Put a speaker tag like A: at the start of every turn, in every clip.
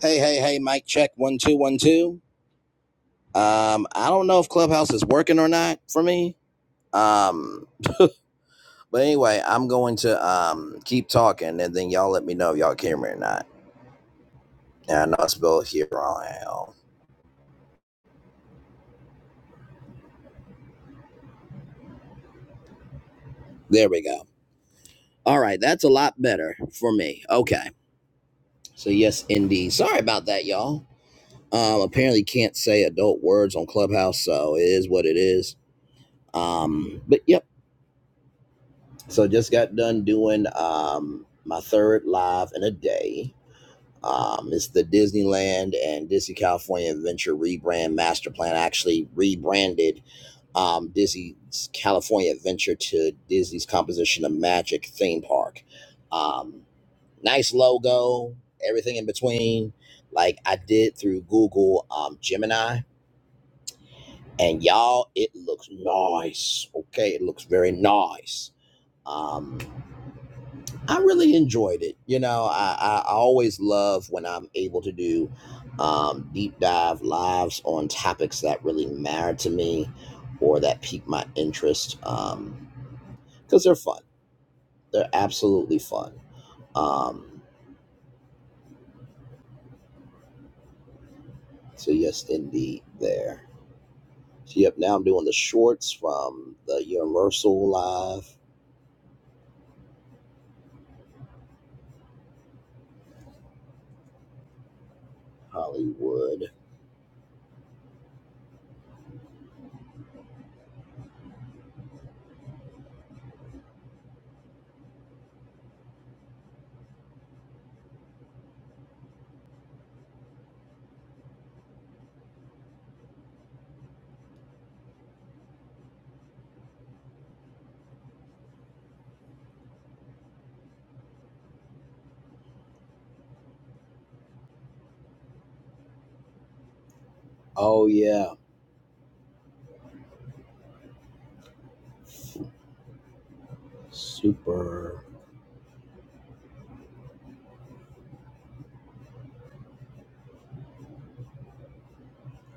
A: Hey, hey, hey, mic check one, two, one, two. Um, I don't know if Clubhouse is working or not for me. Um, but anyway, I'm going to um keep talking and then y'all let me know if y'all can hear me or not. And I'll spell here wrong. There we go. All right, that's a lot better for me. Okay. So yes indeed. Sorry about that, y'all. Um apparently can't say adult words on Clubhouse, so it is what it is. Um, but yep. So just got done doing um my third live in a day Um, it's the Disneyland and Disney California Adventure rebrand master plan. I actually rebranded um, Disney's California Adventure to Disney's Composition of Magic theme park. Um, nice logo, everything in between. Like I did through Google um, Gemini, and y'all, it looks nice. Okay, it looks very nice. Um. I really enjoyed it. You know, I, I I always love when I'm able to do um, deep dive lives on topics that really matter to me or that pique my interest because they're fun. They're absolutely fun. Um, so, yes, indeed, there. So, yep, now I'm doing the shorts from the Universal Live Hollywood. Oh, yeah. Super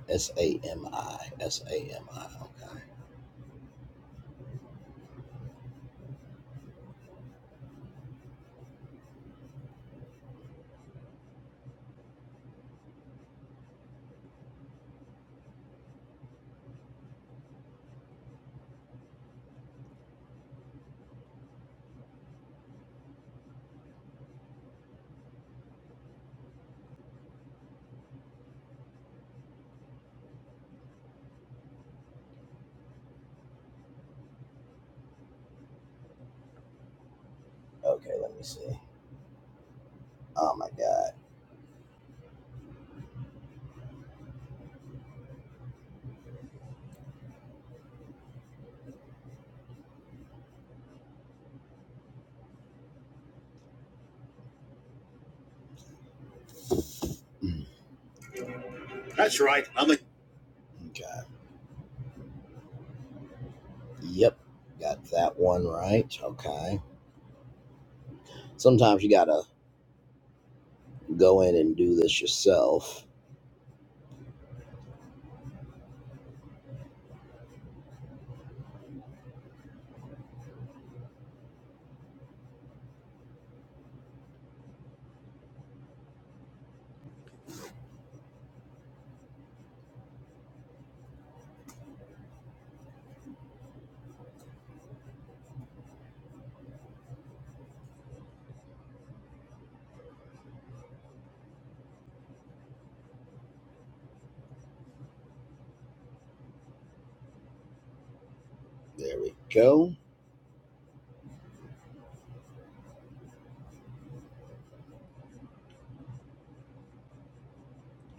A: S A M I. S A M I. Okay. Okay, let me see. Oh my God. Mm, That's right. I'm a God. Yep. Got that one right. Okay. Sometimes you gotta go in and do this yourself. There we go.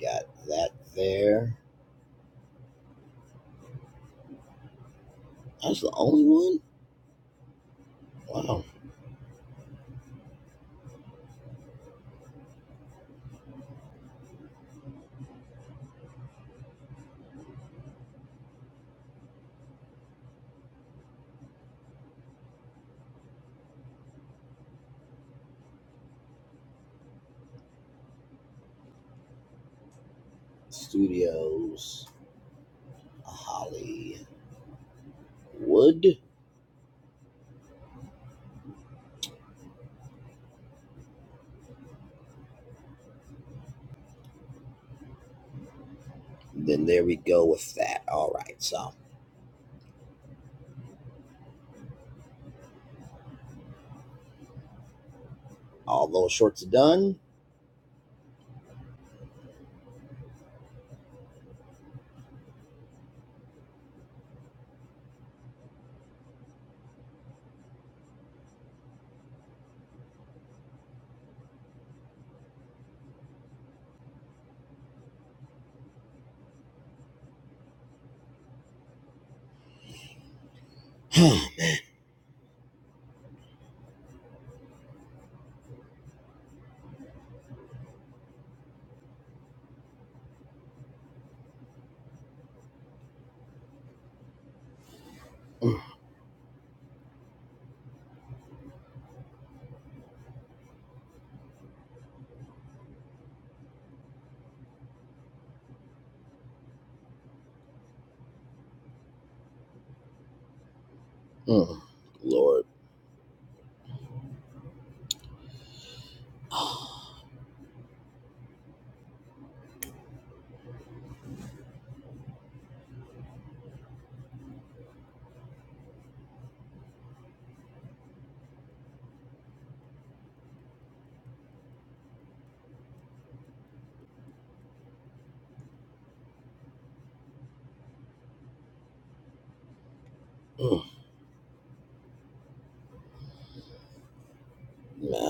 A: Got that there. That's the only one? Wow. Studios, Hollywood. Then there we go with that. All right. So all those shorts are done. Mm, mm, Lord. Mm, man.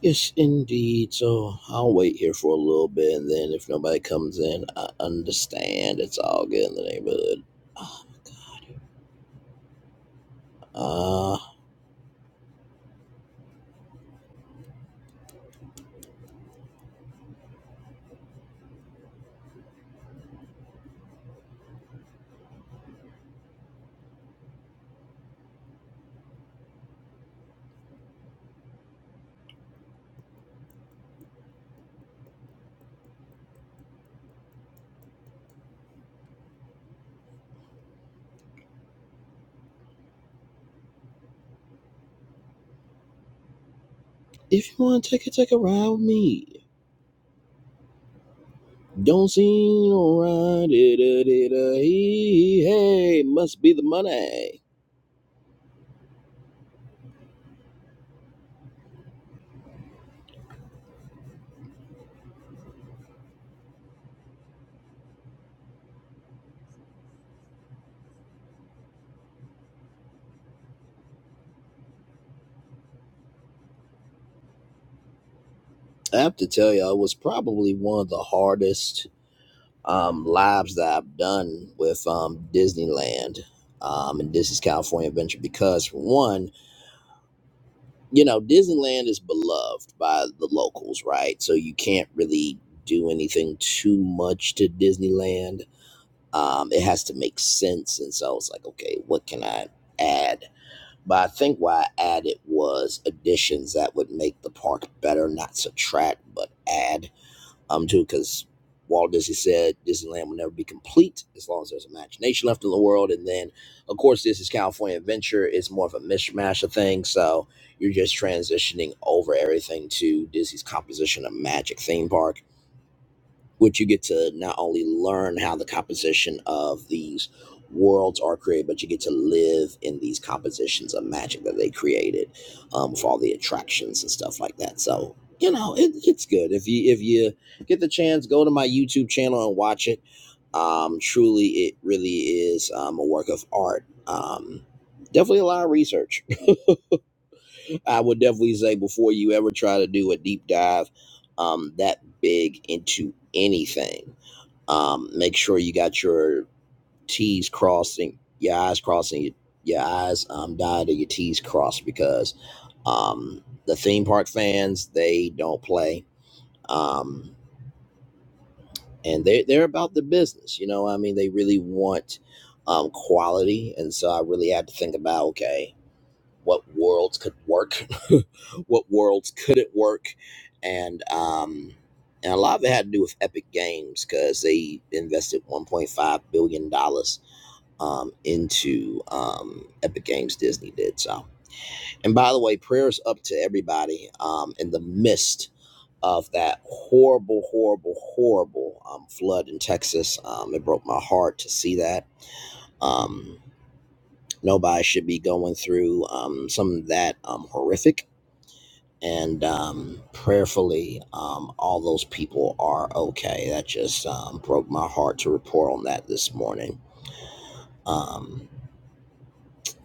A: Yes, indeed. So I'll wait here for a little bit, and then if nobody comes in, I understand. It's all good in the neighborhood. Ah, my dear. Uh, if you want to take a take a ride with me, don't seem no ride. Hey, must be the money. I have to tell you, it was probably one of the hardest um, lives that I've done with um, Disneyland um, and Disney's California Adventure because, for one you know, Disneyland is beloved by the locals, right? So you can't really do anything too much to Disneyland. Um, it has to make sense. And so I was like, okay, what can I add? But I think why I added was additions that would make the park better, not subtract, but add um, too, because Walt Disney said Disneyland will never be complete as long as there's imagination left in the world. And then, of course, this is California Adventure. It's more of a mishmash of things. So you're just transitioning over everything to Disney's composition of Magic Theme Park which you get to not only learn how the composition of these worlds are created, but you get to live in these compositions of magic that they created um, with all the attractions and stuff like that. So you know, it, it's good if you if you get the chance, go to my YouTube channel and watch it. Um, truly, it really is um, a work of art. Um, definitely a lot of research. I would definitely say before you ever try to do a deep dive um, that big into anything um, make sure you got your T's crossing, your I's crossing, your, your I's um, dotted, and your T's crossed because um, the theme park fans, they don't play. Um, and they, they're about the business. You know, I mean, they really want um, quality. And so I really had to think about, okay, what worlds could work, what worlds couldn't work, and um, and a lot of it had to do with Epic Games because they invested 1.5 billion dollars um, into um, Epic Games. Disney did so. And by the way, prayers up to everybody um, in the midst of that horrible, horrible, horrible um, flood in Texas. Um, it broke my heart to see that. Um, nobody should be going through um, something that um, horrific and um, prayerfully, um, all those people are okay. That just um, broke my heart to report on that this morning. Um,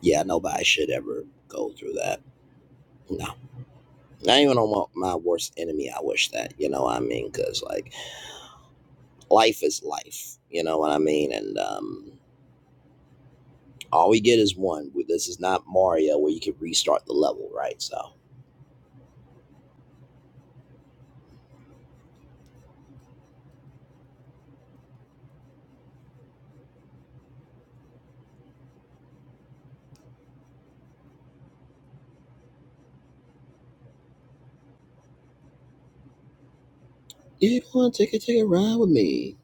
A: yeah, nobody should ever go through that. No, not even on my, my worst enemy. I wish that you know what I mean, because like life is life. You know what I mean, and um, all we get is one. This is not Mario where you can restart the level, right? So you want to take a take a ride with me?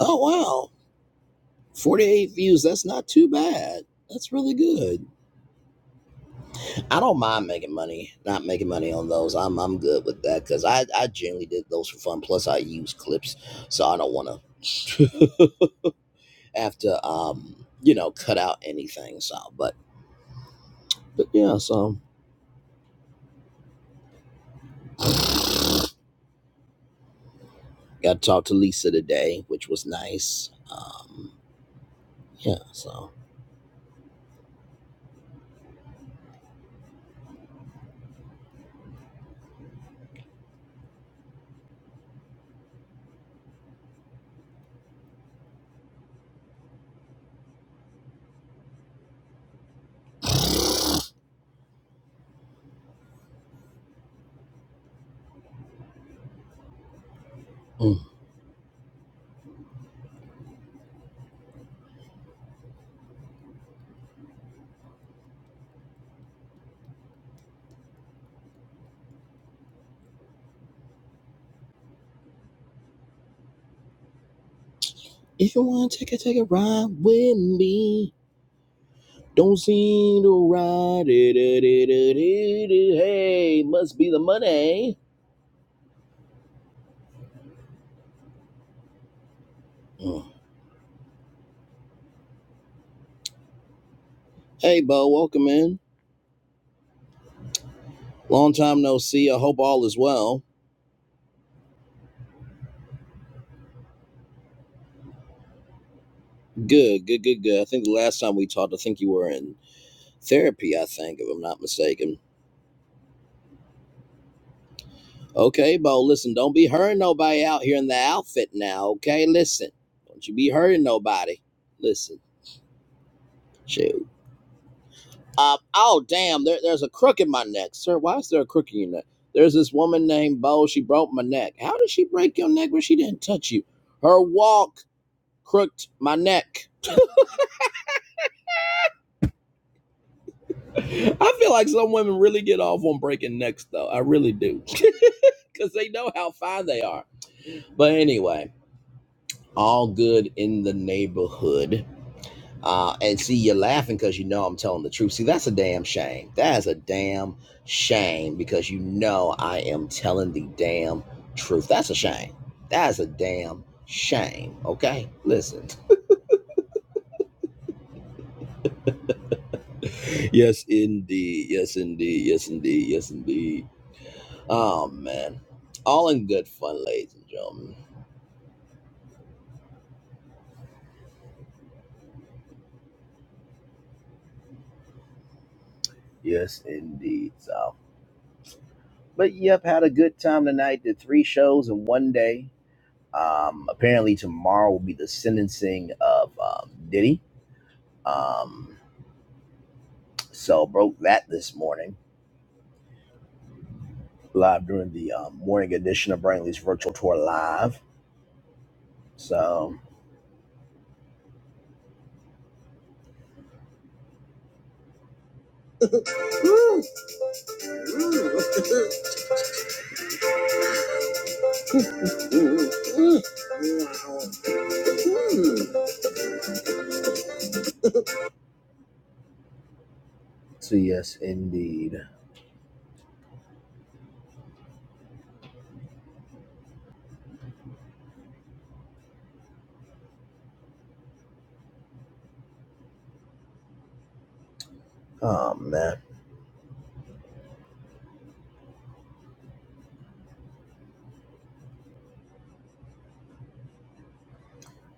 A: Oh wow! 48 views, that's not too bad. That's really good. I don't mind making money, not making money on those. I'm I'm good with that because I, I generally did those for fun. Plus I use clips, so I don't wanna have to um, you know, cut out anything. So but but yeah, so got to talk to Lisa today, which was nice. Um yeah, so mm. if you wanna take a take a ride with me. Don't seem to ride it. it, it, it, it, Hey, must be the money. Mm. Hey, Bo, welcome in. Long time no see. I hope all is well. Good, good, good, good. I think the last time we talked, I think you were in therapy, I think, if I'm not mistaken. Okay, Bo, listen, don't be hurting nobody out here in the outfit now, okay? Listen, don't you be hurting nobody. Listen, shoot. Uh, oh, damn, there, there's a crook in my neck. Sir, why is there a crook in your neck? There's this woman named Bo. She broke my neck. How did she break your neck when she didn't touch you? Her walk crooked my neck. I feel like some women really get off on breaking necks, though. I really do. Because they know how fine they are. But anyway, all good in the neighborhood. Uh, and see, you're laughing because you know I'm telling the truth. See, that's a damn shame. That is a damn shame because you know I am telling the damn truth. That's a shame. That is a damn shame. Okay, listen. Yes, indeed. Yes, indeed. Yes, indeed. Yes, indeed. Oh man, all in good fun, ladies and gentlemen. Yes, indeed. So, but yep, had a good time tonight. Did three shows in one day Um, apparently tomorrow will be the sentencing of um, Diddy. Um, so broke that this morning live during the um, morning edition of Brainley's virtual tour live. So so yes, indeed. Oh man,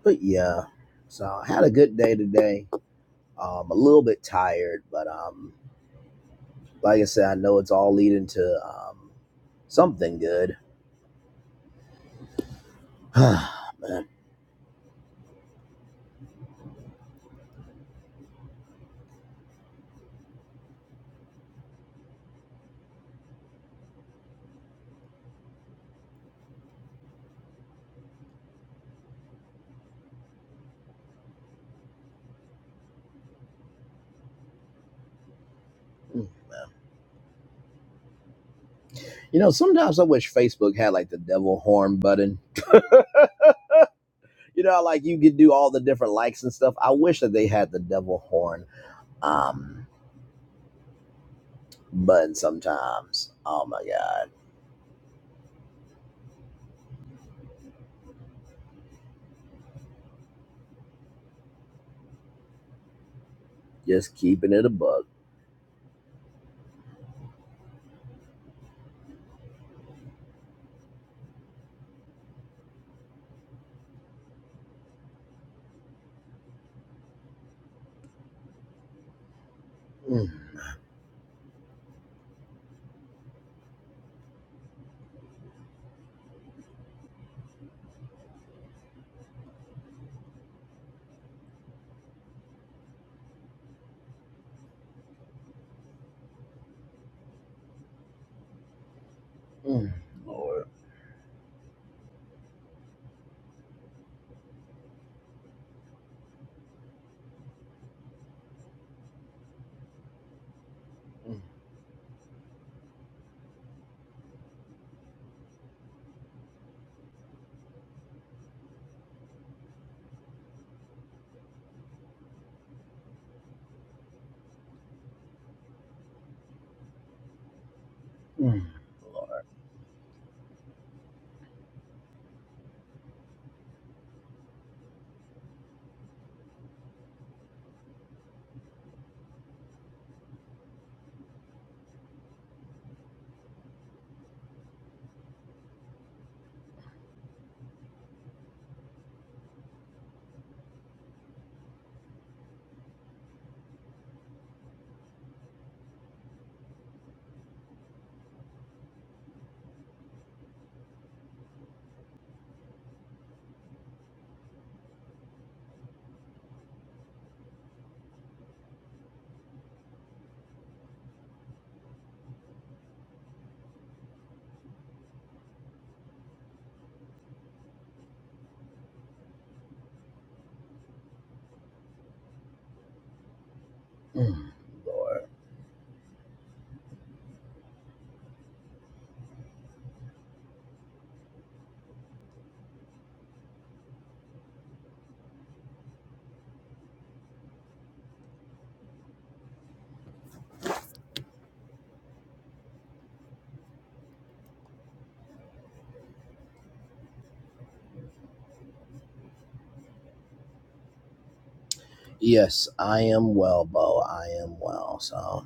A: but yeah. So I had a good day today. Um, a little bit tired, but um, like I said, I know it's all leading to um something good. man. You know, sometimes I wish Facebook had like the devil horn button. You know, like you could do all the different likes and stuff. I wish that they had the devil horn um button sometimes. Oh my god. Just keeping it a bug. Mm, mm, Lord. Mm, mm, Lord. Mm, Lord. Yes, I am well, Bo. I am well. So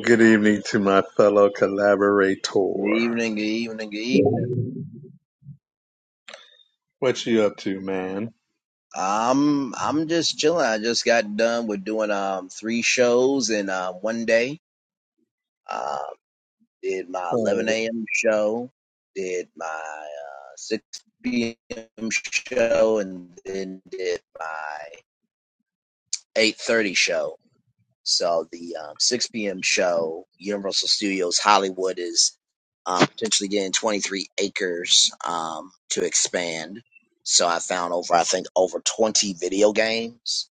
B: Good evening to my fellow
A: Good
B: collaborator.
A: evening, good evening, good evening.
B: What you up to, man?
A: Um, I'm just chilling. I just got done with doing um three shows in uh, one day. Uh, did my 11
B: Oh,
A: a.m. show, did my uh, 6 p.m. show, and then did my 8:30 show. So the um, 6 p.m. show, Universal Studios Hollywood is um, potentially getting 23 acres um, to expand. So I found over, I think, over 20 video games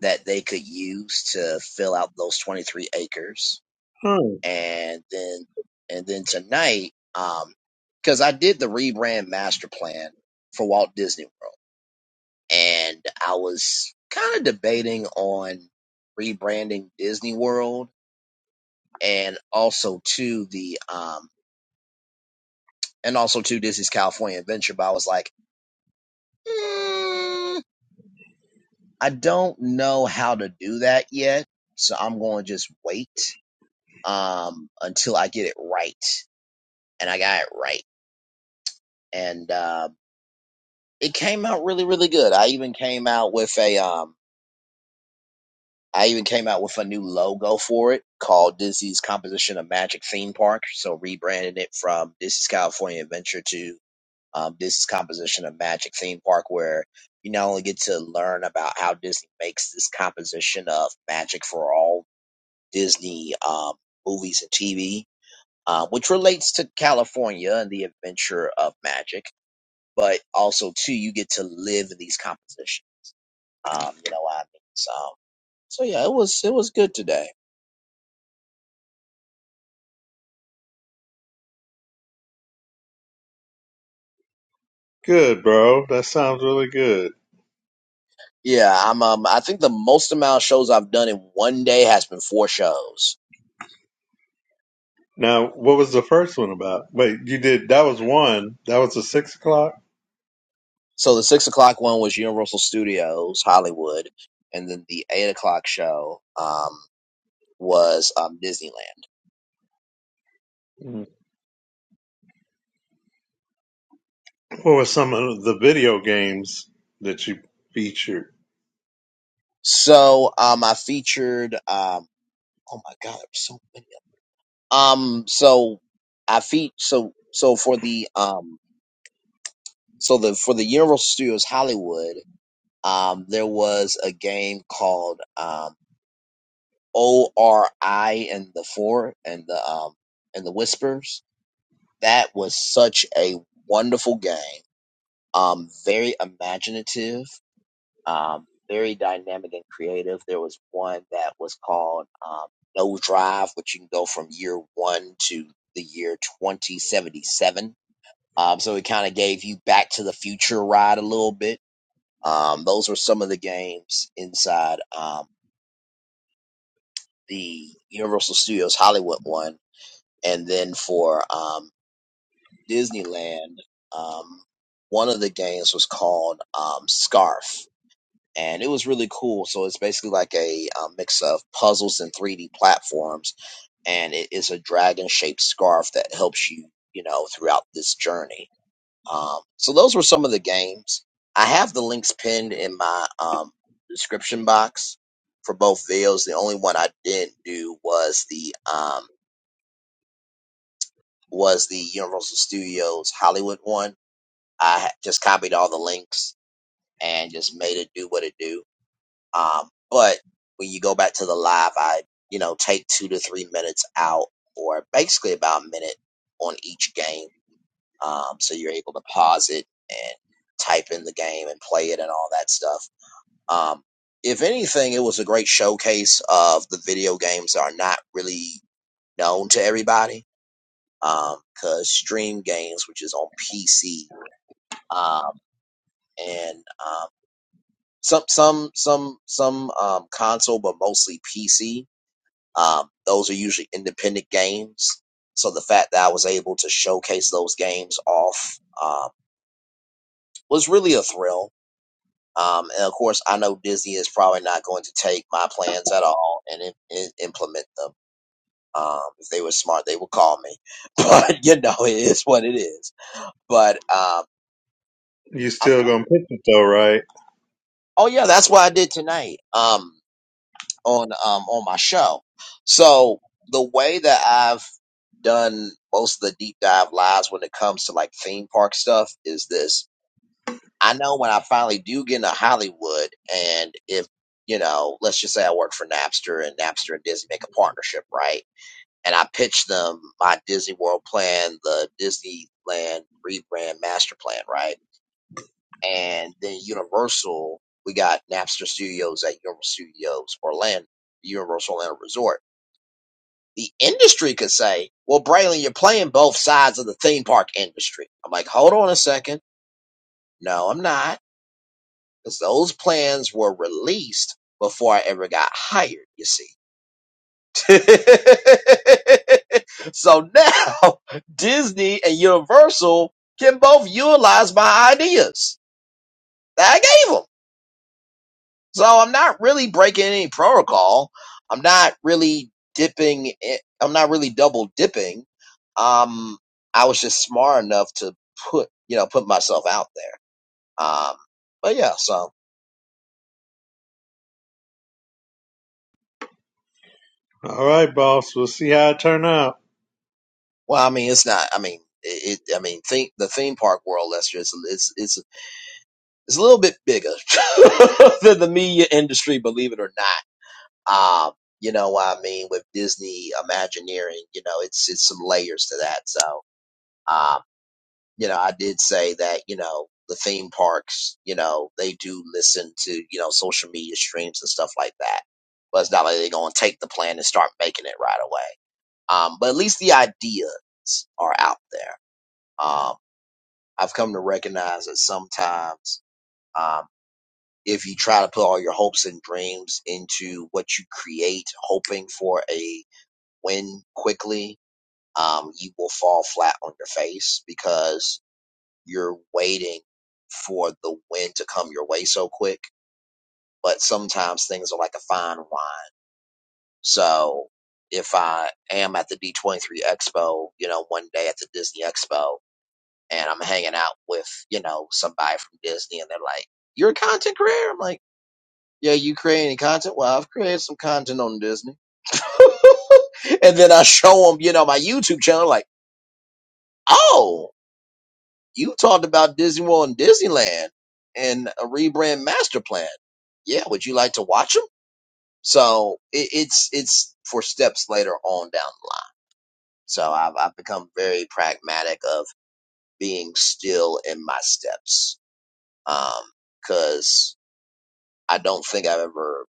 A: that they could use to fill out those 23 acres
B: oh,
A: and then and then tonight um because i did the rebrand master plan for walt disney world and i was kind of debating on rebranding disney world and also to the um and also to disney's california adventure but i was like mm, i don't know how to do that yet so i'm going to just wait um until i get it right and i got it right and um. it came out really really good i even came out with a um i even came out with a new logo for it called disney's composition of magic theme park so rebranding it from disney's california adventure to um, disney's composition of magic theme park where you not only get to learn about how disney makes this composition of magic for all disney um, movies and tv uh, which relates to california and the adventure of magic but also too you get to live in these compositions Um, you know what I mean? So so yeah, it was it was good today.
B: good, bro. That sounds really good.
A: Yeah, I'm um I think the most amount of shows I've done in one day has been four shows.
B: Now, what was the first one about? Wait, you did that was one. That was the six o'clock.
A: So the six o'clock one was Universal Studios, Hollywood, and then the eight o'clock show um was um Disneyland.
B: Mm. What were some of the video games that you featured?
A: So um I featured um oh my god, there's so many of um so I feat so so for the um so the for the Universal Studios Hollywood Um, there was a game called um, ORI and the Four and the um, and the Whispers. That was such a wonderful game. Um, very imaginative, um, very dynamic and creative. There was one that was called um, No Drive, which you can go from year one to the year 2077. Um, so it kind of gave you back to the future ride a little bit. Um, those were some of the games inside. Um, the Universal Studios Hollywood one, and then for um, Disneyland, um, one of the games was called um, Scarf, and it was really cool. So it's basically like a, uh mix of puzzles and 3D platforms, and it is a dragon shaped scarf that helps you, you know, throughout this journey. Um, so those were some of the games. I have the links pinned in my um, description box for both videos. The only one I didn't do was the um, was the Universal Studios Hollywood one. I ha- just copied all the links and just made it do what it do. Um, but when you go back to the live, I you know take two to three minutes out, or basically about a minute on each game, um, so you're able to pause it and type in the game and play it and all that stuff. Um, if anything, it was a great showcase of the video games that are not really known to everybody um, cause Stream Games, which is on PC, um, and um, some some some some um, console, but mostly PC. Um, those are usually independent games. So the fact that I was able to showcase those games off um, was really a thrill. Um, and of course, I know Disney is probably not going to take my plans at all and im- im- implement them. Um, if they were smart, they would call me. But you know, it is what it is. But um,
B: You
A: I've
B: still
A: come.
B: gonna pitch it though, right?
A: Oh yeah, that's what I did tonight. Um, on um on my show. So the way that I've done most of the deep dive lives when it comes to like theme park stuff is this. I know when I finally do get into Hollywood, and if you know, let's just say I work for Napster, and Napster and Disney make a partnership, right? And I pitch them my Disney World plan, the Disneyland rebrand master plan, right? and then Universal, we got Napster Studios at Universal Studios Orlando, Universal Orlando Resort. The industry could say, "Well, Braylon, you're playing both sides of the theme park industry." I'm like, "Hold on a second. No, I'm not, because those plans were released before I ever got hired. You see." so now Disney and Universal can both utilize my ideas that I gave them. So I'm not really breaking any protocol. I'm not really dipping. i- I'm not really double dipping. Um, I was just smart enough to put, you know, put myself out there. Um, but yeah, so,
B: All right, boss. We'll see how it turn out.
A: well, I mean, it's not, I mean, it, it I mean, think the theme park world, Lester, is, it's, it's, it's a little bit bigger than the media industry, believe it or not. Um, you know what I mean? With Disney Imagineering, you know, it's, it's some layers to that. So, um, you know, I did say that, you know, the theme parks, you know, they do listen to, you know, social media streams and stuff like that. But it's not like they're going to take the plan and start making it right away. Um, but at least the ideas are out there. Um, I've come to recognize that sometimes, um, if you try to put all your hopes and dreams into what you create, hoping for a win quickly, um, you will fall flat on your face because you're waiting for the wind to come your way so quick. But sometimes things are like a fine wine. So if I am at the D23 Expo, you know, one day at the Disney Expo, and I'm hanging out with, you know, somebody from Disney, and they're like, You're a content creator? I'm like, Yeah, you create any content? Well, I've created some content on Disney. and then I show them, you know, my YouTube channel, like, Oh. You talked about Disney World and Disneyland and a rebrand master plan. Yeah, would you like to watch them? So it, it's it's for steps later on down the line. So I've I've become very pragmatic of being still in my steps, because I don't think I've ever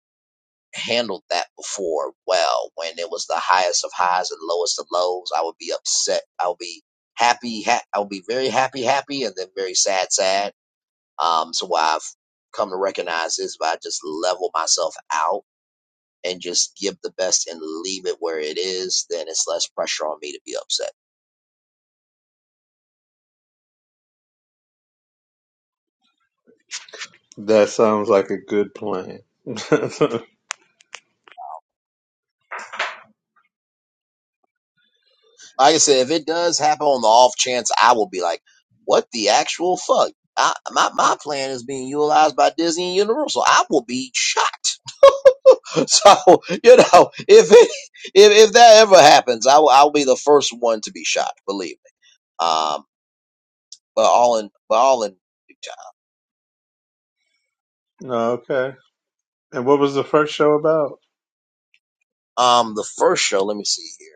A: handled that before well. When it was the highest of highs and lowest of lows, I would be upset. I would be happy. Ha- I would be very happy, happy, and then very sad, sad Um, so what I've come to recognize is if I just level myself out and just give the best and leave it where it is, then it's less pressure on me to be upset.
B: That sounds like a good plan.
A: Like I said, if it does happen on the off chance, I will be like, what the actual fuck? I, my, my plan is being utilized by Disney and Universal. I will be shocked. So, you know, if it, if, if that ever happens, I will, I'll be the first one to be shocked, believe me. Um, but all in, but all in.
B: okay. And what was the first show about?
A: Um, the first show, let me see here.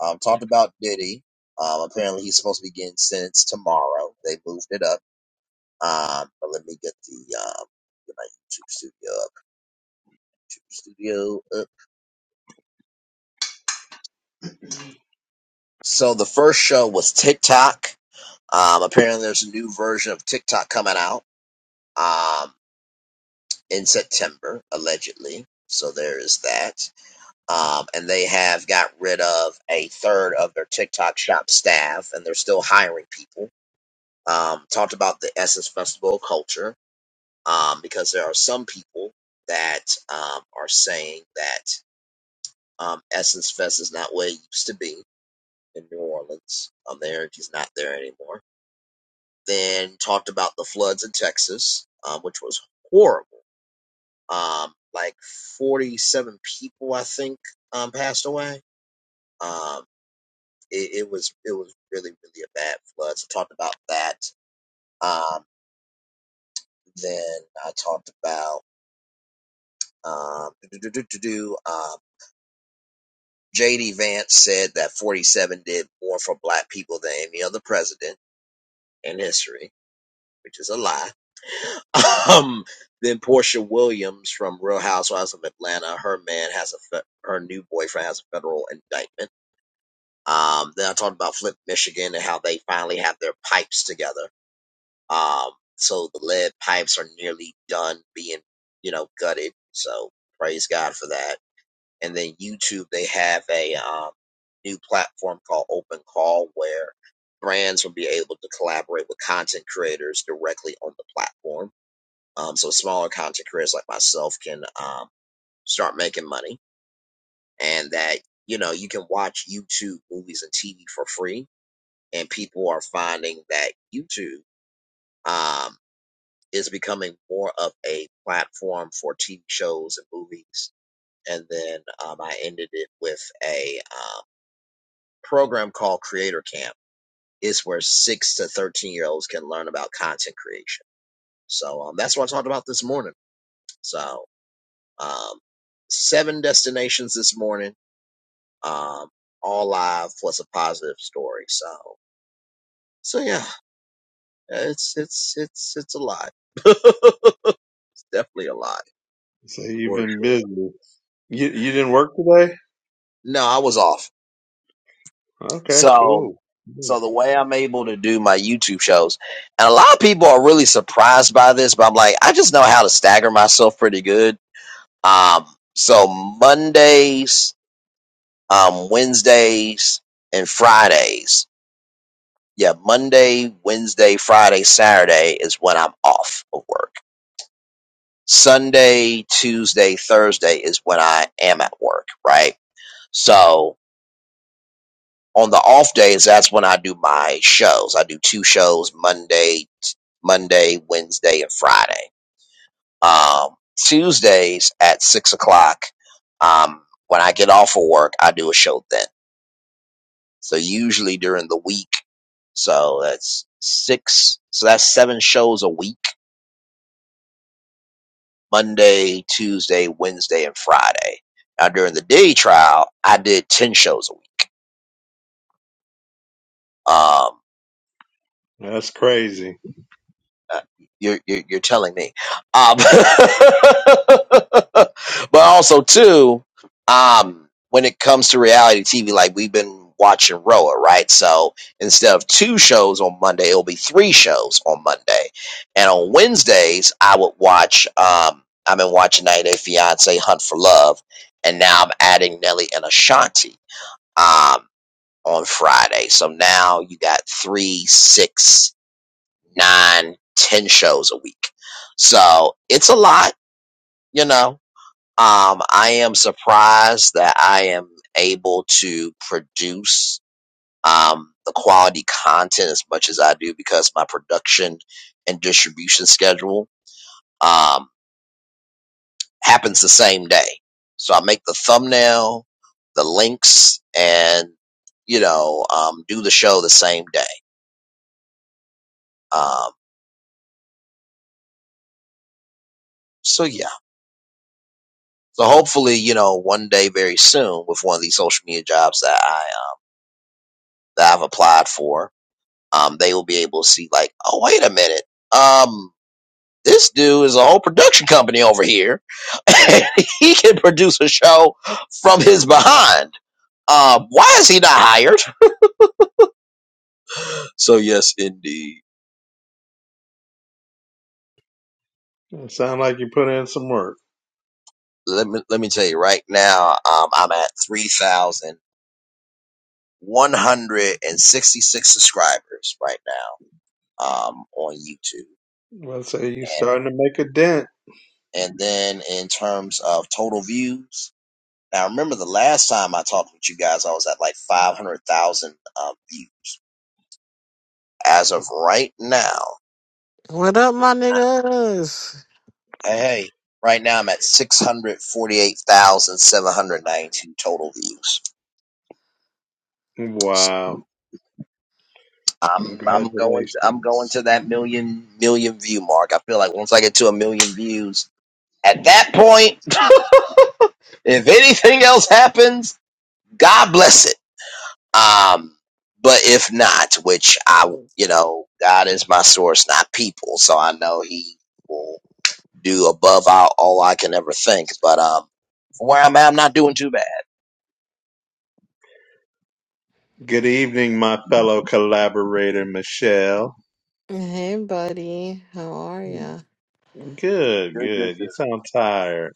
A: Um, talked about Diddy. Um, apparently he's supposed to be getting sentenced tomorrow. They moved it up. Um, but let me get the um get my YouTube studio up. YouTube studio up. So the first show was TikTok. Um, apparently there's a new version of TikTok coming out. Um, in September allegedly. So there is that. Um, and they have got rid of a third of their TikTok shop staff, and they're still hiring people um, talked about the Essence Festival of Culture um, because there are some people that um, are saying that um, Essence Fest is not what it used to be in New Orleans. Um, the energy's not there anymore. Then talked about the floods in Texas, um, which was horrible. Um, like 47 people, I think, um, passed away. Um, it, it was it was really really a bad flood. So talked about that. Um, then I talked about. Um, do J.D. Vance said that 47 did more for black people than any other president in history, which is a lie. Um, then Portia Williams from Real Housewives of Atlanta, her man has a fe- her new boyfriend has a federal indictment. Um, then I talked about Flint, Michigan and how they finally have their pipes together. Um, so the lead pipes are nearly done being, you know, gutted. So praise God for that. and then YouTube they have a um, new platform called Open Call where brands will be able to collaborate with content creators directly on the platform. Um, so smaller content creators like myself can um, start making money, and that you know you can watch YouTube movies and TV for free, and people are finding that YouTube um, is becoming more of a platform for TV shows and movies. And then um, I ended it with a um, program called Creator Camp is where six to thirteen year olds can learn about content creation. So um, that's what I talked about this morning. So um, seven destinations this morning, um, all live plus a positive story. So so yeah, it's it's it's it's a lot. it's definitely a lot
B: So you've
A: for
B: been
A: sure.
B: busy. You you didn't work today?
A: No, I was off.
B: Okay,
A: So.
B: cool. Hmm.
A: So the way I'm able to do my YouTube shows, and a lot of people are really surprised by this, but I'm like, I just know how to stagger myself pretty good. Um, so Mondays, um, Wednesdays, and Fridays. Yeah, Monday, Wednesday, Friday, Saturday is when I'm off of work. Sunday, Tuesday, Thursday is when I am at work, right? So on the off days, that's when I do my shows. I do two shows Monday, Monday, Wednesday, and Friday. Um, Tuesdays at six o'clock, um, when I get off of work, I do a show then. So usually during the week, so that's six, so that's seven shows a week, Monday, Tuesday, Wednesday, and Friday. Now during the day trial, I did 10 shows a week. Um,
B: That's crazy.
A: uh, you're, you're you're telling me, um, but also too, um, when it comes to reality TV, like we've been watching Roa, right? So instead of two shows on Monday, it'll be three shows on Monday, and on Wednesdays I would watch. Um, I've been watching 90 Day Fiance, Hunt for Love, and now I'm adding Nelly and Ashanti um, on Friday. So now you got three, six nine, ten shows a week. So it's a lot, you know. Um, I am surprised that I am able to produce um, the quality content as much as I do because my production and distribution schedule um, happens the same day. So I make the thumbnail, the links, and you know, um, do the show the same day. Um, so yeah. So hopefully, you know, one day very soon with one of these social media jobs that I um, that I've applied for, um, they will be able to see like, oh wait a minute, um, this dude is a whole production company over here. and he can produce a show from his behind. Um, why is he not hired? So yes, indeed.
B: It sounds like you put in some work.
A: Let me let me tell you right now, um, I'm at three thousand one hundred and sixty six subscribers right now um, on YouTube
B: Let's say you're starting to make a dent.
A: And then in terms of total views, now remember the last time I talked with you guys, I was at like 500,000 uh, views. As of right now,
C: What up, my
A: I-
C: niggas?
A: hey, hey, right now I'm at 648,792 total views. So
B: Wow.
A: I'm I'm going to I'm going
B: Congratulations.
A: to that million million view mark. I feel like once I get to a million views, at that point, if anything else happens, God bless it Um, but if not, which I, you know, God is my source, not people. So I know He will do above all, all I can ever think. But um, from where I'm at, I'm not doing too bad.
B: Good evening, my fellow collaborator, Michelle.
C: Hey, buddy. How are ya?
B: Good,
A: Good, good,
B: good.
A: good,
B: You sound tired.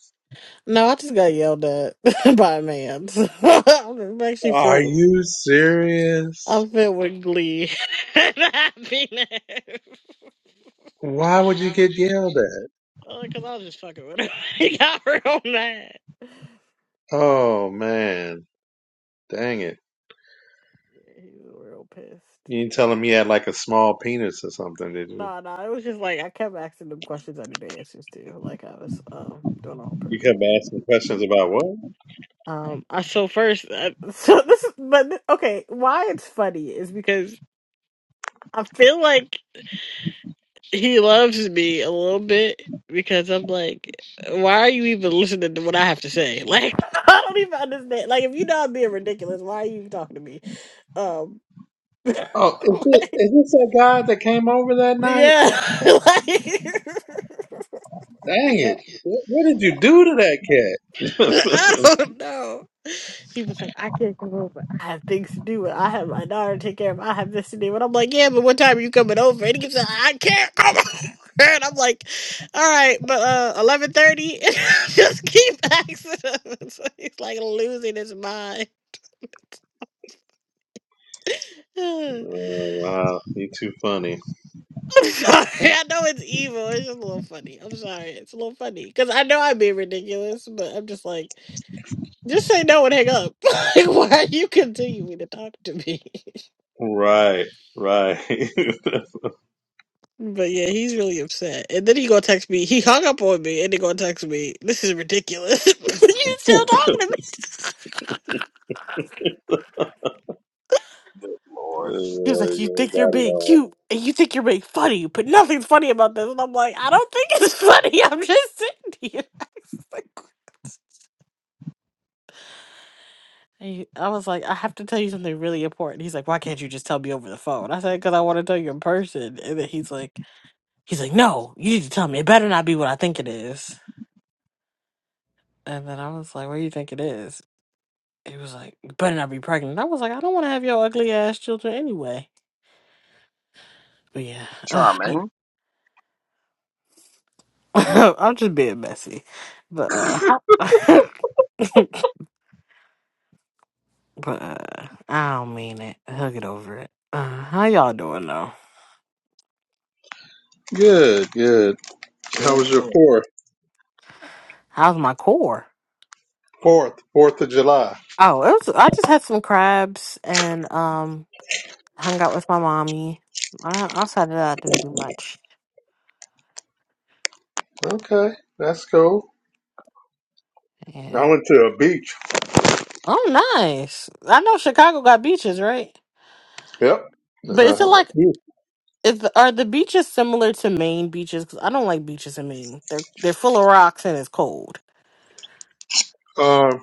C: No, I just got yelled at by a man. So I'm actually
B: Are
C: filled.
B: you serious?
C: I'm filled with glee and happiness. Why
B: Why would you
C: would
B: get
C: you?
B: yelled at?
C: Because I was just fucking with him. he got real mad. Yeah,
B: Oh, man. Dang it.
C: He was real pissed.
B: You ain't telling me you had like a small penis or something, did you?
C: Nah, nah. It was just like I kept asking him questions I knew the answers to. Like I was um doing it on
B: You
C: purpose.
B: kept asking questions about what?
C: Um, I so first, uh, so this, is- but th- okay, why it's funny is because I feel like he loves me a little bit because I'm like, why are you even listening to what I have to say? Like, I don't even understand. Like, if you know I'm being ridiculous, why are you even talking to me? Um,
B: Oh, is this,
C: like,
B: is this that guy that came over that night?
C: yeah, like,
B: Dang
C: yeah,
B: it. What, what did you do to that cat?
C: I don't know. She was like, I can't come over. I have things to do. And I have my daughter to take care of. I have this to do. And I'm like, yeah, but what time are you coming over? And he keeps like, I can't come over. And I'm like, all right, but uh, 11.30? Just keep asking him. So he's like losing his mind. I'm
B: oh, wow. You too funny.
C: sorry. I know it's evil. It's just a little funny. I'm sorry. It's a little funny. Because I know I'm being ridiculous, but I'm just like, just say no and hang up. Like, Why are you continuing to talk to me?
B: Right. Right.
C: But yeah, he's really upset. And then he gonna text me. He hung up on me and he gonna text me. This is ridiculous. you still
B: oh,
C: talking to me?
A: good Lord.
C: He was
B: boy,
C: like, You
B: you
C: think you're
B: got it
C: being
B: all.
C: cute and you think you're being funny, but nothing's funny about this. And I'm like, I don't think it's funny. I'm just sitting here. I was like, "What?" he- I was like, I have to tell you something really important. He's like, why can't you just tell me over the phone? I said, because I want to tell you in person. And then he's like, he's like, no, you need to tell me. It better not be what I think it is. And then I was like, what do you think it is? It was like, "You better not be pregnant. I was like, I don't want to have your ugly ass children anyway. But yeah, uh,
A: Hmm?
C: I'm just being messy. But uh, but uh, I don't mean it. He'll get over it. Uh, how y'all doing though?
B: Good, good. How was your fourth?
C: How's my core?
B: Fourth. Fourth of July.
C: Oh, it was. I just had some crabs and um, hung out with my mommy. I, outside of that, I didn't do much.
B: Okay. That's cool. I
C: Yeah.
B: went to a beach.
C: Oh, nice. I know Chicago got beaches, right?
B: Yep. Uh,
C: But
B: how
C: is it like
B: about you?
C: Is the, are the beaches similar to Maine beaches? Because I don't like beaches in Maine. They're they're full of rocks and it's cold.
B: Um,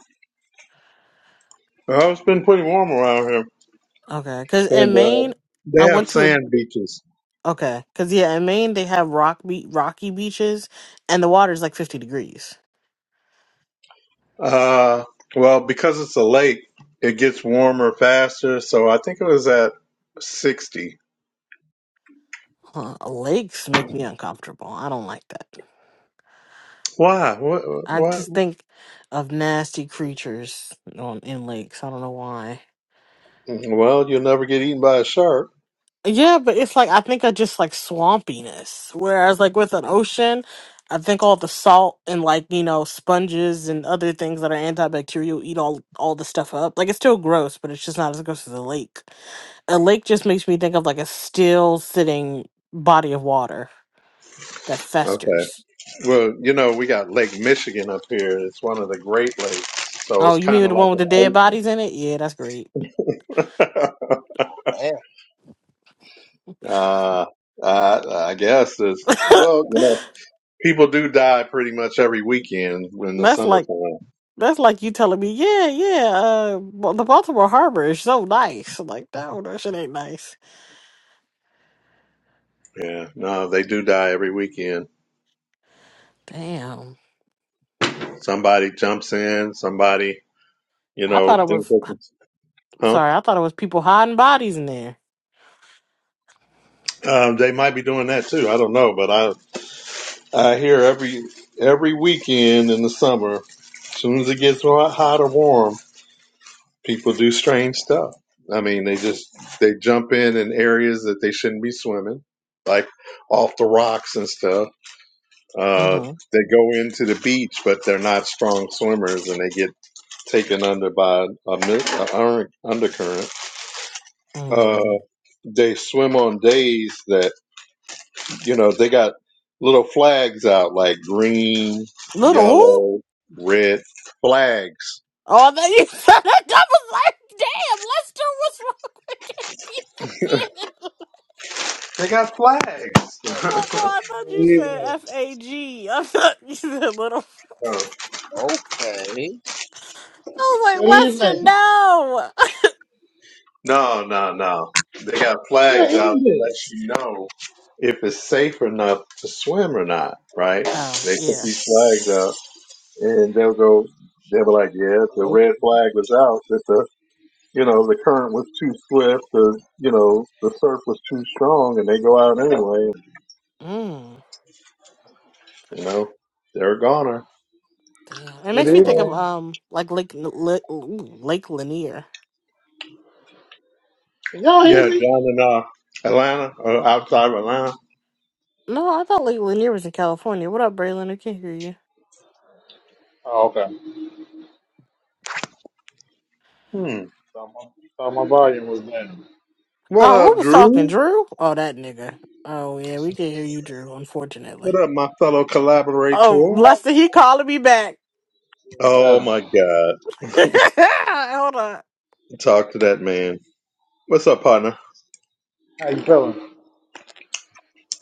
B: well, it's been pretty warm around here.
C: Okay, because in
B: And, uh,
C: Maine, I
B: they have
C: went to
B: sand
C: a
B: beaches.
C: okay, because yeah, in Maine they have rock be- rocky beaches and the water's like fifty degrees.
B: Uh, well, because it's a lake, it gets warmer faster. So I think it was at 60.
C: Huh, lakes make me uncomfortable. I don't like that.
B: Why? What?
C: I
B: What?
C: just think of nasty creatures on in lakes. I don't know why.
B: Well, you'll never get eaten by a shark.
C: Yeah, but it's like I think I just like swampiness. Whereas like with an ocean, I think all the salt and like, you know, sponges and other things that are antibacterial eat all all the stuff up. Like it's still gross, but it's just not as gross as a lake. A lake just makes me think of like a still sitting body of water that
B: Okay.
C: festers.
B: Well, you know, we got Lake Michigan up here. It's one of the Great Lakes. So
C: Oh,
B: it's
C: you
B: kind
C: mean
B: of
C: the
B: like
C: one with the dead
B: an
C: bodies in it? Yeah, that's great.
B: ocean.
A: Damn,
B: uh, I, I guess it's, well, you know, people do die pretty much every weekend in the
C: that's like
B: summertime.
C: that's like you telling me, yeah, yeah, uh, well, the Baltimore Harbor is so nice. I'm like, no, that shit ain't nice.
B: Yeah. No, they do die every weekend.
C: Damn.
B: Somebody jumps in, somebody you
C: I
B: know,
C: thought it
B: things
C: was
B: like this. Huh?
C: sorry, I thought it was people hiding bodies in there.
B: Um, they might be doing that too. I don't know, but I I hear every every weekend in the summer, as soon as it gets hot, hot or warm, people do strange stuff. I mean, they just they jump in in areas that they shouldn't be swimming, like off the rocks and stuff. Uh,
C: Mm-hmm.
B: they go into the beach, but they're not strong swimmers, and they get taken under by a, mi- a under- undercurrent. Uh,
C: Mm.
B: they swim on days that you know, they got little flags out like green,
C: Little who?
B: yellow, red flags.
C: Oh, that you said I was like, damn, Lester, what's wrong with gay people being in
B: They got flags.
C: thought, no, I thought
D: Good
C: you said
D: evening.
C: F A G. I thought you said little.
B: Oh,
A: okay.
C: I was like,
D: Good
C: Lester,
D: evening.
C: no.
B: no, no, no. They got
D: Good
B: flags out to
D: evening.
B: let you know if it's safe enough to swim or not, right? They
C: Oh
B: put
C: yeah.
B: these flags out and they'll go, they'll be like, yeah, the
D: Hello.
B: red
D: Hello.
B: flag was out, that the, you know, the current was too swift, the, you know, the surf was too strong, and they go out anyway,
C: Mm.
B: you know, they're a goner.
C: Damn. It
D: Good
C: makes me think of
B: Oh,
D: evening.
C: um like Lake Lake, Lake Lanier.
D: Can y'all hear
B: yeah, down
D: me?
B: in uh, Atlanta or outside of Atlanta.
C: No, I thought Lake Lanier was in California. What up, Braylon? I can't hear you.
D: Oh, okay.
B: Hmm.
D: Thought my, thought my volume was down.
B: What
C: Oh, who
B: up,
C: was talking,
B: Drew?
C: Drew? Oh, that nigga. Oh yeah, we can hear you, Drew.
B: What
C: Unfortunately.
B: up, my fellow
C: Oh,
B: collaborator?
C: Lester, he calling me back.
B: Oh my
D: Uh,
B: God,
C: Hold
B: talk to that man. What's up, partner?
D: how you feeling?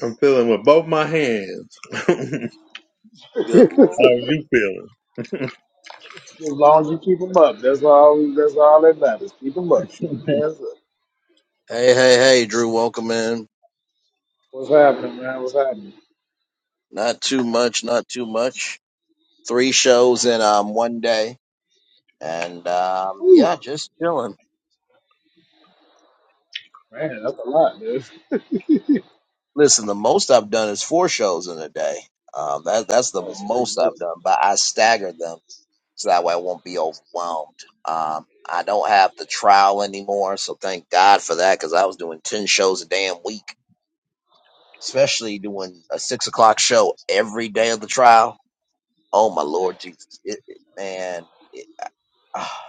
B: I'm feeling with both my hands. How
A: Good Lord.
B: are you feeling?
D: As long as you keep 'em up, that's all. That's all that matters. Keep 'em up. Keep 'em hands up.
A: Hey, hey, hey, Drew, welcome in.
D: What's happening, man? What's happening?
A: Not too much, not too much. Three shows in um one day. And um yeah,
D: Whew.
A: just chilling.
D: Man, that's a lot, dude.
A: Listen, the most I've done is four shows in a day. Um, that, that's the
D: Oh, sweet.
A: most I've done, but I stagger them so that way I won't be overwhelmed. Um, I don't have the trial anymore, so thank God for that because I was doing 10 shows a damn week, especially doing a six o'clock show every day of the trial. Oh, my Lord Jesus. It, it, man, it, ah,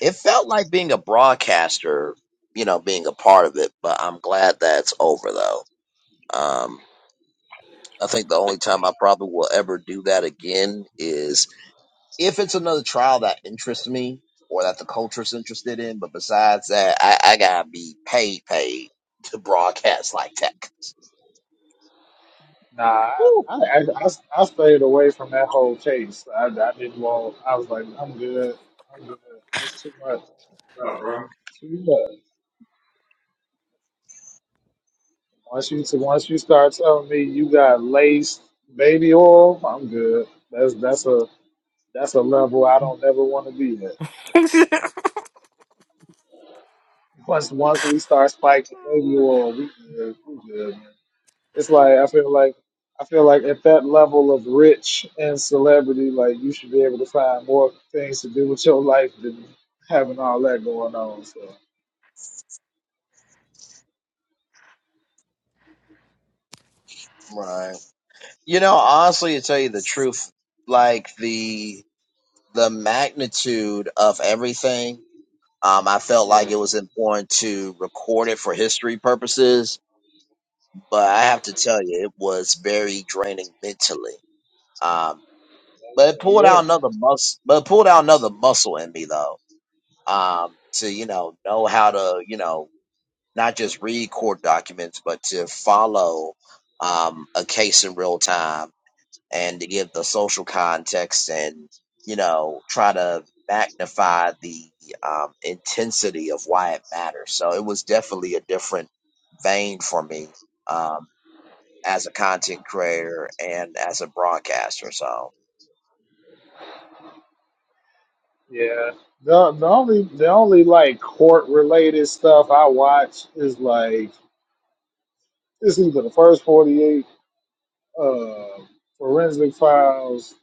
A: it felt like being a broadcaster, you know, being a part of it, but I'm glad that's over though. Um, I think the only time I probably will ever do that again is if it's another trial that interests me or that the culture's interested in. But besides that, I, I gotta be paid, paid to broadcast like that.
D: Nah,
A: Woo.
D: I, I, I, I stayed away from that whole case. I, I didn't want. I was like, I'm good. I'm good. It's too much.
B: Oh, bro.
D: Too much. Once you once you start telling me you got laced baby oil, I'm good. That's that's a that's a level I don't ever want to be at. Once once we start spiking baby oil, we good. We good. Man. It's like I feel like I feel like at that level of rich and celebrity, like you should be able to find more things to do with your life than having all that going on. So
A: Right. You know, honestly, to tell you the truth, like the the magnitude of everything, um, I felt like
D: yeah,
A: it was important to record it for history purposes. But I have to tell you, it was very draining mentally Um, but it
D: I'm
A: pulled
D: good.
A: out another muscle but it pulled out another muscle in me though um to you know know how to you know not just read court documents but to follow um a case in real time and to give the social context and you know try to magnify the um intensity of why it matters so it was definitely a different vein for me um as a content creator and as a broadcaster so
D: Yeah. The the only the only like court related stuff I watch is like it's either the first forty eight, uh, forensic files,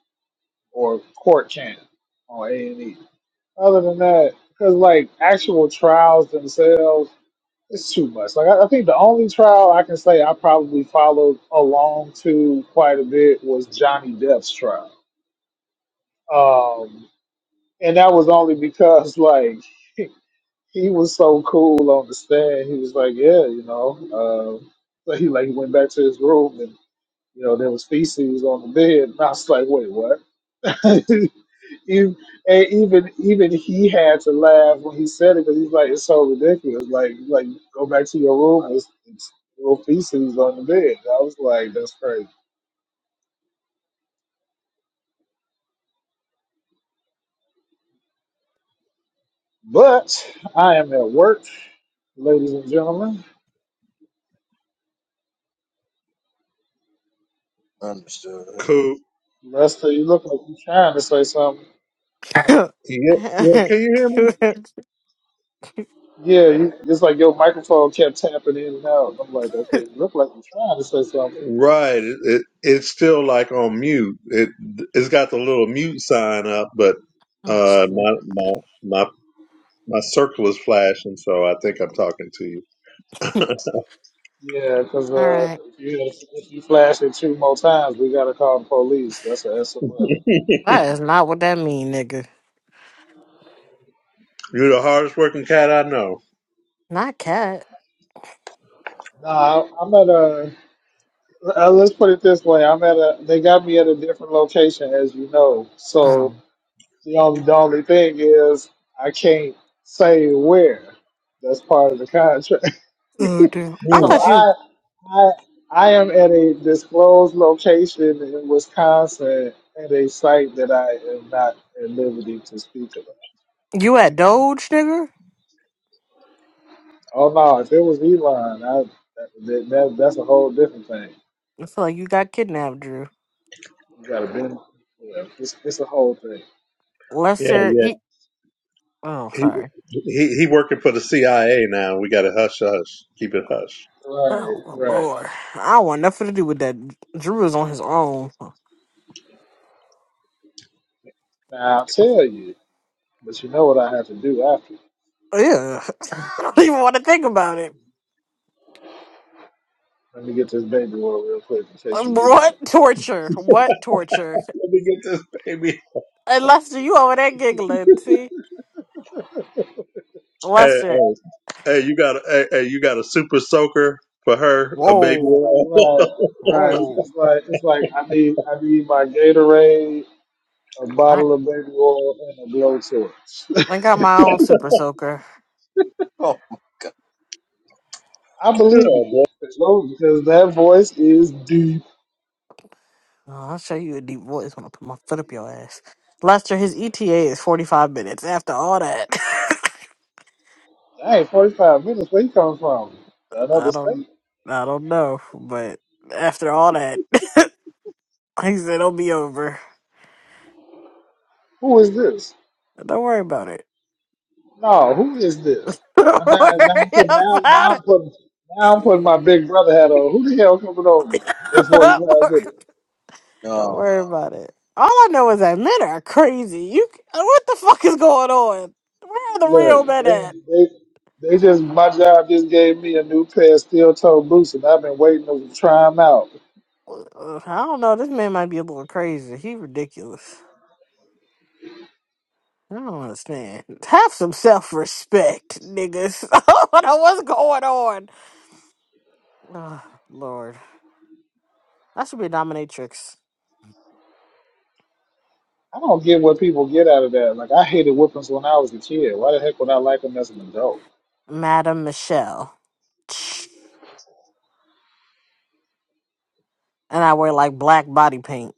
D: or court channel on A and E. Other than that, because like actual trials themselves, it's too much. Like I, I think the only trial I can say I probably followed along to quite a bit was Johnny Depp's trial, um, and that was only because like. he was so cool on the stand. He was like, yeah, you know. Um, so he like went back to his room and you know there was feces on the bed, and I was like, wait, what? even, and even even he had to laugh when he said it because he's like, it's so ridiculous. Like like go back to your room, it's, it's little feces on the bed. I was like, that's crazy. But I am at work, ladies and gentlemen.
A: understood
B: Cool.
D: Lester, you look like you're trying to say something.
B: Yeah, yeah. Can you hear me?
C: on.
D: Yeah, you, it's like your microphone kept tapping in and out. I'm like, okay, you look like you're trying to say something.
B: Right. It, it it's still like on mute. It it's got the little mute sign up, but
C: Oh
B: uh,
C: shit.
B: my my my my circle is flashing, so I think I'm talking to you.
D: Yeah, 'cause
C: All
D: uh,
C: right.
D: if you if you flash it two more times, we gotta call the police. That's a SOS.
C: That is not what that mean, nigga.
B: You're the hardest working cat I know.
C: Not cat.
D: Nah, I'm at a. Uh, let's put it this way. I'm at a. They got me at a different location, as you know. So
C: Oh.
D: the only the only thing is I can't say where. That's part of the contract.
C: Oh damn. I
D: So
B: Ooh.
C: thought you
D: I I I am at a disclosed location in Wisconsin at a site that I am not at liberty to speak about.
C: you at Doge, nigga.
D: Oh no, if it was Elon, I that, that that's a whole different thing.
C: I feel like you got kidnapped, Drew.
D: You gotta bend yeah, it's it's a whole thing.
B: Yeah,
C: Lester
B: yeah.
C: eat Oh,
B: He
C: sorry.
B: he, he working for the CIA now. We got to hush, hush, keep it hush.
D: Right,
C: Oh
D: right.
C: Lord. I don't want nothing to do with that. Drew is on his own.
D: Now I'll tell you, but you know what I have to do after.
C: Yeah. I don't even want to think about it.
D: Let me get this baby oil real quick in case you do want
C: What
D: it.
C: torture? What torture?
B: Let me get this baby.
C: And Lester, you over there giggling, see?
B: Hey,
C: Lester.
B: hey, hey you got a hey, hey, you got a super soaker for her, a baby.
C: Whoa.
B: whale.
D: Right, right.
C: Whoa.
D: It's like it's like I need I need my Gatorade a
C: I
D: bottle of baby oil and a blowtorch.
C: I got my own super soaker.
D: I
B: yeah,
D: believe you.
B: boy.
D: Because because that voice is deep.
C: Oh, I'll show you a deep voice when I put my foot up your ass. Lester, his ETA is forty five minutes. After all that,
D: Hey, 45 minutes. Where you come from?
C: I
D: Another
C: don't,
D: state?
C: I don't know, but after all that, he said it'll be over.
D: Who is this?
C: Don't worry about it.
D: No, who is this? Uh,
C: Don't
D: Now,
C: worry
D: now, now, now,
C: about
D: I'm
C: it.
D: putting, now I'm putting my big brother hat on. Who the hell coming over in 45 minutes?
C: don't
A: No,
C: worry about it. All I know is that men are crazy. You, what the fuck is going on? Where are the real
D: Look,
C: men
D: they,
C: at?
D: they, they just, my job just gave me a new pair of steel toe boots and I've been waiting to try them out.
C: Uh, I don't know. This man might be a little crazy. He ridiculous. I don't understand. Have some self respect, niggas. I don't know what's going on. Oh, Lord. I should be a dominatrix.
D: I don't get what people get out of that. Like I hated whippings when I was a kid. Why the heck would I like them as an adult?
C: Madam Michelle. Tch. And I wear like black body paint.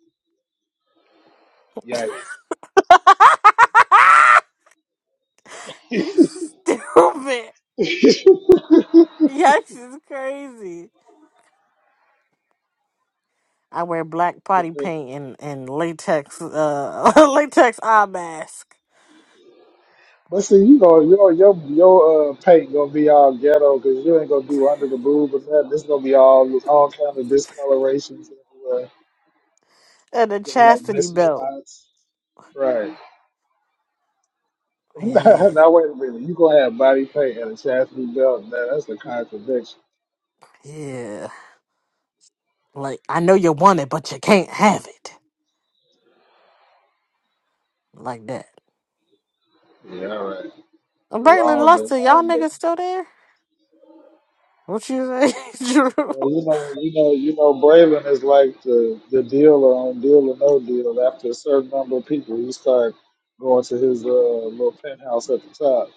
D: Yikes.
C: you stupid. Yikes! is crazy. I wear black body paint and, and latex uh latex eye mask
D: But see, you go, your your your uh, paint gonna be all ghetto because you ain't gonna do under the boob or nothing. This gonna be all all kind of discolorations everywhere,
C: and a
D: Look like
C: chastity
D: missing
C: belt.
D: spots. Right.
C: Yeah,
D: now wait a minute, you gonna have body paint and a chastity belt? Now that's a contradiction.
C: yeah. Like I know you want it, but you can't have it. like that.
D: Yeah, all right.
C: Uh,
D: The
C: Braylon
D: wrong, the
C: Luster, y'all
D: wrong.
C: niggas still there? What you say, Drew?
D: Well, you know, you know, you know, Braylon is like the the dealer on Deal or No Deal. After a certain number of people, you start going to his uh, little penthouse at the top.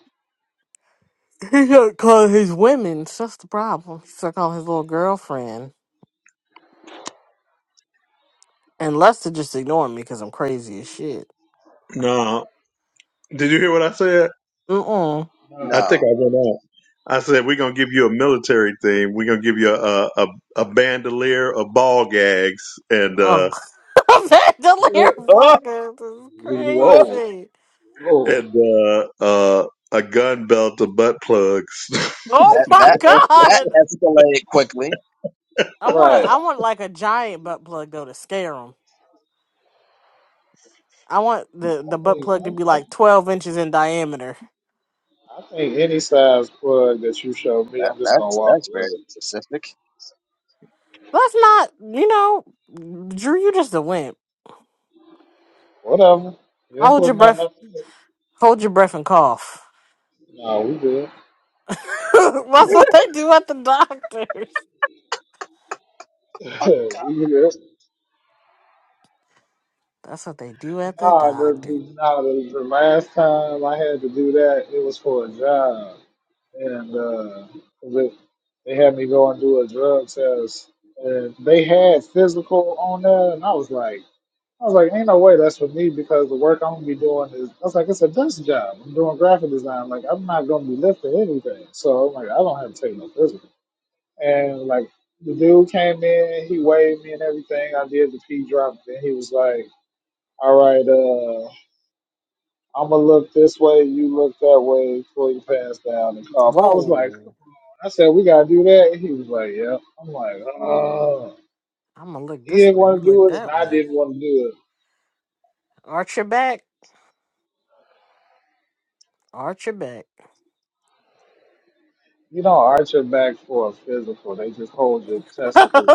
C: He got call his women. so That's the problem. He still calling his little girlfriend. And Lester just ignoring me because I'm crazy as shit.
B: No, did you hear what I said?
C: Mm-mm.
D: Nah.
B: I think
A: no.
B: I went out. I said we're gonna give you a military thing. We're gonna give you a a, a bandolier of ball gags and. uh
C: Oh, that the
D: Yeah.
C: lyric is
D: Whoa,
C: crazy.
D: whoa,
B: and uh, uh, a gun belt of butt plugs.
C: Oh
A: That
C: my
A: that that
C: god!
A: escalated quickly.
C: I want to.
D: right.
C: I want like a giant butt plug though to scare him. I want the
D: I
C: the butt
D: think
C: plug
D: I,
C: to be like
D: I,
C: twelve inches in diameter.
D: I think any size plug that you show me,
A: That
D: I'm just gonna
A: that's
D: walk
A: that's
D: away.
A: very specific.
C: That's not, you know, Drew. You just a wimp.
D: Whatever. You ain't
C: Hold your
D: putting nothing
C: breath.
D: up there.
C: Hold your breath and cough.
D: Nah, we good.
C: That's what they do at the doctors.
D: we good.
C: That's what they do at the
D: Nah, the,
C: doctor.
D: the, nah, the, the last time I had to do that, it was for a job. and uh, they, they had me go and do a drug test, and they had physical on there, and I was like, I was like, ain't no way that's for me because the work I'm gonna be doing is, I was like, it's a desk job. I'm doing graphic design, like I'm not gonna be lifting anything, so I'm like, I don't have to take no physical. And like the dude came in, he waved me and everything. I did the P drop, and he was like, all right, uh. I'm gonna look this way, you look that way before you pass down and cough. I was like,
C: Whoa.
D: I said, we gotta do that. And he was like, yeah. I'm like, oh.
C: I'm gonna look
D: He
C: this
D: didn't
C: way.
D: want
C: You
D: to do
C: look
D: it, and
C: that
D: I
C: way.
D: didn't want to do it.
C: Arch your back. Arch your back.
D: You don't arch your back for a physical. They just hold your testicles.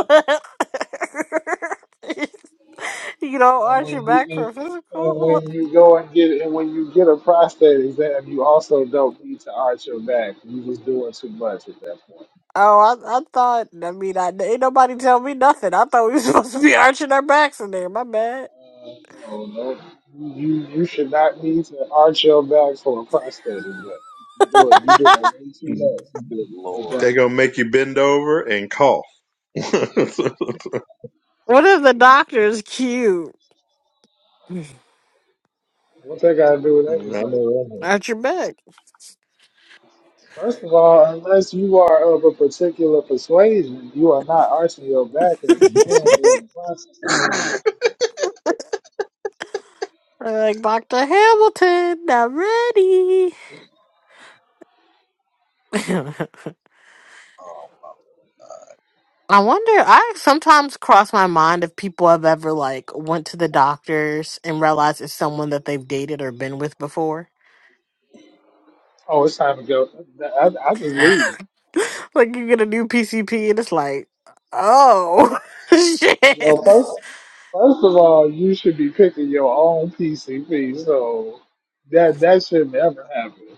C: you don't
D: And
C: arch
D: when
C: your
D: you
C: back for a physical.
D: and, and
C: Oh,
D: when you go and get and when you get a prostate exam, you also don't need to arch your back. You just doing too much at that point.
C: I, I thought. I mean, I ain't nobody tell me nothing. I thought we were supposed to be arching our backs in there. My bad.
D: Uh, no, no, you you should not need to arch your back for a prostate exam. You do it. You doing way too
B: they
D: much
A: Good
D: at that
B: are
A: lord.
B: gonna
D: point.
B: make you bend over and cough. I
C: what if the doctor is cute?
D: What they gotta do with
B: know
D: everything?
B: that.
C: Arch your back.
D: First of all, unless you are of a particular persuasion, you are not arching your back as a man during the process.
C: like Dr. Hamilton, I'm ready. I wonder. I sometimes cross my mind if people have ever like went to the doctors and realized it's someone that they've dated or been with before.
D: Oh, it's time to go. I, I just leave.
C: like you get a new PCP and it's like, oh
D: You
C: shit.
D: know, first, first of all, you should be picking your own PCP, so that that should never happen.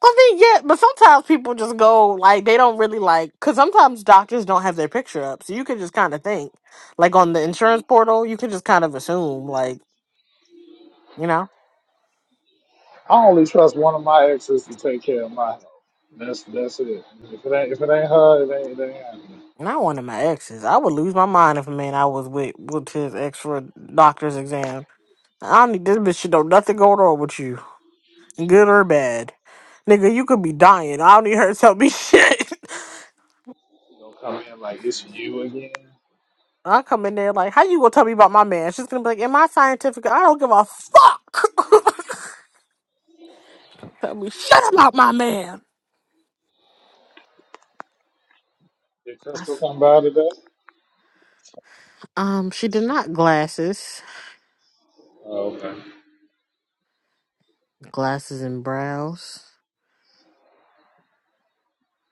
C: I mean, yeah, but sometimes people just go like they don't really like because sometimes doctors don't have their picture up, so you can just kind of think like on the insurance portal, you can just kind of assume like you know.
D: I only trust one of my exes to take care of my health. That's that's it. If it ain't if it ain't her, it ain't, it ain't happening.
C: Not one of my exes. I would lose my mind if a man I was with with his ex for a doctor's exam. I don't need this bitch. She know nothing going on with you, good or bad. Nigga, you could be dying. I don't need her to tell me shit.
D: You gonna come in like it's you again?
C: I come in there like, how you gonna tell me about my man? She's gonna be like, am I scientific? I don't give a fuck. tell me shit about my man.
D: Did
C: I
D: Crystal
C: s-
D: come by today?
C: Um, she did not glasses,
D: Oh, okay.
C: glasses and brows.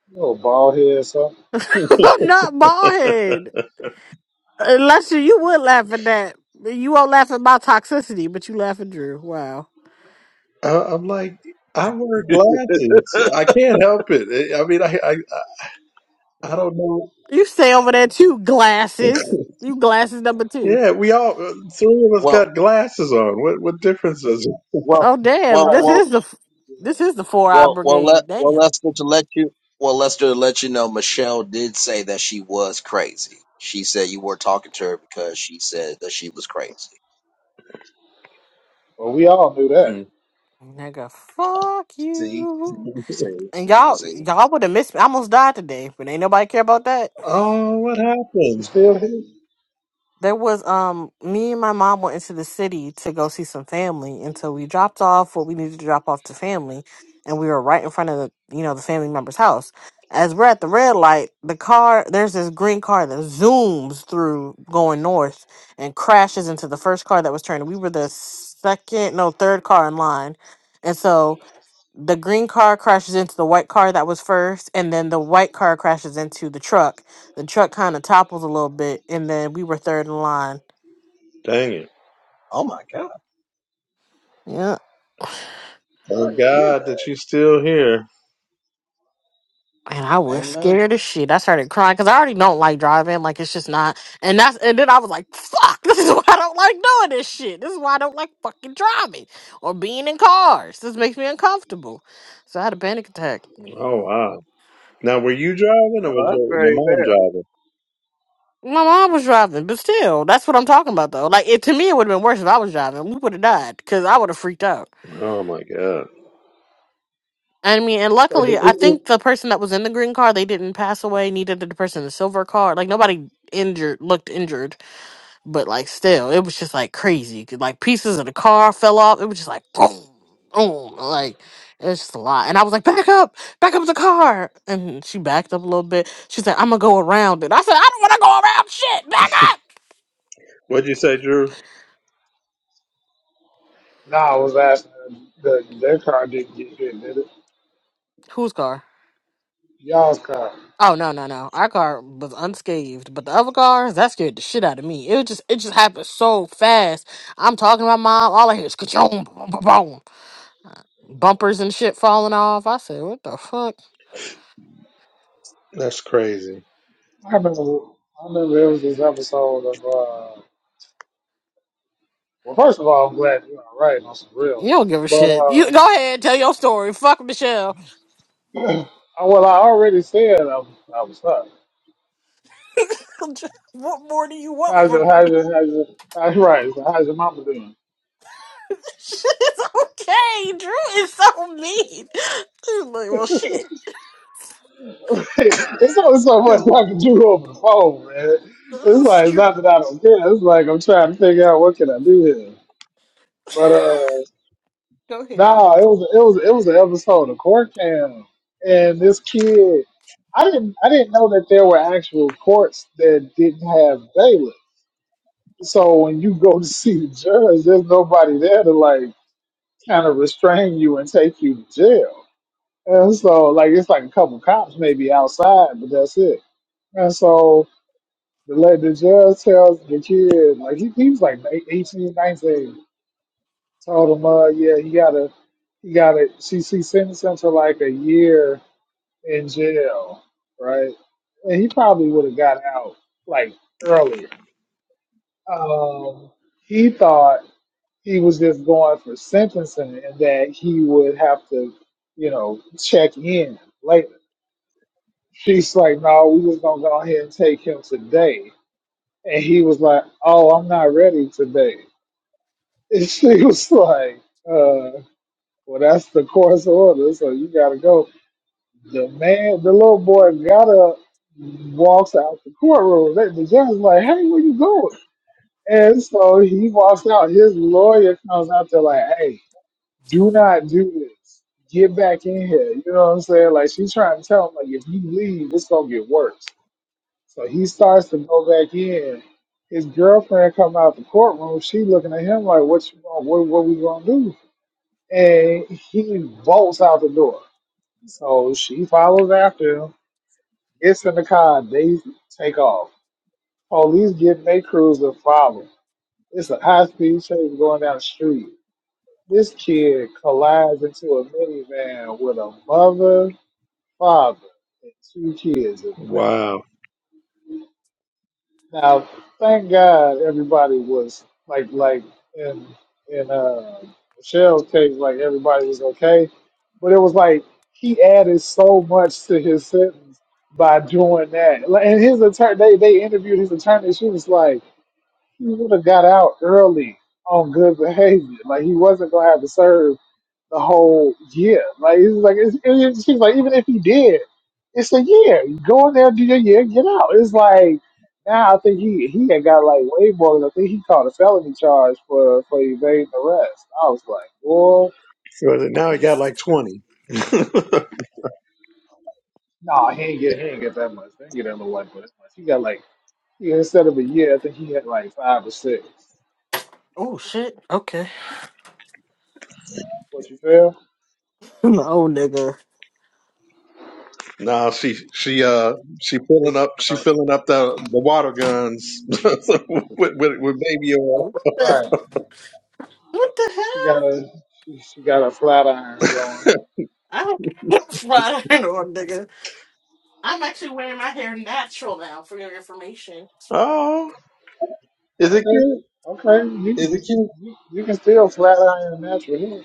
D: You little bald head, son.
C: not bald head. Lester, you would laugh at that. You won't laugh at my toxicity, but you laugh at Drew. Wow.
B: I- I'm like, I wear glasses. I can't help it. I I mean, I I, I I don't know.
C: You stay over there too, glasses. You glasses number two.
B: Yeah, we all uh, three of us
A: Well,
B: got glasses on. What what difference does it?
A: well,
C: Oh damn,
A: well,
C: this
D: Right.
A: well,
C: is the this is the four eye
A: well, well. Let
C: brigade.
A: well,
C: Damn.
A: let's just let you. Well, let's just let you know. Michelle did say that she was crazy. She said you were talking to her because she said that she was crazy.
D: Well, we all knew that.
B: Mm.
C: Nigga, fuck
A: See.
C: you.
A: See,
C: And y'all
A: see.
C: y'all would have missed me. I almost died today, but ain't nobody care about that.
B: Oh, what
D: You
B: happened?
D: still here?
C: There was um me and my mom went into the city to go see some family and so we dropped off what we needed to drop off to family and we were right in front of the you know the family member's house. As we're at the red light, the car there's this green car that zooms through going north and crashes into the first car that was turning. We were the second no third car in line. And so the green car crashes into the white car that was first, and then the white car crashes into the truck. The truck kind of topples a little bit, and then we were third in line.
B: Dang it!
A: Oh my God,
C: Yeah.
A: I
B: Thank
A: didn't hear
B: God
A: that.
B: that you're still here.
C: And I was
A: Amen.
C: scared as shit. I started crying because I already don't like driving. Like it's just not. And that's and then I was like, "Fuck! This is why I don't like doing this shit. This is why I don't like fucking driving or being in cars. This makes me uncomfortable." So I had a panic attack.
B: Oh wow! Now, were you driving or was
A: No, that's
B: your, your
A: very
B: mom
A: fair.
B: driving?
C: My mom was driving, but still, that's what I'm talking about though. Like it to me, it would have been worse if I was driving. We would have died because I would have freaked out.
B: Oh my God!
C: I mean, and
D: So did
C: luckily,
D: it,
C: I
D: it,
C: think the person that was in the green car, they didn't pass away. Neither did the person in the silver car. Like nobody injured, looked injured, but like still, it was just like crazy. 'Cause, Like pieces of the car fell off. It was just like boom, boom. Like it's just a lot. And I was like, back up, back up the car. And she backed up a little bit. She said, I'm gonna go around it. I said, I don't want to go around shit. Back up.
B: What'd you say, Drew?
D: nah, I was asking uh, the, their car didn't get hit, did it?
C: Whose car?
D: Y'all's car.
C: Oh no no no! Our car was unscathed, but the other cars that scared the shit out of me. It was just it just happened so fast. I'm talking to my mom. All I hear is ka-choom, boom, boom, boom. bumpers and shit falling off. I said, "What the fuck?
B: That's crazy.
D: I remember. I remember it was this episode of. Uh, well, first of all, I'm glad you're all right on some real.
C: You don't give a
D: But
C: shit. You go
D: uh,
C: ahead tell your story. Fuck Michelle.
D: oh, well, I already said I, was- I was stuck.
C: what more do you want
D: How's your
C: from me?
D: how's your how's your how's right? So how's your mama doing?
C: Shit's okay. Drew is so mean. He's like, well, shit.
D: Like, it's only so much
A: Good
D: I can
A: Lord.
D: do over the phone, man. It's
C: That's
D: like it's
C: true.
D: not that I don't care. It's like I'm trying to figure out what can I do here. But uh
C: Go ahead.
D: nah, it was it was it was an episode of court cam and this kid I didn't I didn't know that there were actual courts that didn't have bailiff. So when you go to see the judge, there's nobody there to like kind of restrain you and take you to jail. And so like it's like a couple cops maybe outside, but that's it. And so The lady the judge tells the kid, like he, he was like 18, 19, Told him, uh, yeah, he gotta, he gotta. She she sentenced him to like a year in jail, right? And he probably would have got out like earlier. Um, he thought he was just going for sentencing and that he would have to, you know, check in later. She's like, no, we was gonna go ahead and take him today. And he was like, oh, I'm not ready today. And she was like, uh, well, that's the course order, so you gotta go. The man, the little boy got up, walks out the courtroom. They- The judge like, hey, where you going? And so he walks out. His lawyer comes out there like, hey, do not do this. Get back in here. You know what I'm saying? Like, she's trying to tell him, like, if you leave, it's gonna get worse. So he starts to go back in. His girlfriend come out the courtroom. She looking at him like, what you want? What, what we gonna do? and he bolts out the door. So she follows after him, gets in the car, they take off. Police get in their cruiser, follow. It's a high speed chase going down the street. This kid collides into a minivan with a mother, father, and two kids in the back.
B: Wow.
D: Now, thank God everybody was like like in in uh Michelle's case, like everybody was okay. But it was like he added so much to his sentence by doing that. Like, And his attorney they, they interviewed his attorney, she was like, he would have got out early on good behavior. Like he wasn't gonna have to serve the whole year. Like it's like it's, it it seems like even if you did, it's a year. You go in there, do your year, get out. It's like now I think he he had got like way more. Than, I think he caught a felony charge for for evading arrest. I was like, boy,
B: So now he got like twenty.
D: no, he ain't get he ain't get that much. He ain't get that little white boy that much. He got like he, instead of a year, I think he had like five or six.
C: Oh shit. Okay.
D: What you feel?
C: Oh nigga.
B: no, she she uh she filling up she filling up the the water guns with, with with baby oil.
C: What the?
D: Right.
C: What the hell?
D: She got a she, she got a flat iron going.
C: I don't have flat nigga. I'm actually wearing my hair natural now for your information.
B: Oh, is it
D: Okay,
B: cute?
D: okay. You,
B: Is
D: you,
B: it
D: can-
B: cute?
D: you, you can still flat iron a natural hair.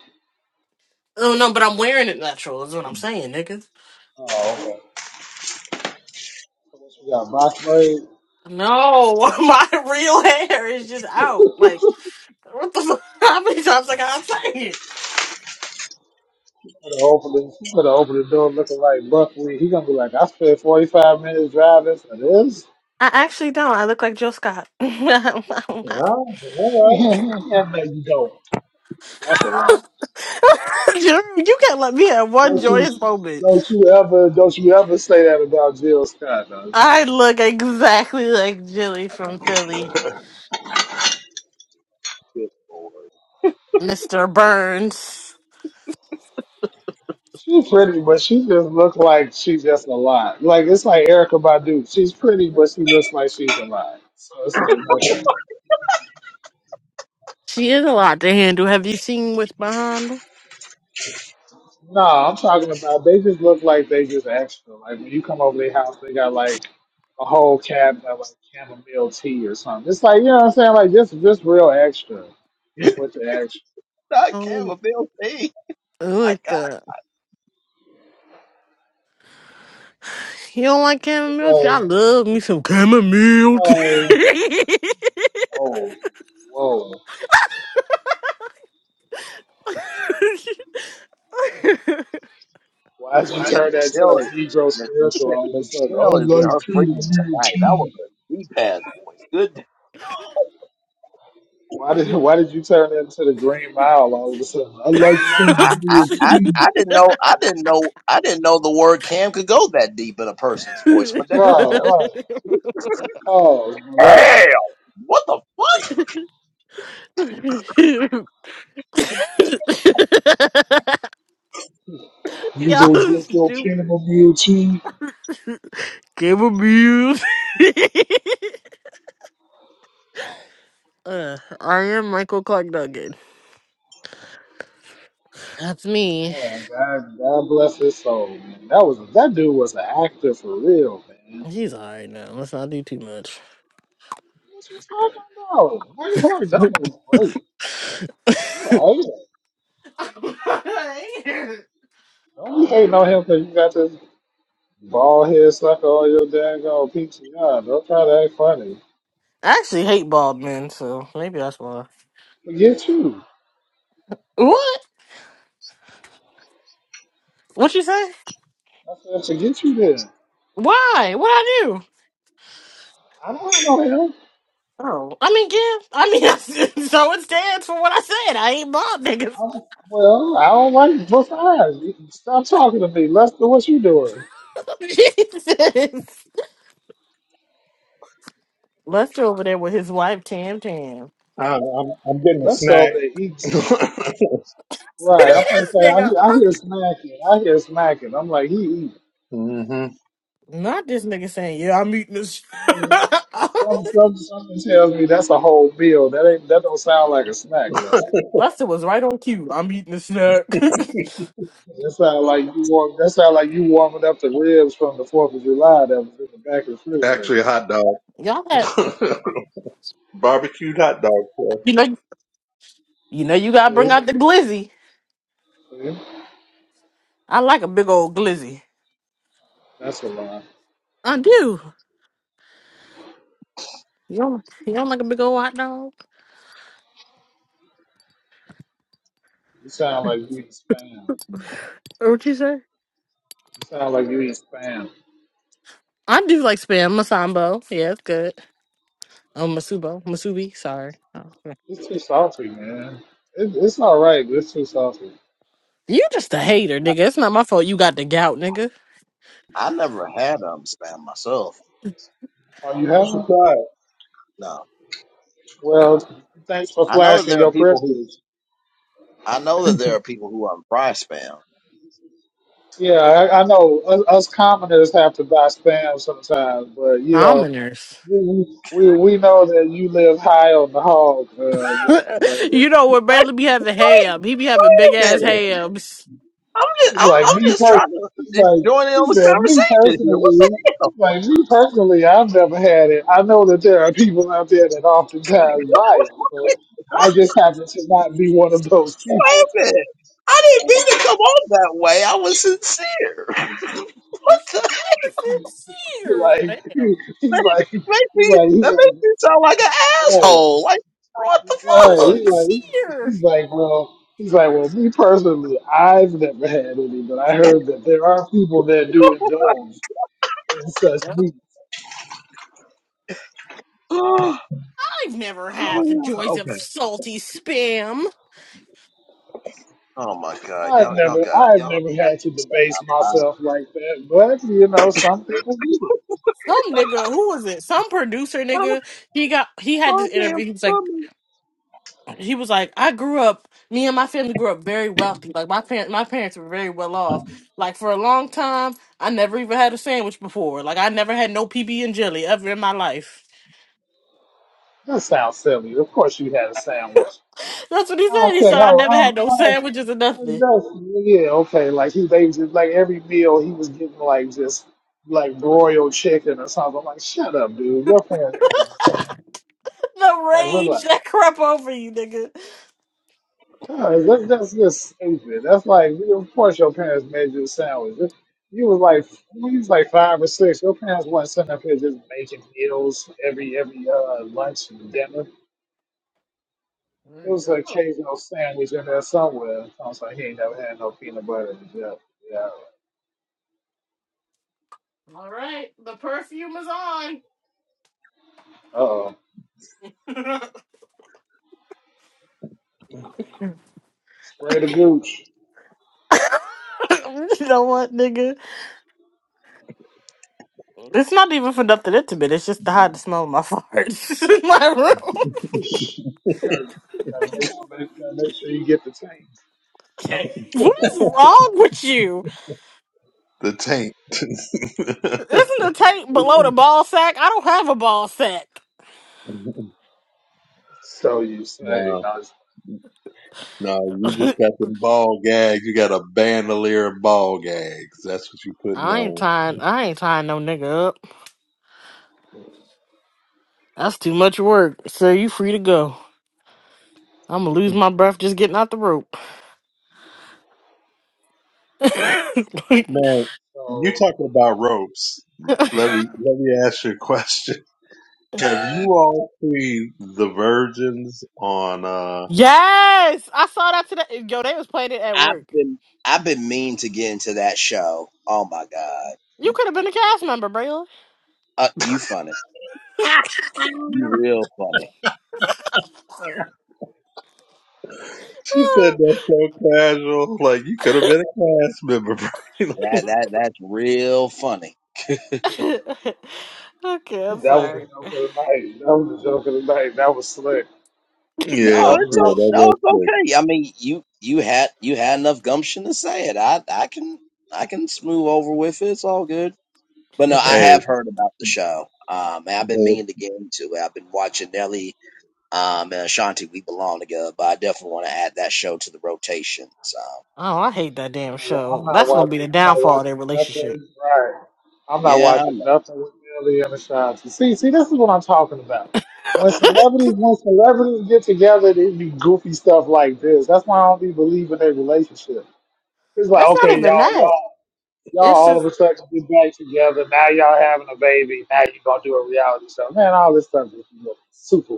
C: Oh no, but I'm wearing it natural is what I'm saying, niggas.
D: Oh, okay. So what you got box braid?
C: No, my real hair is just out. Like, what the fuck? How many times I gotta say it?
D: You could have opened it. You could have opened the door looking like buckwheat. He gonna be like, I spent forty five minutes driving for this.
C: I actually don't. I look like Joe Scott. I'm not.
B: Oh, all
D: Yeah, no, you don't. That's a lie.
C: Jeremy, you can't let me have one
D: Don't
C: joyous
D: you?
C: moment.
D: Don't you ever? Don't you ever say that about Jill Scott? Though.
C: I look exactly like Jilly from Philly, Mr. Burns.
D: She's pretty, but she just look like she's just a lot. Like it's like Erica Badu. She's pretty, but she looks like she's a lot. So it's like no thanks.
C: She is a lot to handle. Have you seen what's behind her?
D: No, I'm talking about they just look like they just extra. Like when you come over their house, they got like a whole cabinet of like chamomile tea or something. It's like you know what I'm saying, like just just real extra with the extra.
A: I can't
C: Oh,
A: with Bill C.
C: I don't
A: My
C: like
A: God.
C: that. You don't like
D: It's
C: chamomile tea? I
D: like,
C: love me
D: it's like
C: some chamomile tea.
D: whoa, whoa. Why'd you
A: Yeah,
C: What?
D: turn that to
A: Michelle,
D: a
A: is-
D: Negro
A: Mi-
D: spiritual?
A: Michelle,
D: I was just like, I
A: Michelle is in
D: like
A: her freedom
D: chamomile
A: tonight. That was
D: tea.
A: a deep ass voice. Good.
D: Why did why did you turn that into the Green Mile all of a sudden? I like
A: I, I,
D: chamomile
A: I, I
D: tea.
A: didn't know. I didn't know. I didn't know the word "cam" could go that deep in a person's voice. My damn
D: Right,
A: self.
D: right. Oh,
A: Damn. What the fuck?
D: You go
C: Y'all
D: drink your
C: stupid.
D: chamomile tea.
C: Cable Muse. uh, I am Michael Clark Duncan. That's me.
D: Man, God, God bless his soul, man. That was that dude was an actor for real, man.
C: He's alright now. Let's not do too much.
D: That's what's talking about. Marty Clark Duncan was great. You a hater.
C: I
D: Don't be hating on him because you got this bald head sucker on your daggone PTR. Don't try to act funny.
C: actually hate bald men, so maybe that's why.
D: Forget you.
C: What? What you say?
D: I said, forget you then.
C: Why? What I do?
D: I don't know him.
C: Oh, I mean, yeah. I mean, I, so it stands for what I said. I ain't bald niggas.
D: I don't, well, I don't like both sides. You- Stop talking to me. Lester, what you doing?
C: Jesus. Lester over there with his wife Tam Tam.
B: right. I'm I'm, I'm getting a
D: Lester over there
B: snack.
D: eating something.
B: right.
D: Right. I'm gonna
C: this
D: say I
C: nigga.
D: hear I hear smacking. I hear smacking. I'm like he eating.
B: hmm
C: Not this nigga saying, yeah, I'm eating this.
D: Something, something, something, something tells me that's a whole meal. That ain't that don't sound like a snack list.
C: Lester was right on cue. I'm eating a snack.
D: That sound like you warm. That sound like you warming up the ribs from the Fourth of July that was in the back of the refrigerator.
B: Actually, a hot dog,
C: Y'all had,
B: barbecued hot dog. boy.
C: you know, you know, you gotta
D: See,
C: bring out the glizzy.
D: see,
C: I like a big old glizzy.
D: that's a lie.
C: I do. You don't, you don't like a big old hot dog?
D: You sound like you eat spam.
C: Or what you say?
D: You sound like you eat spam.
C: I do like spam masambo. Yeah, it's good. Oh, masubo, masubi. Sorry. Oh.
D: It's too salty, man. It, it's all right, but it's too salty.
C: You just a hater, nigga. It's not my fault. You got the gout, nigga.
A: I never had um spam myself.
D: Are you
B: You should
D: having?
B: try
A: No.
D: Well, thanks for
A: I know that
D: flashing
A: there are
D: your
A: people who
D: privilege.
A: I know that there are people who are fry spam.
D: Yeah, I, I know us, us commoners have to buy spam sometimes, but you know,
C: Commoners.
D: we we, we know that you live high on the hog, uh, Mr. Bradley.
C: you know what
A: Wait,
C: Bailey be having
A: wait,
C: ham? He be having
A: wait a
C: big ass
A: minute.
C: hams.
A: I'm just
D: He's
A: I'm,
D: like
A: I'm
D: me
A: just trying
D: personally. He's
A: to
D: like
A: join in
D: he
A: on the
D: said me
A: conversation here. What the
D: personally.
A: hell?
D: Like me personally, I've never had it. I know that there are people out there that oftentimes buy it, but
A: wait
D: I just happen to not be one of those people.
A: a minute. I didn't mean to come on that way. I was sincere. what
C: If
A: the
C: I was sincere,
D: Like
C: damn,
D: he's like he's
A: make me
D: like he's
A: that
D: like.
A: makes me sound like an
D: "Hey,
A: asshole. Like what the
C: I was
D: Right. He's
A: fuck?
D: like,
C: sincere.
D: he's like, well, he's like, well, me personally, I've never had any, but I heard that there are people that do indulge in such
C: Yep.
D: meat.
A: oh,
C: I've never
A: oh
C: had the
A: yeah,
C: joys of
A: okay.
C: salty spam.
A: Oh my god,
D: I've
A: y'all y'all
D: never,
A: got
D: I've
A: y'all
D: never
A: have
D: had
A: to
D: to
A: stop.
D: debase myself like that, but you know, some people do.
C: Some nigga, who was it? Some producer
A: I'm
C: nigga. He got he had this
A: a
C: interview.
A: goddamn
C: He was like,
A: dumbass.
C: he was like, I grew up. Me and my family grew up very wealthy. Like my parents, my parents were very well off. Like for a long time, I never even had a sandwich before. Like I never had no PB and jelly ever in my life.
D: That sounds silly. Of course, you had a sandwich.
C: That's what he
D: I
C: said.
D: don't
C: He
D: care
C: said, I
D: how. I
C: never had
D: don't,
C: no sandwiches or
D: I don't,
C: nothing.
D: that's, yeah, okay. Like he, they just like every meal he was getting like just like broiled chicken or something. I'm like, shut up, dude. Your parents made the sandwich. Like,
C: The
D: look like,
C: rage that crept over you, nigga.
D: huh, that's, that's just stupid. That's like, of course your parents made you a sandwich. You was like, when you was like five or six, your parents weren't sitting up here just making meals every every uh, lunch and dinner.
C: There
D: It
C: you
D: was an
C: go.
D: occasional sandwich in there somewhere. Sounds like he ain't never had no peanut butter and jelly. Yeah.
C: All right. The perfume is on.
D: Uh-oh. Spray the gooch.
C: you know what, nigga? It's not even for nothing intimate. It's just to hide the smell of my farts in my room.
D: Okay. Gotta gotta, make, sure- make, gotta make sure you get the tank.
C: what is wrong with you?
B: it. The
C: Isn't
B: taint.
C: the tape below the ball sack? I don't have a ball sack.
D: so you
B: no.
D: say. Nice.
B: No, you just got them ball gags. You got a bandolier of ball gags. That's what you putting
C: I ain't
B: on.
C: tying. I ain't tying no nigga up. That's too much work. So you free to go. I'm gonna lose my breath just getting out the rope.
B: Man, you
D: so.
B: talking about ropes. Let me let me ask you a question. Have you all seen the virgins on uh
C: yes, I saw that today. Yo, they was playing it at
A: I've
C: work.
A: been I've been mean to get into that show. Oh my god,
C: You could have been a cast member, Braylon.
A: uh, you funny, you real funny.
B: She said that so casual, like you could have been a class member. Braylon.
A: That that that's real funny.
C: okay, I'm
D: That was the
C: sorry.
D: joke of the night. That was the joke of the night. That was slick.
B: yeah,
A: No,
D: That was
A: it's
B: yeah,
A: o-
D: real.
A: no,
B: that was
A: it's
B: sick.
A: okay. I mean, you you had you had enough gumption to say it. I I can I can smooth over with it. It's all good. But no, I
C: oh,
B: Hey,
A: have heard about the show. Um, and I've been meaning to
B: but
A: get into it. I've been watching Nelly um and Ashanti. We belong together, but I definitely want to add that show to the rotation. So
C: I hate that damn
D: cool. I'm
C: show.
D: not
C: That's gonna be
D: watching.
C: the
D: I'm not
C: downfall of
D: watching
C: their relationship.
D: nothing. Right. I'm not
A: yeah,
D: watching nothing with Billy and Ashanti. See, see, this is what I'm talking about. When celebrities, when celebrities get together, they be goofy stuff like this. That's why I don't be believing their relationship. It's like,
C: That's not
D: okay,
C: even
D: y'all,
C: that.
D: y'all, y'all,
C: It's
D: all of
C: just
D: a sudden get back together. Now y'all having a baby. Now you gonna do a reality show. Man, all this stuff is super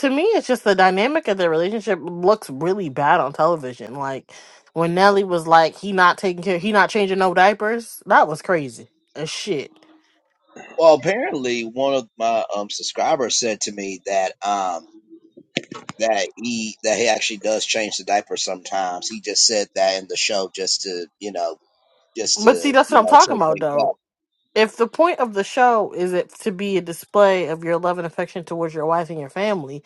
C: to me, it's just the dynamic of their relationship looks really bad on television. Like when Nelly was like, "He not taking care, he not changing no diapers." That was crazy as shit.
A: Well, apparently one of my um subscribers said to me that um that he that he actually does change the diaper sometimes. He just said that in the show just to, you know, just
C: But see,
A: to,
C: that's what
A: you
C: I'm
A: know,
C: talking
A: shake
C: about,
A: things up.
C: though. If the point of the show is it to be a display of your love and affection towards your wife and your family,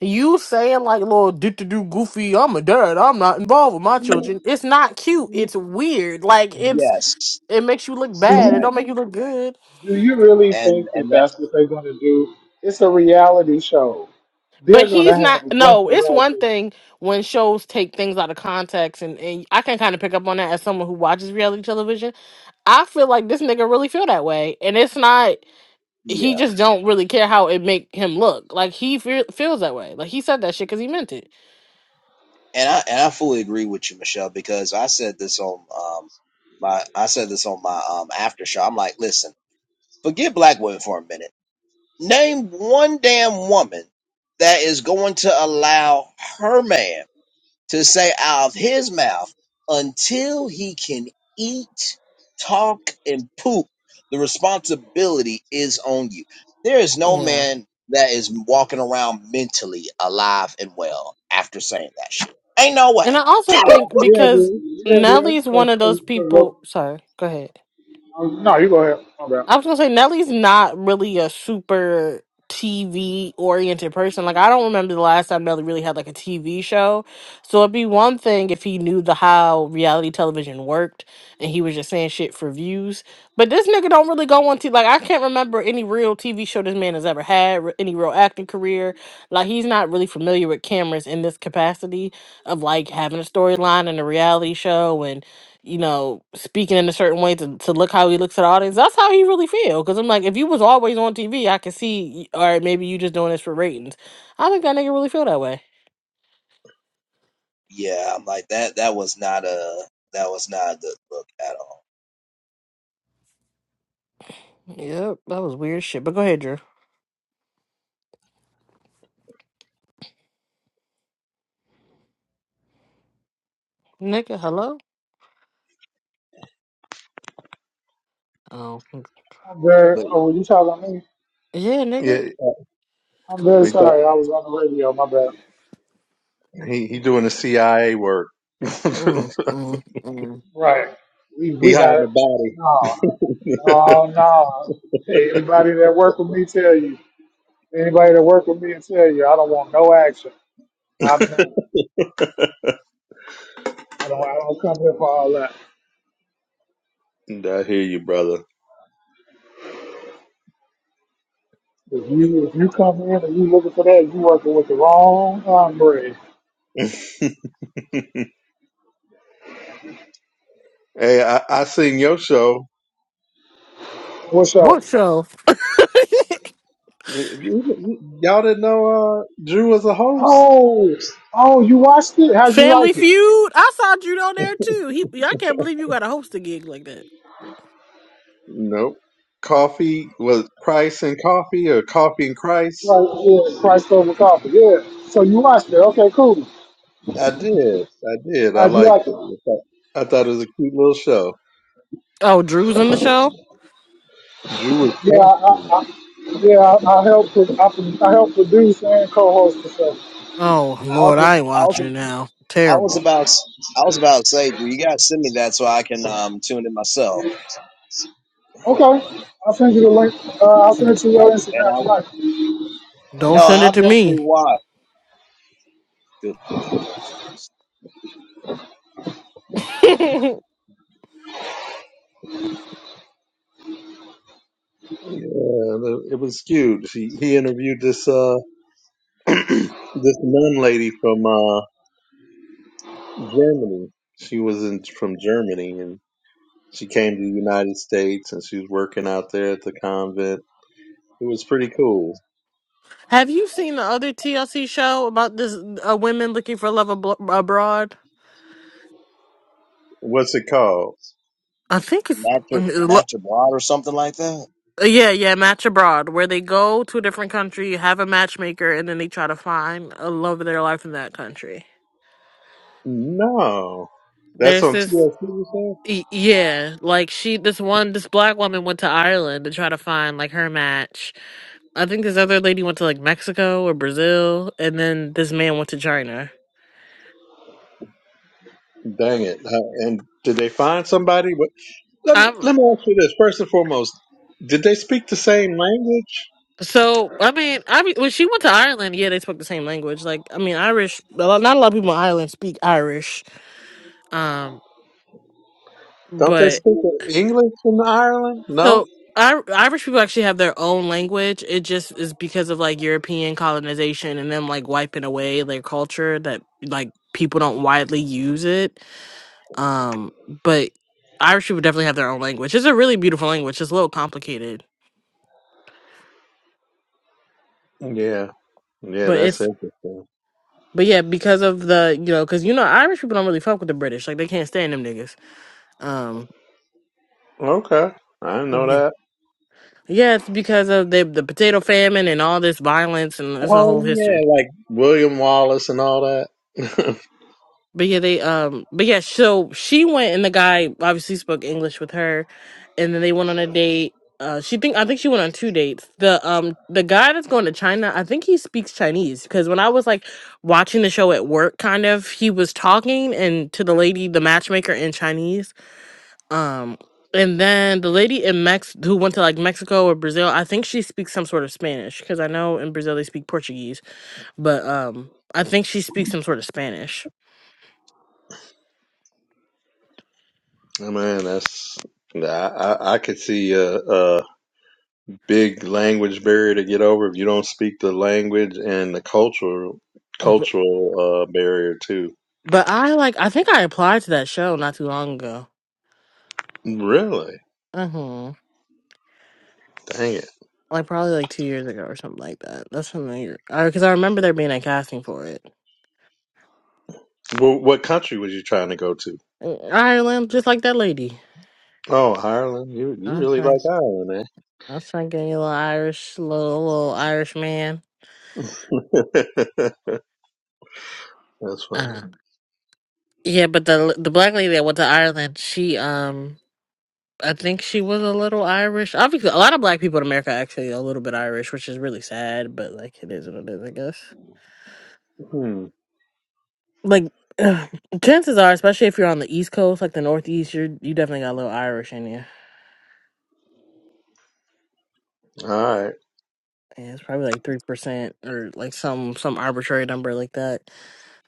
C: you saying like little do to do goofy, I'm a dad, I'm not involved with my children. It's not cute. It's weird. Like it's
A: Yes,
C: it makes you look bad.
D: weird.
C: It
A: correct.
C: don't make you look good.
D: Do you really
A: And
D: think that
A: and that
D: that's what they're going to do? It's a reality show.
C: But
D: They're going to
C: he's
D: have
C: not
D: a bunch
C: no,
D: of
C: it's one
D: ratchet.
C: thing when shows take things out of context and, and I can kind of pick up on that as someone who watches reality television. I feel like this nigga really feel that way. And it's not he
A: yeah.
C: just don't really care how it make him look. Like he feel, feels that way. Like he said that shit because he meant it.
A: And I and I fully agree with you, Michelle, because I said this on um my I said this on my um after show. I'm like, listen, forget black women for a minute. Name one damn woman that is going to allow her man to say out of his mouth until he can eat, talk, and poop, the responsibility is on you. There is no
C: Yeah.
A: man that is walking around mentally alive and well after saying that shit. Ain't no
C: And I
A: way.
C: also
D: Yeah,
C: think
D: yeah, it
C: because
D: is. Yeah, it is.
C: Nelly's
D: Cause,
C: one of
D: cause,
C: those
D: 'cause
C: people.
D: look-
C: Sorry, go ahead.
D: oh, no, you go ahead. My bad.
C: I was gonna say Nelly's not really a super TV oriented person. Like I don't remember the last time Nelly really had like a TV show. So it'd be one thing if he knew the how reality television worked and he was just saying shit for views. But this nigga don't really go on to like I can't remember any real TV show this man has ever had, re- any real acting career. Like he's not really familiar with cameras in this capacity of like having a storyline and a reality show and you know, speaking in a certain way to, to look how he looks at the audience. That's how he really feel. Cause I'm like, if you was always on TV, I could see. y- All right, maybe you just doing this for ratings. I think that nigga really feel that way.
A: Yeah, I'm like that. That was not a. That was not a good look at all.
C: Yep, that was weird shit. But go ahead, Drew. Nigga, hello. Oh, mm,
D: I'm very.
A: But yeah,
D: Oh, you talking to me?
C: yeah,
B: yeah,
C: nigga.
D: I'm very
B: we
D: sorry.
B: thought
D: I was on the radio. My bad.
B: he he doing the CIA work. he
C: Mm,
B: hiding
C: mm, mm.
D: Right. We we got it.
B: the body.
D: No, no, no. Hey, anybody that work with me, tell you. Anybody that work with me, and tell you. I don't want no action. I'm not. I don't. I don't come here for all that.
B: Nah, I hear you, brother.
D: If you if you come in and you looking for that, you working with the wrong hombre.
B: hey, I, I seen your show.
D: What's up?
C: What show?
B: Y- y- Y'all didn't know uh, Drew was a host?
D: Oh, oh, you watched it? How'd you
C: Family
D: like it?
C: Feud. I saw Drew on there too. He, yeah, I can't believe you got to host a gig like that.
B: Nope. Coffee was Christ and coffee, or coffee and Christ?
D: Right, yeah, Christ over coffee. Yeah. So you watched it? Okay, cool.
B: I did. I did. I
D: How'd you
B: liked
D: like
B: it.
D: it?
B: I thought, I thought it was a cute little show.
C: Oh, Drew's in the show.
B: Drew was
D: Yeah, I,
B: posting.
D: I yeah, I, I helped with, I, pro- I helped produce and co-host the show.
C: Oh
A: I was.
C: Lord, I ain't
A: I was.
C: watching now.
A: I was
C: Terrible.
A: about. I was about to say, you gotta send me that so I can um tune in myself.
D: Okay, I'll send you the link. Uh, I'll send it to
A: And I.
D: your
A: And
D: Instagram
A: I.
D: tonight.
C: Don't
A: No,
C: send
A: I'll
C: it to
A: definitely
C: me.
A: watch. Good Lord Jesus.
B: Yeah, it was cute. He he interviewed this uh this nun lady from uh Germany. She was in from Germany, She came to the United States and she was working out there at the convent. It was pretty cool.
C: Have you seen the other TLC show about this uh, women looking for love ablo- abroad?
B: What's it called?
C: I think it's
A: Natural,
C: uh,
A: natural blood or something like that?
C: yeah, yeah, match abroad, where they go to a different country, have a matchmaker, and then they try to find a love of their life in that country.
B: No, that's
C: There's
B: on
C: this.
B: TLC. You said?
C: Y- yeah, like she, this one, this black woman went to Ireland to try to find like her match. I think this other lady went to like Mexico or Brazil, and then this man went to China.
B: Dang it! Uh, And did they find somebody? What- Let me
C: I'm
B: let me ask you this first and foremost: Did they speak the same language?
C: so I mean I mean, when she went to Ireland, yeah, they spoke the same language. Like I mean Irish, a lot- not a lot of people in Ireland speak Irish. Um,
B: Don't they
C: but
B: speak English in Ireland? No.
C: So Ir Irish people actually have their own language. It just is because of like European colonization and them like wiping away their culture that like people don't widely use it. Um, but Irish people definitely have their own language. It's a really beautiful language. It's a little complicated,
B: Yeah. Yeah,
C: but
B: that's
C: it's
B: interesting.
C: but yeah, because of the you know, because you know Irish people don't really fuck with the British. Like they can't stand them niggas. Um.
B: Okay. I didn't know that.
C: Yeah, it's because of the the potato famine and all this violence, and it's a
B: Oh
C: whole history.
B: yeah, like William Wallace and all that.
C: But yeah, they um but yeah, so she went and the guy obviously spoke English with her and then they went on a date. Uh she think I think she went on two dates. The um the guy that's going to China, I think he speaks Chinese because when I was like watching the show at work kind of, he was talking and to the lady, the matchmaker in Chinese. Um and then the lady in Mex who went to like Mexico or Brazil, I think she speaks some sort of Spanish because I know in Brazil they speak Portuguese, but um I think she speaks some sort of Spanish.
B: Oh, man, that's nah, I, I I could see a, a big language barrier to get over if you don't speak the language and the cultural cultural uh, barrier too.
C: But I like I think I applied to that show not too long ago.
B: Really?
C: Uh-huh.
B: Dang it!
C: Like probably like two years ago or something like that. That's something because I remember there being a casting for it.
B: Well, what country was you trying to go to?
C: In Ireland, just like that lady.
B: Oh, Ireland. You you
C: I was
B: really
C: like,
B: like Ireland,
C: I was like getting a little Irish, little little Irish man.
B: eh? That's funny.
C: Uh, yeah, but the the black lady that went to Ireland, she um, I think she was a little Irish. Obviously, a lot of black people in America are actually a little bit Irish, which is really sad. But like, it is what it is, I guess.
B: Hmm.
C: like ugh, chances are, especially if you're on the East Coast, like the Northeast, you're you definitely got a little Irish in you.
B: All right.
C: And it's probably like three percent or like some some arbitrary number like that.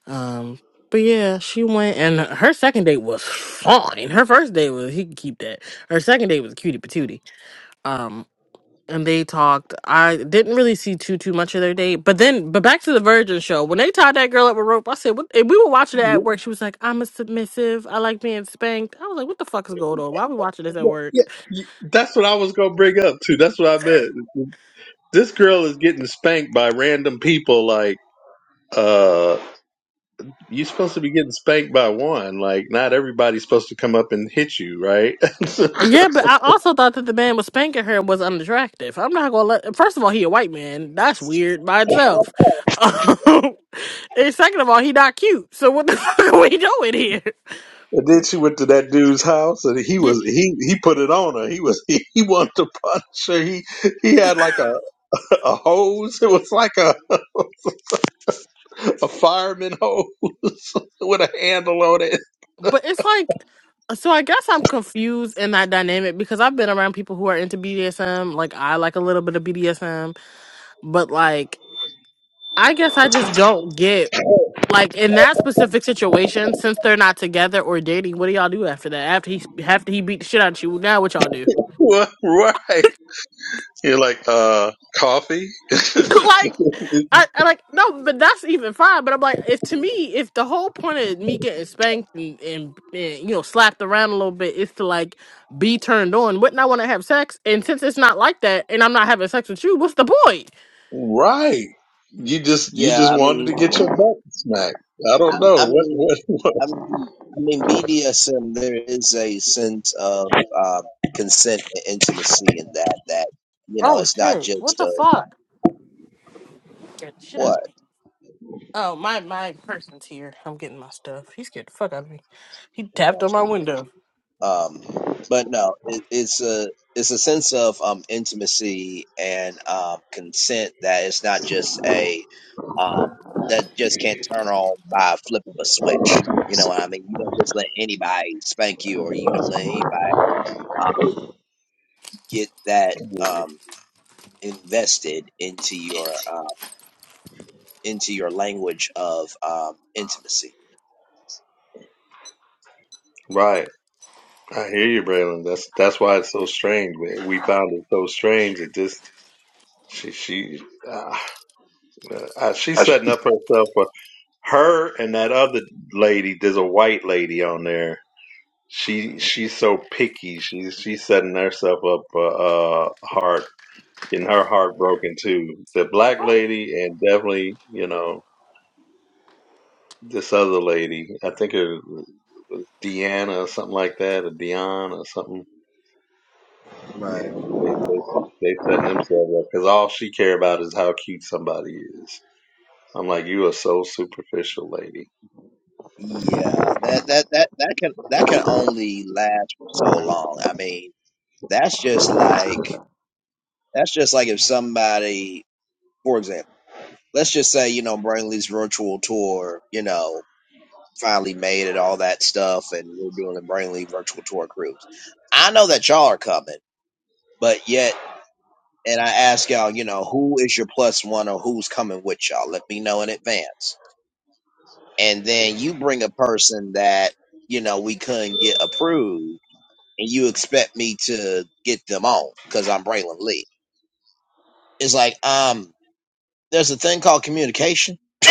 C: Um, but yeah, she went and her second date was fine. Her first date was he could keep that. Her second date was cutie patootie. and they talked. I didn't really see too too much of their date, but then but back to the Virgin show when they tied that girl up with rope. I said, "What?" And we were watching it at
B: Yeah,
C: work. She was like, "I'm a submissive. I like being spanked." I was like, "What the fuck is going on? Why are we watching this at
B: yeah, yeah,
C: work?"
B: yeah. that's what I was gonna bring up too. That's what I meant. This girl is getting spanked by random people like. uh, You're supposed to be getting spanked by one. Like, not everybody's supposed to come up and hit you, right? and
C: Yeah, but I also thought that the man was spanking her was unattractive. I'm not gonna let. First of all, he a white man. That's weird by itself. and second of all, he not cute. So what the fuck are we doing here?
B: then she went to that dude's house, and he was he he put it on her. He was he, he wanted to punch her. He he had like a, a hose. It was like a, a fireman hose with a handle on it.
C: But it's like, so I guess I'm confused in that dynamic because I've been around people who are into BDSM. Like, I like a little bit of BDSM, but like, I guess I just don't get, like, in that specific situation, since they're not together or dating, what do y'all do after that? After he, after he beat the shit out of you, now what y'all do?
B: What? Right? You're like, uh, coffee.
C: like I, I like no, but that's even fine. But I'm like, if to me, if the whole point of me getting spanked and, and, and you know slapped around a little bit is to like be turned on, wouldn't I want to have sex? And since it's not like that, and I'm not having sex with you, what's the point?
B: right? You just you
A: Yeah,
B: just
A: I
B: wanted to
A: mean,
B: get your butt smacked. I
A: I,
B: don't know
A: I
B: what
A: mean,
B: what
A: I mean, I mean, BDSM. There is a sense of um, consent and intimacy in that. That you know,
C: Oh
A: it's not
C: shit! What
A: just
C: the
A: a
C: fuck? Get the shit out of
A: what,
C: me. Oh my my person's here. I'm getting my stuff. He scared the fuck out of me. He tapped on my window.
A: um, but no, it, it's a it's a sense of um, intimacy and um, consent that it's not just a um, that just can't turn on by a flip of a switch. You know what I mean? You don't just let anybody spank you, or you don't let anybody uh, get that
B: Mhm.
A: um, invested into your um, into your language of um, intimacy.
B: Right. I hear you, Braylon. That's that's why it's so strange. We we found it so strange that this she she uh, uh, she's setting up herself for her and that other lady. There's a white lady on there. She she's so picky. She's she's setting herself up for uh, hard getting her heart broken too. The black lady and definitely, you know, this other lady. I think it was Deanna or something like that, or Dion or something.
A: Right.
B: Yeah, they they they setting themselves up because all she care about is how cute somebody is. I'm like, you are so superficial, lady.
A: Yeah, that that that that can that can only last for so long. I mean, that's just like that's just like if somebody, for example, let's just say you know Brainley's virtual tour, you know. finally made and all that stuff, and we're doing the Brainly virtual tour cruise. I know that y'all are coming, but yet, and I ask y'all, you know, who is your plus one or who's coming with y'all? Let me know in advance. And then you bring a person that, you know, we couldn't get approved, and you expect me to get them on because I'm Braylon Lee. It's like, um, there's a thing called communication.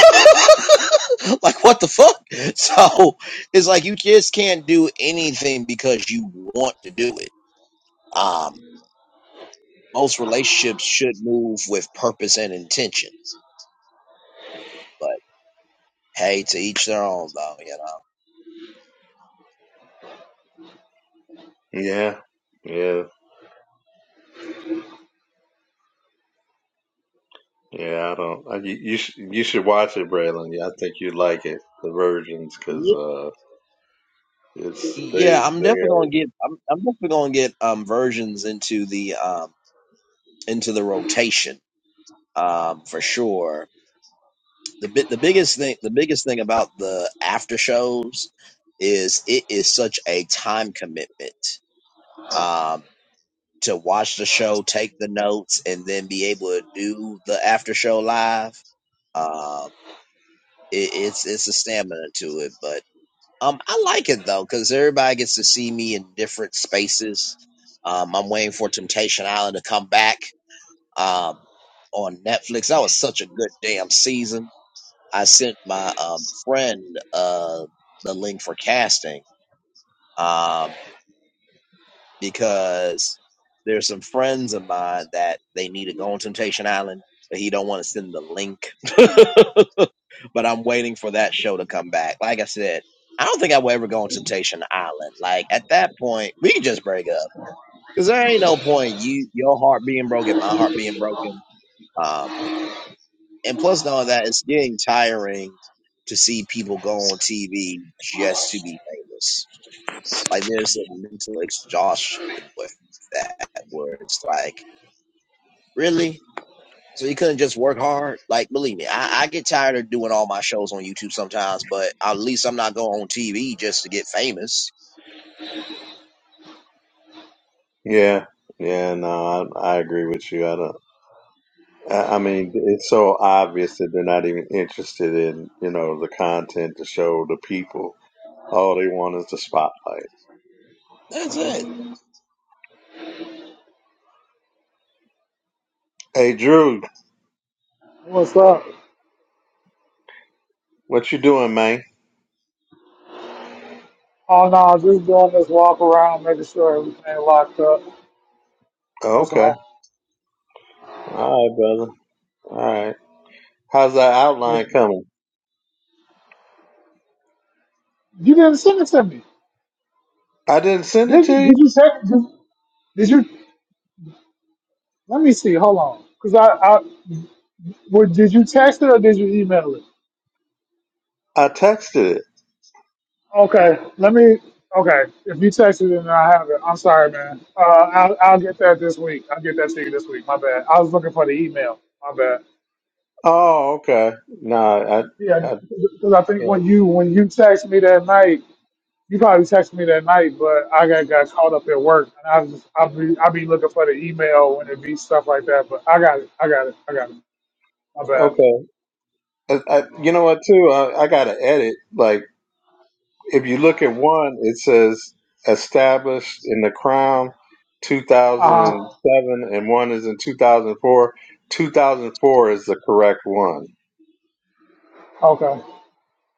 A: like what the fuck? So it's like you just can't do anything because you want to do it. Um, most relationships should move with purpose and intention. But hey, to each their own, though. You know.
B: Yeah, yeah, yeah. I don't. I, you you, sh- you should watch it, Braylon. Yeah, I think you'd like it, The Virgins, because
A: Yeah,
B: uh, it's they
A: yeah I'm
B: they
A: definitely
B: are.
A: gonna get. I'm, I'm definitely gonna get um versions into the um into the rotation um for sure the bit the biggest thing the biggest thing about the after shows is it is such a time commitment um to watch the show take the notes and then be able to do the after show live um it, it's it's a stamina to it but um i like it though because everybody gets to see me in different spaces um i'm waiting for temptation island to come back um on netflix that was such a good damn season I sent my um, friend uh, the link for casting um, because there's some friends of mine that they need to go on Temptation Island, but he don't want to send the link. but I'm waiting for that show to come back. Like I said, I don't think I will ever go on Temptation Island. Like at that point, we can just break up because there ain't no point you your heart being broken, my heart being broken. Um, and plus knowing that it's getting tiring to see people go on TV just to be famous. Like there's a mental exhaustion with that where it's like, really? So you couldn't just work hard? Like, believe me, I, I get tired of doing all my shows on YouTube sometimes, but at least I'm not going on TV just to get famous.
B: Yeah, yeah, no, I, I agree with you. I don't. I, I mean, it's so obvious that they're not even interested in, you know, the content to show the people. All they want is the spotlight.
A: That's it.
B: Hey, Drew,
D: What's up?
B: what you doing, man?
D: Oh no, just doing this walk around, making sure everything locked up.
B: Oh,
D: That's
B: Okay,
D: all.
B: all right, brother. All right. How's that
D: Yeah.
B: outline coming?
D: You didn't send it to me.
B: I didn't send it
D: Did
B: to
D: you, did
B: you.
D: you text? Did, did you? Let me see. Hold on, cause I, I would. Did you text it or did you email it?
B: I texted it.
D: Okay, let me. Okay, if you texted it and I have it, I'm sorry, man. Uh, I'll, I'll get that this week. I'll get that to you this week. My bad. I was looking for the email. My bad.
B: Oh, okay. No,
D: Yeah,
B: I, I,
D: because I think
B: yeah,
D: when you when you text me that night, you probably texted me that night, but I got, got caught up at work, and I was just I'll be I'll be looking for the email when it be stuff like that. But I got it. I got it. I got it. My bad.
B: okay. I, I, you know what, too? I, I gotta edit. Like. if you look at one, it says established in the Crown
D: Uh huh.
B: 2007, and one is in 2004. 2004 is the correct one.
D: Okay,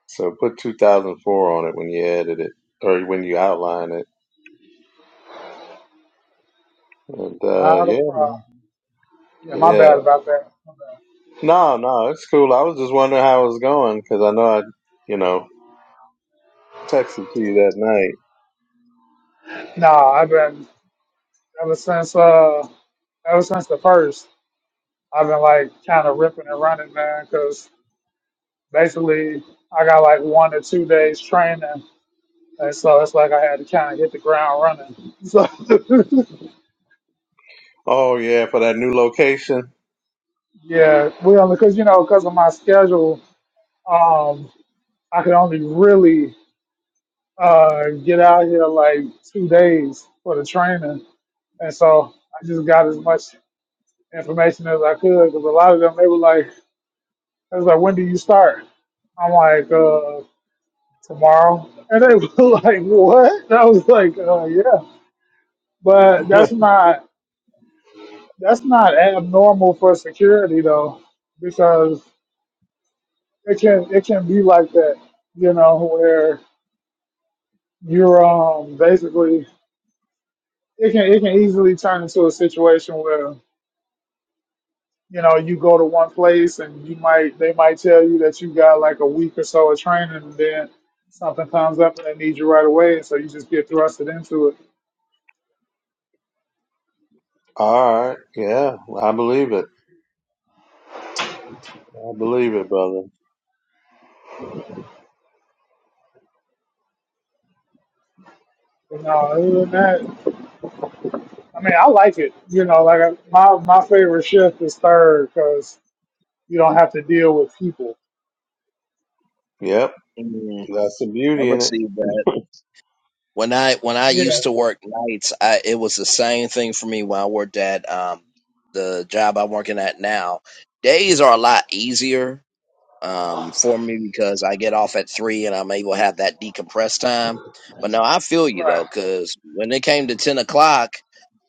B: So put 2004 on it when you edit it or when you outline it. And uh,
D: not a
B: yeah,
D: problem. Yeah, my
B: yeah.
D: bad about that. My bad.
B: No, no, it's cool. I was just wondering how it was going because I know I, you know, texted to you that night.
D: Nah, I've been ever since uh ever since the first. I've been like kind of ripping and running, man, because basically I got like one or two days training, and so it's like I had to kind of hit the ground running. So
B: Oh yeah, for that new location.
D: yeah, we only because you know because of my schedule, um, I could only really uh get out here like two days for the training, and so I just got as much. information as I could because a lot of them they were like, "I was like, when do you start? I'm like, uh, tomorrow, and they were like, what? And I was like, uh, yeah, but that's not that's not abnormal for security though, because it can it can be like that, you know, where you're um basically it can it can easily turn into a situation where. you know, you go to one place and you might they might tell you that you got like a week or so of training and then something comes up and they need you right away and so you just get thrusted into it.
B: All right. Yeah, I believe it. I believe it, brother.
D: You know, other than that, I mean, I like it. You know, like I, my my favorite shift is third because you don't have to deal with people.
B: Yep.
A: Mm,
B: That's the
A: I
B: beauty in it.
A: received that. When I when I
D: Yeah,
A: used to work nights, I it was the same thing for me when I worked at um the job I'm working at now. Days are a lot easier um for me because I get off at three and I'm able to have that decompressed time. But no, I feel you
D: right,
A: though, because when it came to ten o'clock,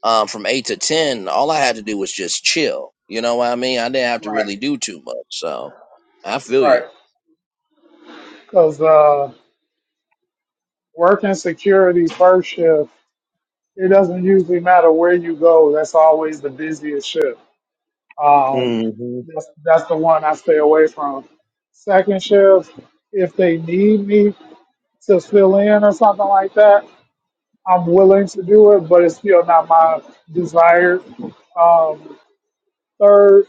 A: um from eight to ten, all I had to do was just chill. You know what I mean? I didn't have to
D: right,
A: really do too much. So I feel
D: right.
A: you.
D: Because uh, working security first shift, it doesn't usually matter where you go. That's always the busiest shift Um,
B: hmm
D: that's, that's the one I stay away from. Second shift, if they need me to fill in or something like that, I'm willing to do it, but it's still not my desire. Um, third,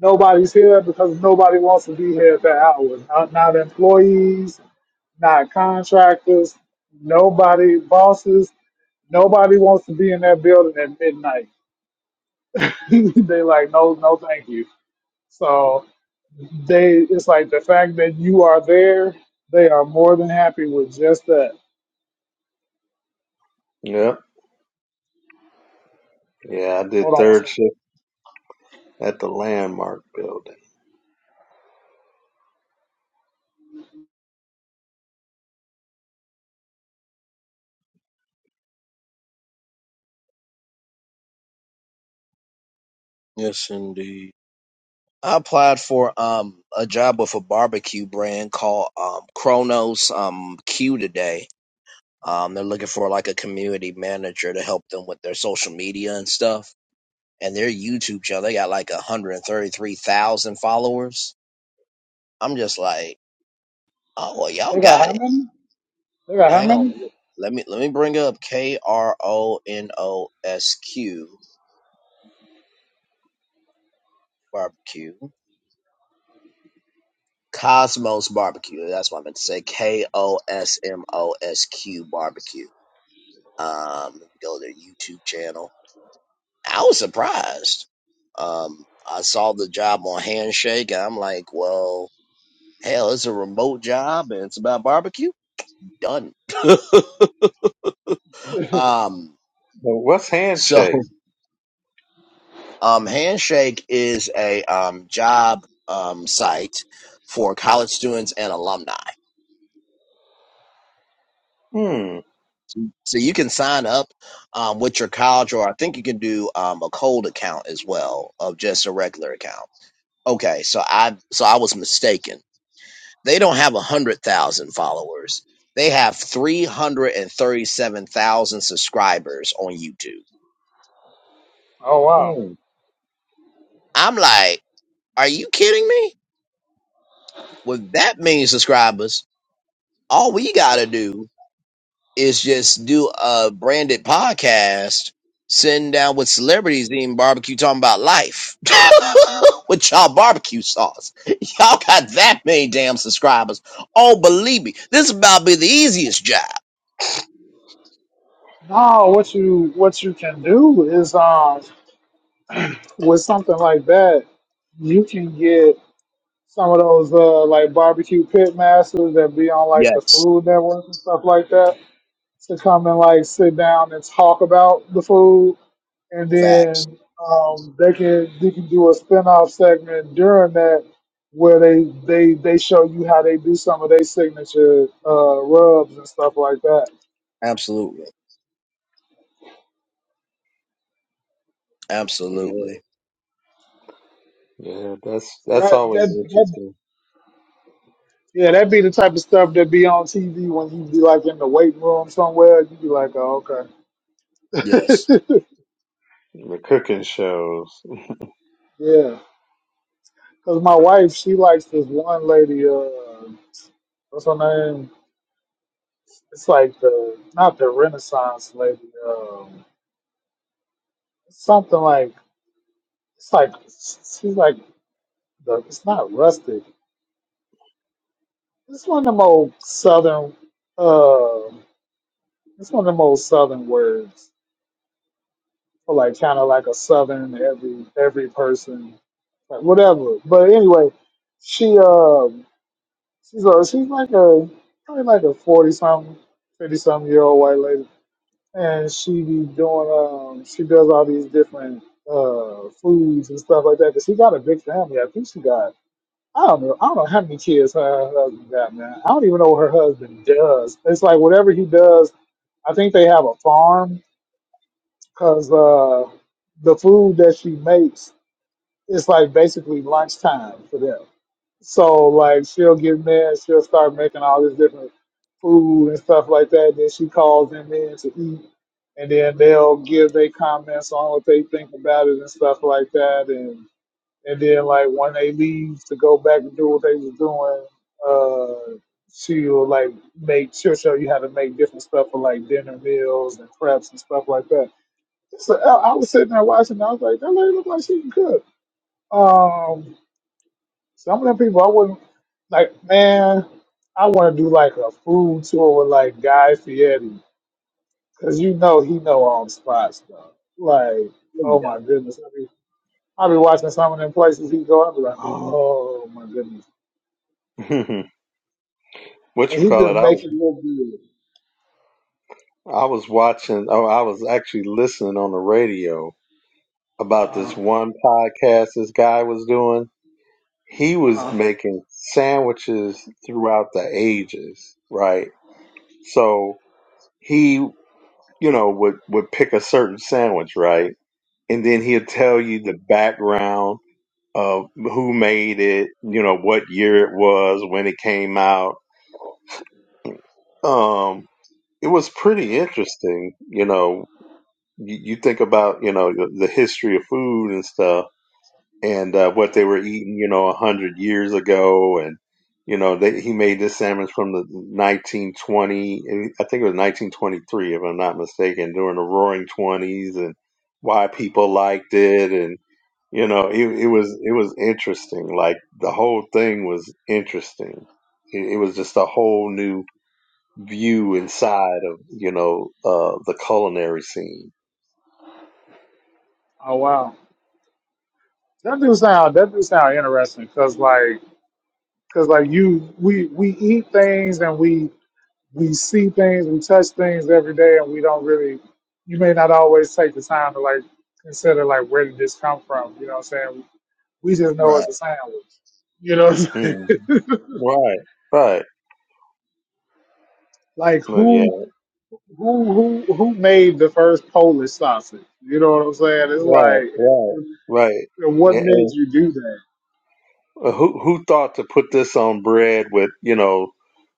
D: nobody's here because nobody wants to be here at that hour. Not, not employees, not contractors, nobody, bosses, nobody wants to be in that building at midnight. they like, no, no, thank you. So they it's like the fact that you are there, they are more than happy with just that.
B: Yep. Yeah, I did
D: Hold on one
B: third
D: second.
B: shift at the Landmark building.
A: Yes, indeed. I applied for um a job with a barbecue brand called um Kronos um Q today. Um they're looking for like a community manager to help them with their social media and stuff. And their YouTube channel, they got like 133,000 followers. I'm just like, oh well, y'all
D: They got
A: got
D: how
A: it.
D: many? They got how
A: Hang on,
D: many?
A: let me let me bring up K R O N O S Q barbecue. Cosmos barbecue. That's what I meant to say. K O S M O S Q barbecue Um, let me go to their YouTube channel. I was surprised. Um, I saw the job on Handshake, and I'm like, well, hell, it's a remote job and it's about barbecue. Done. um,
B: But what's handshake?
A: so, um, Handshake is a um, job um, site for college students and alumni.
B: Hmm.
A: So you can sign up um, with your college, or I think you can do um, a cold account as well of just a regular account. Okay, so I so I was mistaken they don't have 100,000 followers. They have 337,000 subscribers on YouTube.
D: Oh wow.
B: Mm.
A: I'm like, are you kidding me? With that many subscribers, all we got to do is just do a branded podcast, sitting down with celebrities eating barbecue, talking about life with y'all barbecue sauce. Y'all got that many damn subscribers. Oh, believe me, this is about to be the easiest job.
D: No, what you what you can do is um with something like that, you can get some of those uh like barbecue pit masters that be on like the
A: Yes,
D: food network and stuff like that to come and like sit down and talk about the food, and
A: facts.
D: then um, they can they can do a spin-off segment during that where they they they show you how they do some of their signature uh, rubs and stuff like that.
A: Absolutely.
B: Yeah.
A: Absolutely.
B: Yeah, that's that's
D: That
B: always
D: that that.
B: interesting.
D: Yeah, that'd be the type of stuff that be on TV when you be like in the weight room somewhere. You'd be like, oh, okay.
A: Yes.
B: The cooking shows.
D: Yeah. Because my wife, she likes this one lady. Uh, what's her name? It's like the not the Renaissance lady. Um, something like it's like she's like the. It's not rustic. It's one of them old southern. Uh, it's one of them old southern words for like kind of like a southern every every person like whatever. But anyway, she um she's a she's like a probably like a forty something, fifty something year old white lady and she be doing um she does all these different uh foods and stuff like that. Cause she got a big family. I think she got I don't know I don't know how many kids her husband got, man. I don't even know what her husband does. It's like whatever he does. I think they have a farm because uh the food that she makes is like basically lunchtime for them. So like she'll get mad, she'll start making all this different food and stuff like that. Then she calls them in to eat, and then they'll give their comments on what they think about it and stuff like that. And and then like when they leave to go back and do what they was doing, uh, she'll like make she'll show you how to make different stuff for like dinner meals and preps and stuff like that. So I I was sitting there watching. I was like, that lady look like she can cook. Um, some of them people I wouldn't like. Man, I want to do like a food tour with like Guy Fieri, cause you know he know all the spots though. Like, oh
A: Yeah.
D: my goodness, I be I be watching some of them places he go. I be like, oh my goodness, and
B: what you
D: he
B: call
D: just
B: it? I
D: make it look good.
B: I was watching. Oh, I was actually listening on the radio about
D: Uh,
B: this one podcast this guy was doing. He was
D: huh.
B: making sandwiches throughout the ages, right? So he you know, would would pick a certain sandwich, right? And then he'll
D: yeah.
B: tell you the background of who made it, you know, what year it was, when it came out. Um, it was pretty interesting, you know. You, you think about, you know, the, the history of food and stuff and uh, what they were eating, you know, a hundred years ago, and you know, they, he made this sandwich from the 1920, I think it was 1923, if I'm not mistaken, during the Roaring Twenties, and why people liked it, and you know, it, it was it was interesting. Like the whole thing was interesting. It, it was just a whole new view inside of you know uh, the culinary scene.
D: Oh wow, that do sound that do sound interesting, cause like, cause like you we we eat things and we we see things, we touch things every day, and we don't really, you may not always take the time to like consider like where did this come from? You know what I'm saying? We just know
A: Right.
D: it's a sandwich. You know, what I'm saying?
B: Mm. Right, right.
D: like
B: Well, yeah.
D: who who who who made the first Polish sausage? You know what I'm saying? It's
B: Right,
D: like,
B: right, right.
D: and
B: And,
D: what made
B: and
D: you do that?
B: uh, who who thought to put this on bread with you know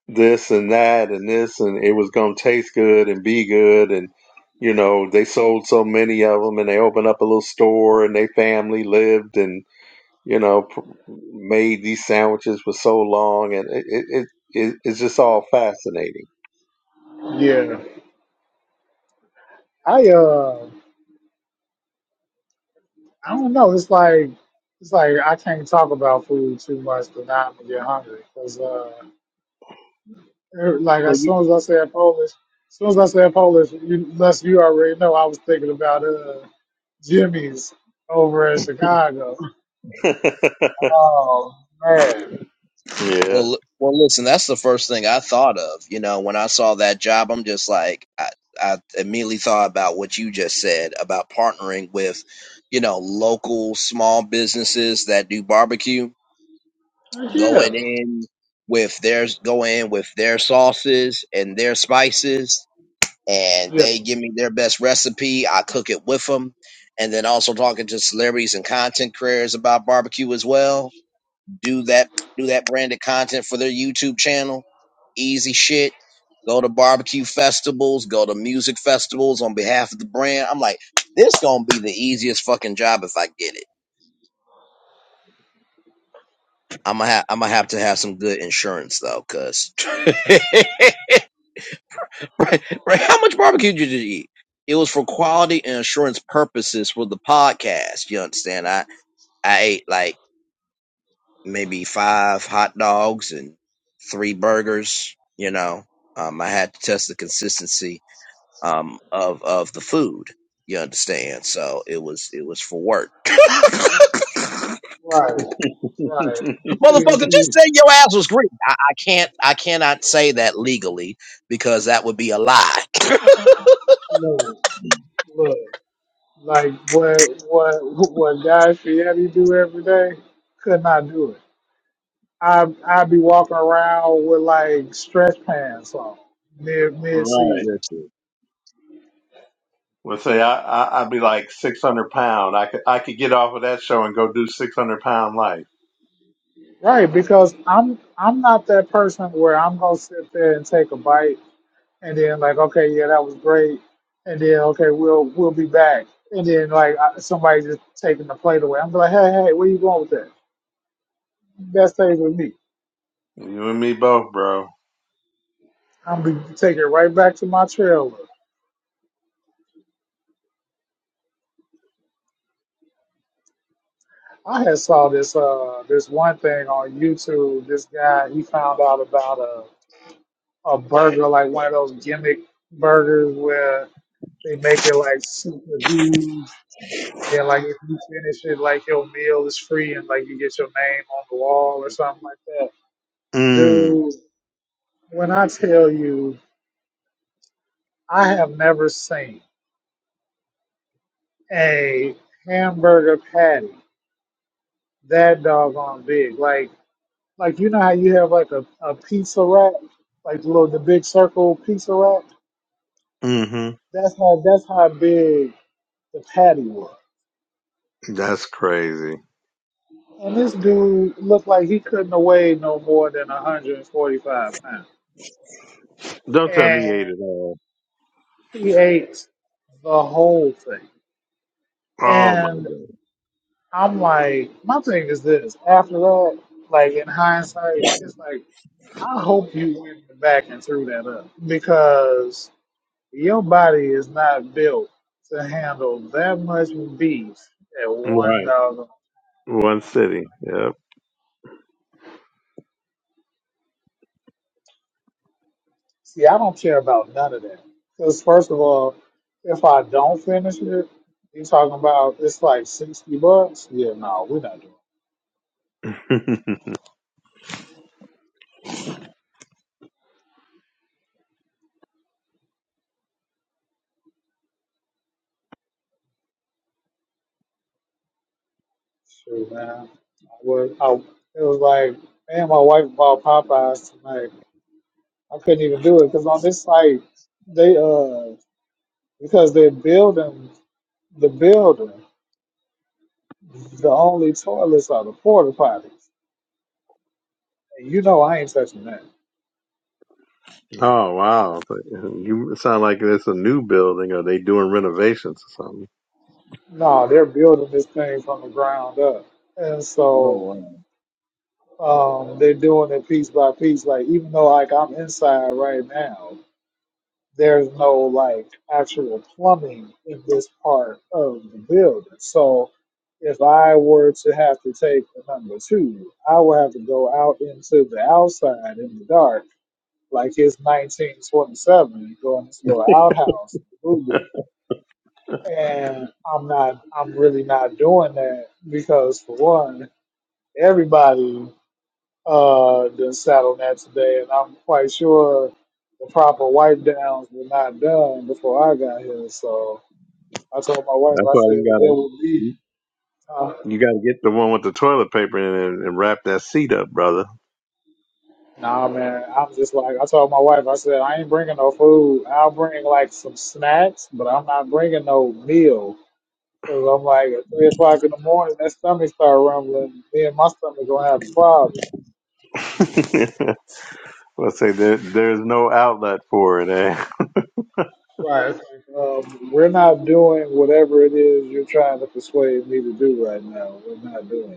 B: this and that and this and it was gonna taste good and be good and you know they sold so many of them and they opened up a little store and they family lived and you know pr- made these sandwiches for so long and it it, it it- it's just all fascinating.
D: Yeah, I uh, I don't know. It's like. It's like I can't talk about food too much, but now I'm gonna get hungry. because. Uh, Er, Like
A: Well,
D: as
A: you,
D: soon as I said Polish, as soon as I said Polish, you, unless you already know, I was thinking about uh, Jimmy's over in Chicago. Oh man,
B: yeah.
A: well, li- well. Listen, that's the first thing I thought of. You know, when I saw that job, I'm just like, I, I immediately thought about what you just said about partnering with, you know, local small businesses that do barbecue,
D: Heck, yeah,
A: going in with their going in with their sauces and their spices and
D: yeah,
A: they give me their best recipe. I cook it with them. And then also talking to celebrities and content creators about barbecue as well. Do that, do that branded content for their YouTube channel. Easy shit. Go to barbecue festivals, go to music festivals on behalf of the brand. I'm like, this gonna be the easiest fucking job if I get it. I'm gonna have, I'm gonna have to have some good insurance though, cuz Right, right. How much barbecue did you eat? It was for quality and assurance purposes for the podcast. You understand? I I ate like maybe five hot dogs and three burgers. You know, um, I had to test the consistency um of of the food. You understand? So it was it was for work.
D: right, right. See,
A: Motherfucker,
D: see,
A: just say your ass was green. I, I can't I cannot say that legally because that would be a lie.
D: look, look, like what what what Guy Fieri do every day, could not do it. I I'd be walking around with like stretch pants on mid mid
B: Right.
D: season.
A: Listen.
B: Well, say I, I I'd be like six hundred pound. I could I could get off of that show and go do six hundred pound life.
D: Right, because I'm I'm not that person where I'm gonna sit there and take a bite and then like, okay, yeah, that was great, and then okay, we'll we'll be back, and then like I- somebody just taking the plate away. I'm like, hey, hey, where you going with that? That stays with me.
B: You and me both, bro.
D: I'm gonna take it right back to my trailer. I had saw this uh this one thing on YouTube. This guy he found out about a a burger like one of those gimmick burgers where they make it like super huge And then like if you finish it, like your meal is free and like you get your name on the wall or something like that.
B: Mm.
D: Dude, when I tell you, I have never seen a hamburger patty that doggone big. Like like you know how you have like a, a pizza wrap, like the little the big circle pizza wrap?
B: Mm-hmm.
D: That's how that's how big the patty was.
B: That's crazy.
D: And this dude looked like he couldn't have weighed no more than 145 pounds.
B: Don't tell me he
D: and.
B: ate it all.
D: He ate the whole thing.
B: Oh my
D: And I'm like, my thing is this. After that, like in hindsight, it's like, I hope you went back and threw that up because your body is not built to handle that much beef at
B: god.
D: one
B: Right.
D: dollar.
B: One city. Yep.
D: See, I don't care about none of that. Because, first of all, if I don't finish it, you talking about it's like 60 bucks? Yeah, no, we're not doing Shoot, man. I was, I, it was like, man, my wife bought Popeyes tonight. I couldn't even do it because on this site, they, uh, because they're building the building, the only toilets are the porta potties. And you know, I ain't touching that.
B: oh wow. You sound like it's a new building or they doing renovations or something.
D: No, they're building this thing from the ground up. And
A: Oh
D: so,
A: wow.
D: um, they're doing it piece by piece. Like, even though, like, I'm inside right now. there's no like actual plumbing in this part of the building. So if I were to have to take the number two, I would have to go out into the outside in the dark, like it's 1927, and go in this little outhouse, boo boo. And I'm not, I'm really not doing that because for one, everybody uh, then sat on that today, and I'm quite sure the proper wipe downs were not done before I got here. So I told my wife,
B: That's
D: I
B: why
D: said
B: you
D: there
B: gotta
D: will be.
B: you
D: Uh,
B: you gotta get the one with the toilet paper in it and wrap that seat up, brother.
D: nah, man, I'm just like I told my wife. I said I ain't bringing no food. I'll bring like some snacks, but I'm not bringing no meal. Cause I'm like at three o'clock in the morning, that stomach start rumbling. Me and my stomach gonna have a problem.
B: Let's say there there's no outlet for it. Eh?
D: Um, we're not doing whatever it is you're trying to persuade me to do right now. We're not doing. it.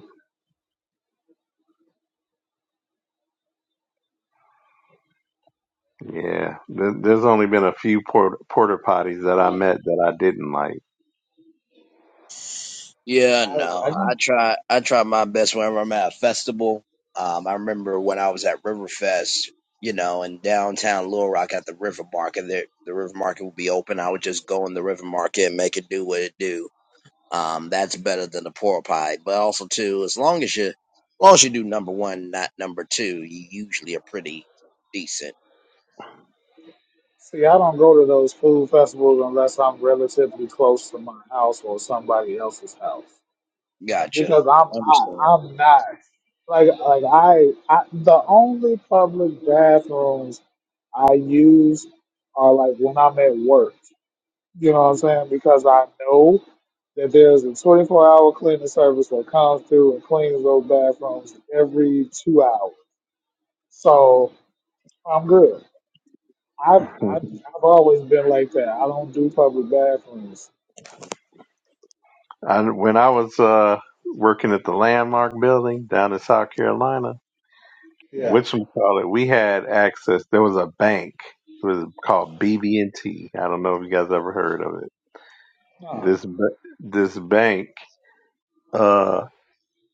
B: Yeah, there, there's only been a few porter, porter potties that I met that I didn't like.
A: Yeah,
D: I,
A: no.
D: I just
A: I try I try my best whenever I'm at a festival. Um, I remember when I was at Riverfest, you know, in downtown Little Rock at the River Market. The, the River Market would be open. I would just go in the River Market and make it do what it do. Um, that's better than the pork pie. But also too, as long as you as long as you do number one, not number two, you usually are pretty decent.
D: see. I don't go to those food festivals unless I'm relatively close to my house or somebody else's house
A: Gotcha.
D: because I'm I,
A: Understand.
D: I'm not like like I, I the only public bathrooms I use are like when I'm at work. You know what I'm saying? Because I know that there's a 24 hour cleaning service that comes through and cleans those bathrooms every two hours. So I'm good. I've, I've I've always been like that. I don't do public bathrooms.
B: I, when I was uh, working at the Landmark Building down in South Carolina,
D: Yeah.
B: which we call it, we had access. There was a bank. It was called BB&T. I don't know if you guys ever heard of it.
D: No.
B: This ba- this bank uh,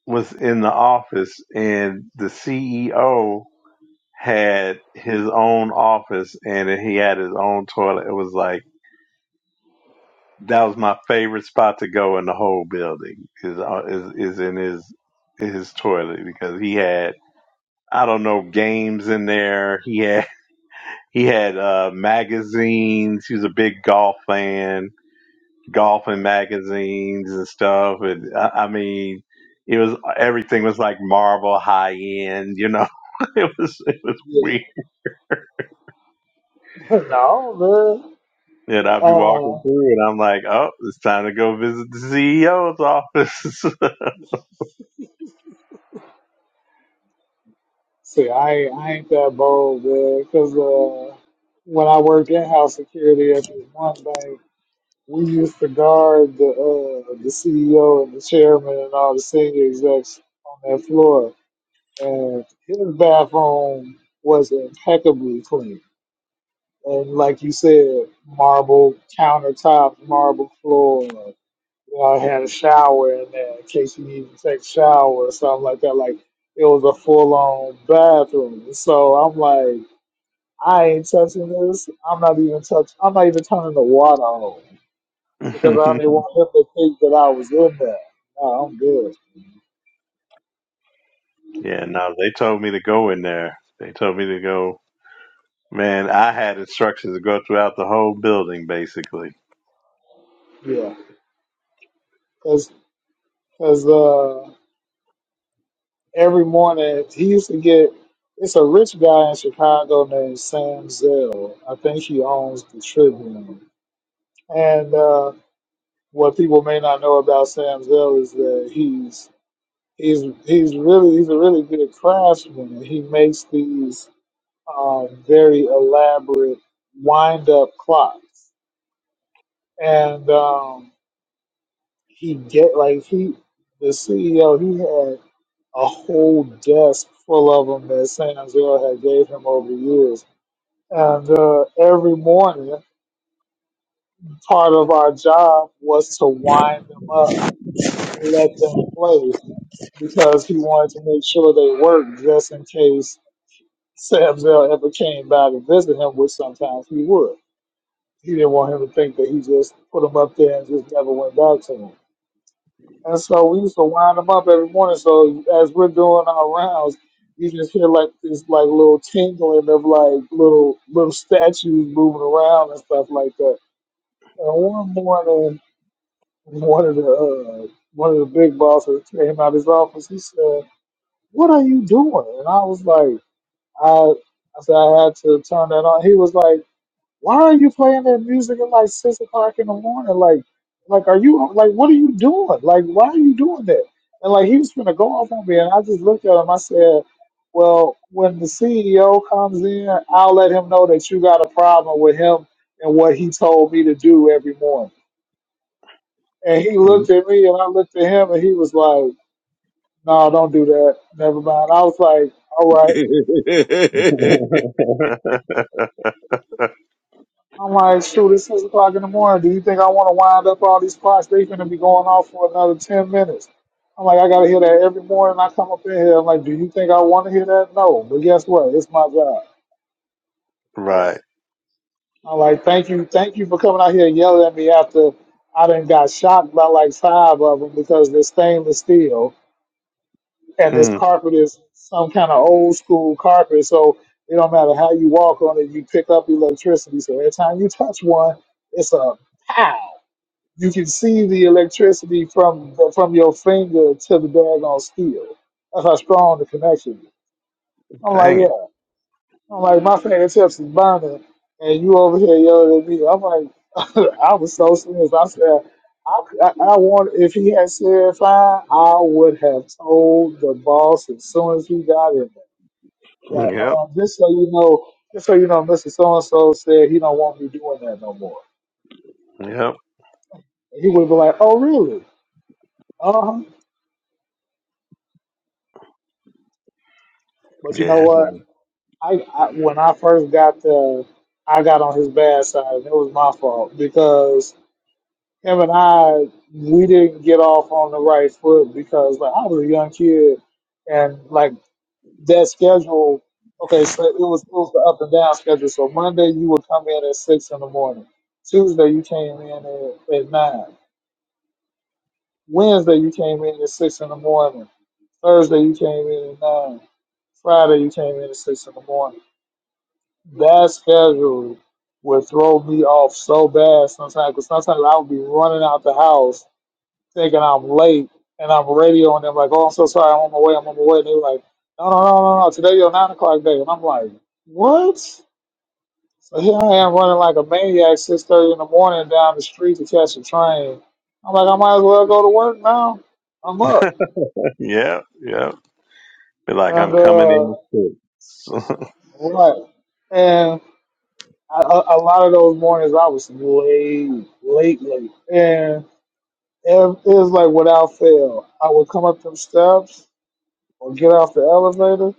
B: was in the office, and the CEO had his own office and he had his own toilet. It was like that was my favorite spot to go in the whole building is uh, is, is in his his toilet because he had I don't know games in there. He had he had uh, magazines. He was a big golf fan, golfing magazines and stuff. And I, I mean, it was everything was like Marvel high end. You know, it was it was weird
D: Yeah. no,
B: And
D: man.
B: I'll be
D: Uh,
B: walking through and I'm like, oh, it's time to go visit the CEO's office.
D: see, I ain't- I ain't that bold, man. Cause uh, when I worked in house security at this one bank, we used to guard the uh the CEO and the chairman and all the senior execs on that floor, and his bathroom was impeccably clean. And like you said, marble countertop, marble floor. You know, I had a shower in there in case you needed to take a shower or something like that. Like it was a full on bathroom. So I'm like, I ain't touching this. I'm not even touch. I'm not even turning the water on because I didn't want him to think that I was in there. No, I'm good.
B: yeah, no, they told me to go in there. They told me to go. Man, I had instructions to go throughout the whole building, basically.
D: Yeah, because every morning. He used to get. It's a rich guy in Chicago named Sam Zell. I think he owns the Tribune. And uh, what people may not know about Sam Zell is that he's he's he's really he's a really good craftsman. and He makes these um, very elaborate wind up clocks, and um, he get like he the CEO. he had. a whole desk full of them that San Angelo had gave him over the years. And uh, every morning, part of our job was to wind them up and let them play because he wanted to make sure they worked just in case Samzel ever came by to visit him, which sometimes he would. He didn't want him to think that he just put them up there and just never went back to him. And so we used to wind them up every morning. So as we're doing our rounds, you just hear like this like little tingling of like little little statues moving around and stuff like that. And one morning, one of the uh, one of the big bosses came out of his office. He said, "What are you doing?" And I was like, "I." I said I had to turn that on. He was like, why are you playing that music at like six o'clock in the morning? Like, like are you like what are you doing? Like, why are you doing that? And like he was gonna go off on me, and I just looked at him. I said, "Well, when the CEO comes in, I'll let him know that you got a problem with him and what he told me to do every morning." And he looked at me, and I looked at him, and he was like, "No, don't do that. Never mind." I was like, "All right." I'm like, shoot, it's six o'clock in the morning. Do you think I want to wind up all these clocks? They finna be going off for another ten minutes. I'm like, I gotta hear that every morning. I come up in here. I'm like, do you think I want to hear that? No, but guess what? It's my job.
B: right.
A: Right.
D: I'm like, thank you, thank you for coming out here and yelling at me after I done got shocked by like five of them because they're stainless steel and this
B: Mm,
D: carpet is some kind of old school carpet. So it don't matter how you walk on it, you pick up electricity. So every time you touch one, it's a pow. you can see the electricity from the, from your finger to the daggone steel. That's how strong the connection is. I'm like,
B: dang it.
D: yeah. I'm like, my fingertips is burning, and you over here yelling at me. I'm like, I was so serious. I said, I, I, I want, if he had said fine, I would have told the boss as soon as he got in there. Like,
B: Yep.
D: um, just so you know, just so you know, Mr. So-and-so said he don't want me doing that no more.
B: Yep.
D: And he would be like, oh, really? Uh-huh. But you know
B: Yeah.
D: what?
B: man.
D: I, I when I first got there, I got on his bad side, and it was my fault because him and I we didn't get off on the right foot because like I was a young kid, and like that schedule. Okay, so it was it was the up and down schedule. So Monday you would come in at six in the morning. Tuesday you came in at, at nine. Wednesday you came in at six in the morning. Thursday you came in at nine. Friday you came in at six in the morning. that schedule would throw me off so bad sometimes because sometimes I would be running out the house thinking I'm late and I'm radioing them like, oh, I'm so sorry, I'm on my way, I'm on my way. And they're like, no, no, no, no, no, today your nine o'clock day. And I'm like, what? So here I am running like a maniac, 6.30 in the morning down the street to catch a train. I'm like, I might as well go to work now. I'm up.
B: Yep. Yep. Be like,
D: And,
B: I'm coming
D: uh,
B: in the six.
D: right. I, a, a lot of those mornings I was late, late, late, and it, it was like without fail. I would come up them steps or get off the elevator,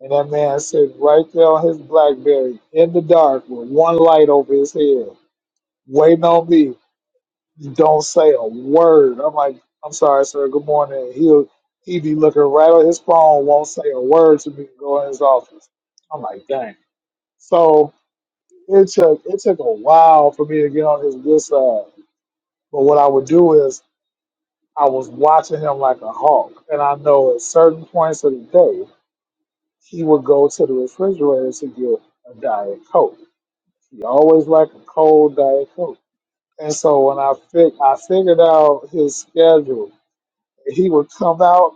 D: and that man sitting right there on his BlackBerry in the dark with one light over his head, waiting on me. Don't say a word. I'm like, I'm sorry, sir. Good morning. He'll he be looking right at his phone, won't say a word to me. Go in his office. I'm like, dang. So. It took it took a while for me to get on his good side. But what I would do is I was watching him like a hawk, and I know at certain points of the day he would go to the refrigerator to get a diet coke. He always liked a cold diet coke. And so when I fig- I figured out his schedule, he would come out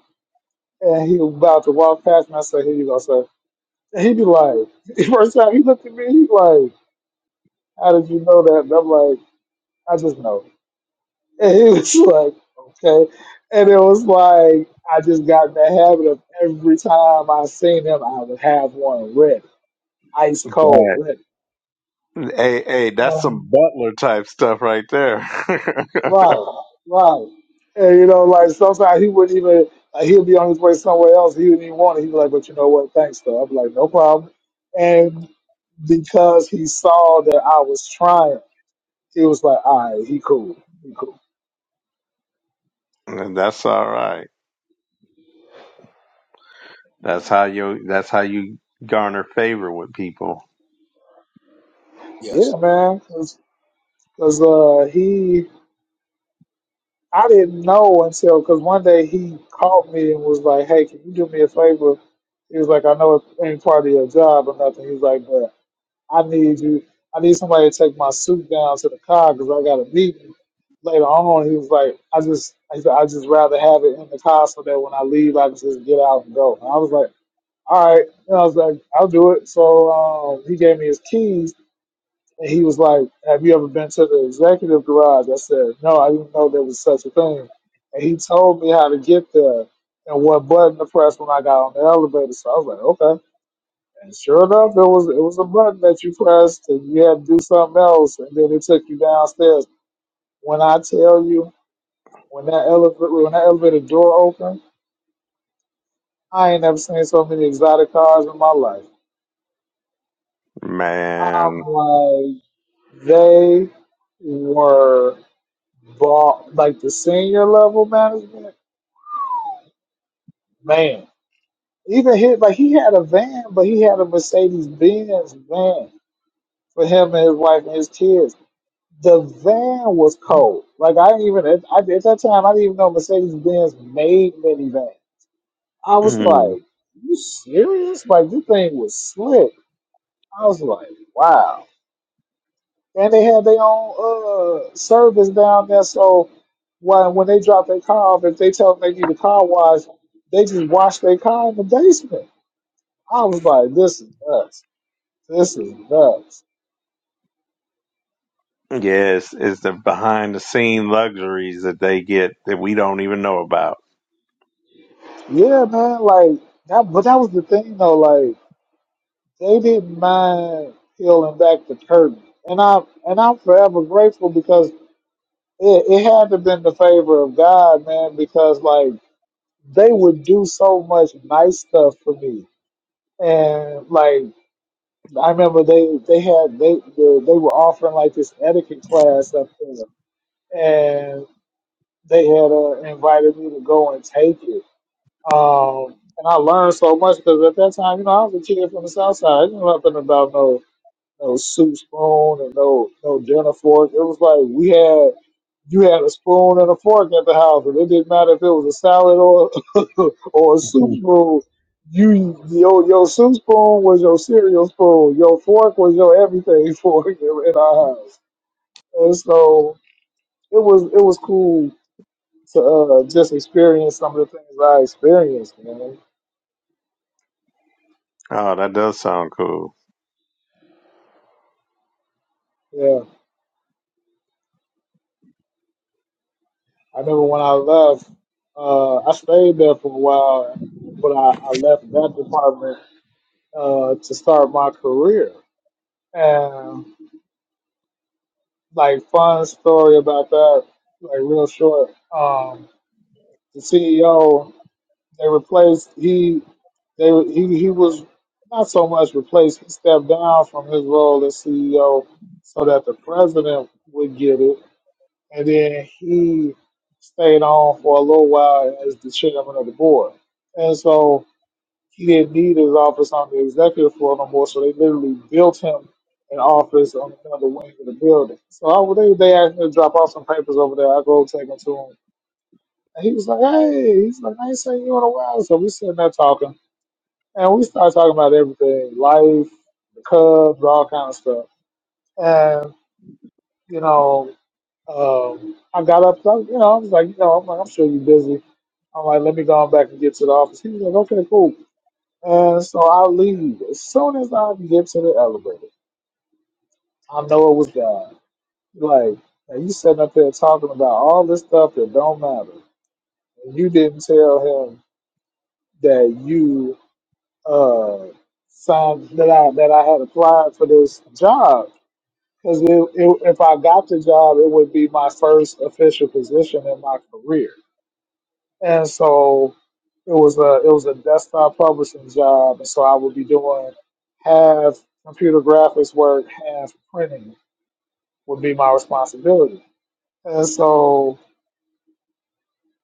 D: and he was about to walk past me. I said, "Here you go, sir." And he'd be like, first time he looked at me, he's like, "How did you know that?" And I'm like, "I just know." And he was like, okay. And it was like, I just got in the habit of every time I seen him, I would have one ready, ice cold
B: Right.
D: ready.
B: Hey, hey, that's
D: Um,
B: some butler type stuff right there.
D: right, right. And you know, like sometimes he wouldn't even, like, he'd be on his way somewhere else. He wouldn't even want it. He'd be like, but you know what? Thanks, though. I'd be like, no problem. And because he saw that I was trying, he was like, all right, he cool. He cool.
B: and that's all right. That's how you. That's how you garner favor with people,
A: Yes.
D: Yeah, man. Because uh, he, I didn't know until because one day he called me and was like, "Hey, can you do me a favor?" He was like, "I know it ain't part of your job or nothing." He was like, "But I need you. I need somebody to take my suit down to the car because I got a meeting later on." He was like, "I just, I just I just rather have it in the car so that when I leave, I can just get out and go." And I was like, "All right," and I was like, "I'll do it." So um, he gave me his keys and he was like, "Have you ever been to the executive garage?" I said, "No, I didn't know there was such a thing." And he told me how to get there and what button to press when I got on the elevator. So I was like, "Okay." And sure enough, it was it was a button that you pressed, and you had to do something else, and then it took you downstairs. When I tell you, when that elevator when that elevator door opened, I ain't never seen so many exotic cars in my life.
B: man.
D: I'm like, they were ball like the senior level management, man. Even hit like he had a van, but he had a Mercedes Benz van for him and his wife and his kids. The van was cold. Like I didn't even at, I, at that time I didn't even know Mercedes Benz made minivans. I was
B: yes,
D: like, you serious? Like this thing was slick. I was like, wow. And they had their own uh service down there, so when when they drop their car off, if they tell them they need a car wash, they just wash their car in the basement. I was like, this is nuts. This is nuts.
B: it's the behind the scene luxuries that they get that we don't even know about.
D: Yeah, man. Like that, but that was the thing though. Like they didn't mind peeling back the curtain, and I and I'm forever grateful because it, it had to have been the favor of God, man. Because like they would do so much nice stuff for me, and like I remember they they had they were, they were offering like this etiquette class up there, and they had uh, invited me to go and take it. Um, and I learned so much because at that time, you know, I was a kid from the South Side. I didn't know nothing about no no soup spoon and no no dinner fork. It was like we had. You had a spoon and a fork at the house, and it didn't matter if it was a salad or or a soup
B: Oh,
D: spoon. You your your soup spoon was your cereal spoon. Your fork was your everything fork in in our house, and so it was it was cool to uh, just experience some of the things I experienced, man.
B: that does sound cool.
D: Yeah, I remember when I left, uh, I stayed there for a while, but I, I left that department uh, to start my career. and. like fun story about that, like real short. Um, the CEO they replaced he they he he was not so much replaced. He stepped down from his role as CEO so that the president would get it, and then he stayed on for a little while as the chairman of the board. And so he didn't need his office on the executive floor no more, so they literally built him an office on another wing of the building. So I, they they asked me to drop off some papers over there. I go take them to him, and he was like, "Hey," he's like, "I ain't seen you in a while." So we sitting there talking, and we start talking about everything, life, the Cubs, all kind of stuff, and you know. Um, I got up, you know, I was like, you know, I'm like, I'm sure you're busy. I'm like, let me go on back and get to the office. He was like, okay, cool. And so I leave. As soon as I get to the elevator, I know it was God. Like, and you sitting up there talking about all this stuff that don't matter. And you didn't tell him that you uh signed that I that I had applied for this job. Because if I got the job, it would be my first official position in my career. and so it was a it was a desktop publishing job, and so I would be doing half computer graphics work, half printing would be my responsibility. And so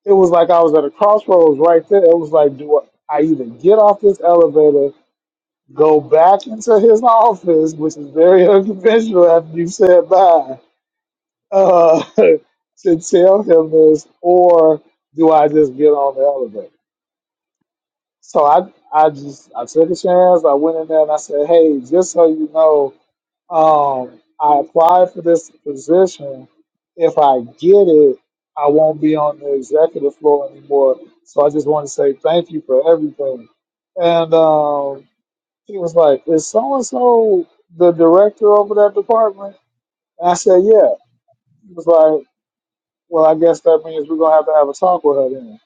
D: it was like I was at a crossroads right there. It was like, do I either get off this elevator, go back into his office, which is very unconventional after you said bye, uh, to tell him this, or do I just get on the elevator? So I I just I took a chance. I went in there and I said, hey, just so you know, um, I applied for this position. If I get it, I won't be on the executive floor anymore. So I just want to say thank you for everything. And um, he was like, is so and so the director over that department? And I said, yeah. He was like, well, I guess that means we're gonna have to have a talk with her then.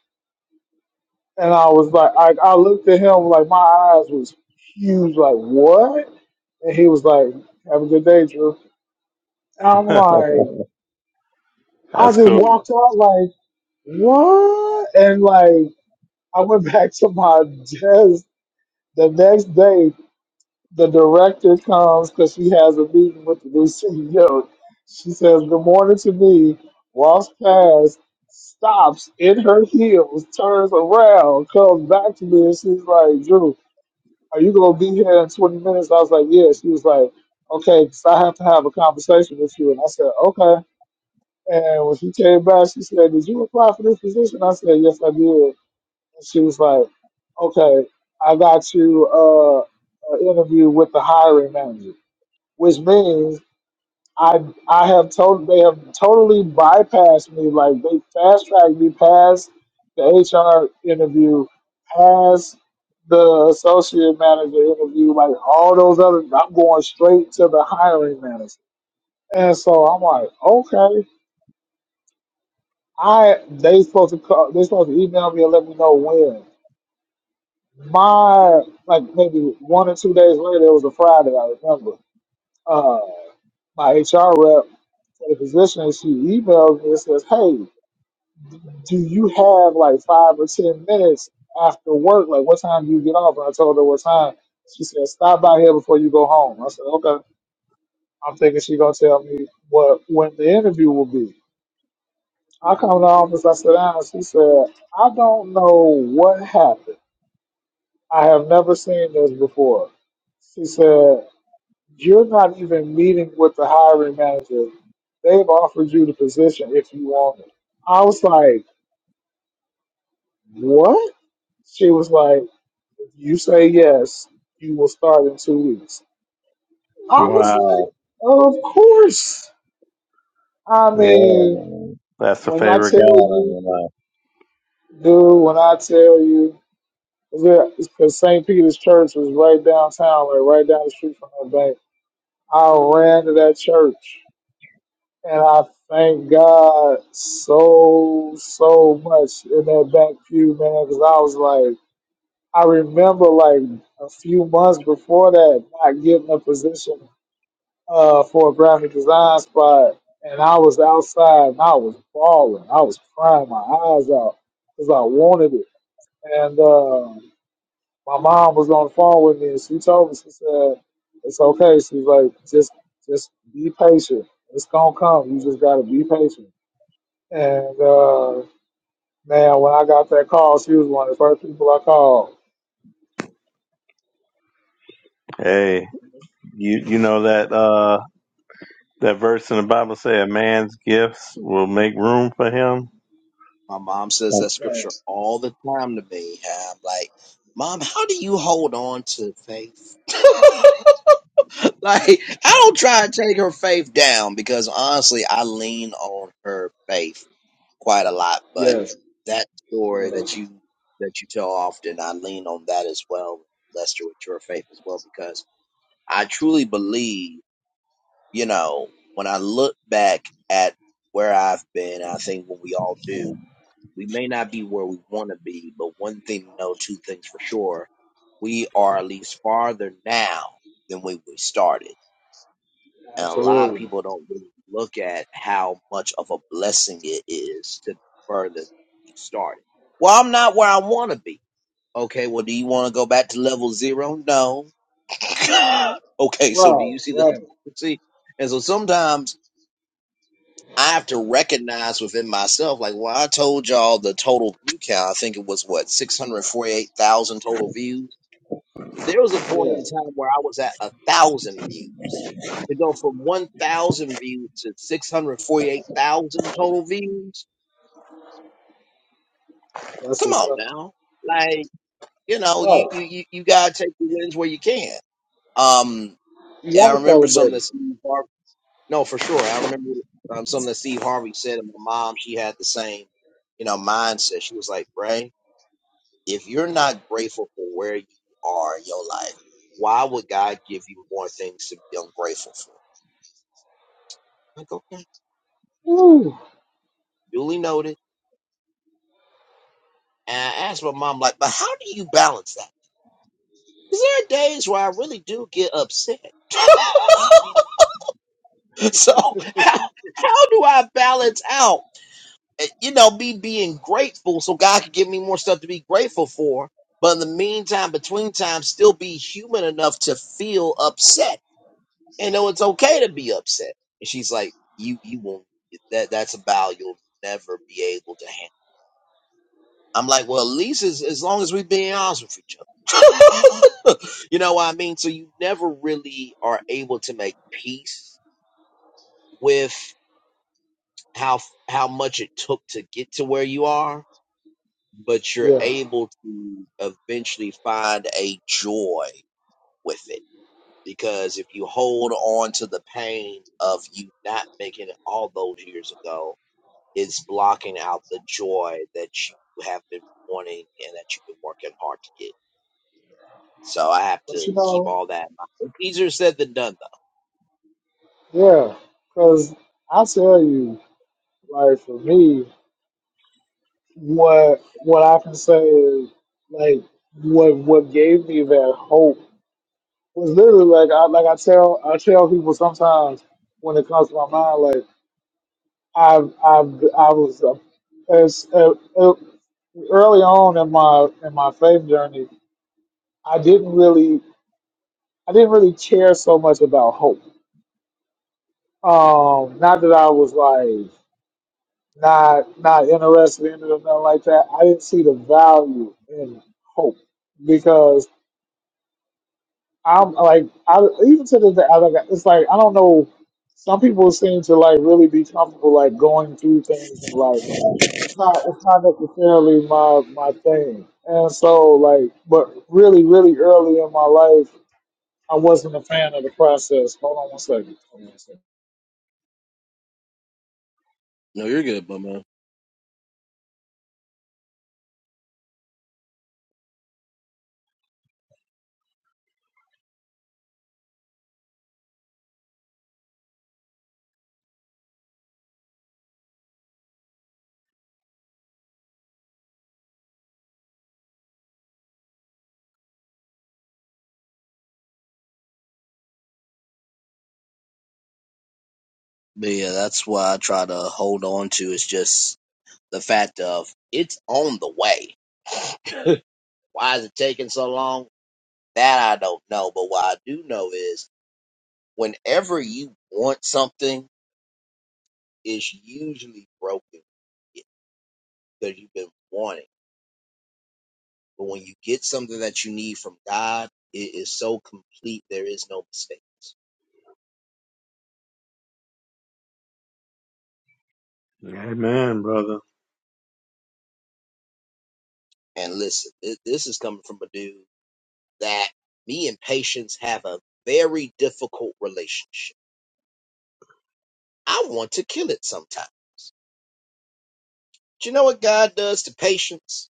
D: And I was like, I, I looked at him like my eyes was huge, like what? And he was like, "Have a good day, Drew." And I'm like, I
B: that's
D: just
B: cool.
D: walked out like what? And like I went back to my desk the next day. The director comes because she has a meeting with the new CEO. She says, "Good morning" to me. Walks past, stops in her heels, turns around, comes back to me, and she's like, "Drew." are you gonna be here in 20 minutes? I was like, yeah. She was like, okay, 'cause I have to have a conversation with you. And I said, okay. And when she came back, she said, did you apply for this position? I said, yes, I did. And she was like, okay, I got you uh, an interview with the hiring manager, which means I I have told they have totally bypassed me. Like they fast tracked me past the HR interview, past the associate manager interview, like all those other. I'm going straight to the hiring manager, and so I'm like, okay, I they supposed to call, they supposed to email me and let me know when. My like maybe one or two days later, it was a Friday. I remember. Uh, my HR rep for the position, she emailed me and says, "Hey." do you have like five or ten minutes after work? Like, what time do you get off? And I told her what time. She said, stop by here before you go home. I said, okay. I'm thinking she gonna tell me what when the interview will be. I come to the office, I sit down, and she said, I don't know what happened. I have never seen this before. She said, You're not even meeting with the hiring manager. They've offered you the position if you want it. I was like, What? She was like, If you say yes, you will start in two weeks. I was like,
B: Wow.
D: of course. I
B: Yeah.
D: mean,
B: man. That's the
D: when I
B: favorite
D: tell
B: God of
D: you,
B: your life.
D: dude, when I tell you, because St. Peter's Church was right downtown, like right down the street from that bank. I ran to that church, and I thank God so so much in that back pew, man, because I was like, I remember like a few months before that not getting a position uh, for a graphic design spot, and I was outside and I was bawling. I was crying my eyes out because I wanted it. And uh, my mom was on the phone with me, and she told me, she said, "It's okay." She's like, "Just, just be patient. It's gonna come. You just gotta be patient." And uh, man, when I got that call, she was one of the first people I called.
B: Hey, you you know that uh that verse in the Bible say a man's gifts will make room for him.
A: My mom says that scripture
D: Yes,
A: all the time to me. and I'm like, Mom, how do you hold on to faith? like, I don't try to take her faith down because honestly, I lean on her faith quite a lot. But
D: yes,
A: that story
D: yes,
A: that you that you tell often, I lean on that as well, Lester, with your faith as well, because I truly believe, you know, when I look back at where I've been, I think when we all do, we may not be where we want to be, but one thing to know, two things for sure. We are at least farther now than when we started. And a lot of
D: absolutely.
A: people don't really look at how much of a blessing it is to be further than you started. Well, I'm not where I want to be. Okay, well, do you want to go back to level zero? No. okay, so do
D: Right,
A: you see the
D: right.
A: hypocrisy? And so sometimes I have to recognize within myself, like, well, I told y'all the total view count. I think it was what six hundred forty-eight thousand total views. There was a point in
D: Yes,
A: time where I was at a thousand views. To go from one thousand views to six hundred forty-eight thousand total views.
D: that's
A: Come
D: what's
A: on
D: up.
A: now, like you know, you
D: Right.
A: you you, you gotta take the wins where you can. Um,
D: You
A: and I
D: gotta
A: remember something
D: celebrate
A: that
D: it.
A: Steve Harvey No, for sure. I remember um, something that Steve Harvey said, and my mom, she had the same, you know, mindset. She was like, Bray, if you're not grateful for where you are in your life, why would God give you more things to be ungrateful for? I'm Like, okay,
D: Woo.
A: duly noted. And I asked my mom, like, but how do you balance that? Because there are days where I really do get upset. so how, how do I balance out? eh, you know, me being grateful so God could give me more stuff to be grateful for. But in the meantime, between time, still be human enough to feel upset and know it's okay to be upset. And she's like, you, you won't, that, that's a vow you'll never be able to handle. I'm like, well, at least as, as long as we're being honest with each other. you know what I mean? So you never really are able to make peace with how, how much it took to get to where you are but you're
D: Yeah.
A: able to eventually find a joy with it because if you hold on to the pain of you not making it all those years ago it's blocking out the joy that you have been wanting and that you've been working hard to get so i have
D: But
A: to
D: you
A: keep
D: know,
A: all that in mind It's easier said than done
D: yeah, because I tell you, like for me, what what I can say is like what what gave me that hope was literally like I like I tell I tell people sometimes when it comes to my mind like I've I've I was uh, as uh, uh, early on in my in my faith journey I didn't really I didn't really care so much about hope Um, not that I was like not not interested in it or nothing like that. I didn't see the value in hope because I'm like I even to the day I like it's like I don't know. Some people seem to like really be comfortable like going through things in life. Like it's not it's not necessarily my my thing. And so like, but really really early in my life, I wasn't a fan of the process. Hold on one second.
A: though. No, you're good, my man. but yeah that's why i try to hold on to is just the fact of it's on the way why is it taking so long That I don't know. But what I do know is whenever you want something, it's usually broken because you've been wanting. But when you get something that you need from God, it is so complete, there is no mistakes.
B: Amen, brother.
A: And listen, thi- this is coming from a dude that me and patience have a very difficult relationship. I want to kill it sometimes. Do you know what God does to patience?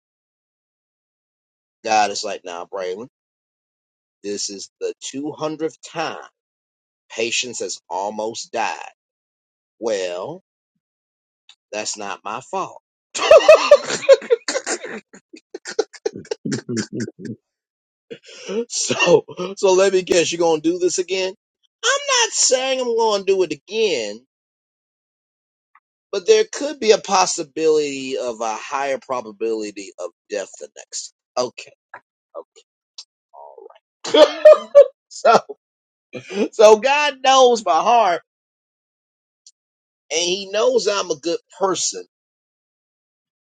A: God is like, nah, Braylon, this is the 200th time Patience has almost died. Well, that's not my fault. so, so let me guess, you gonna do this again? I'm not saying I'm gonna do it again, but there could be a possibility of a higher probability of death the next. Okay. okay. so, so God knows my heart, and He knows I'm a good person,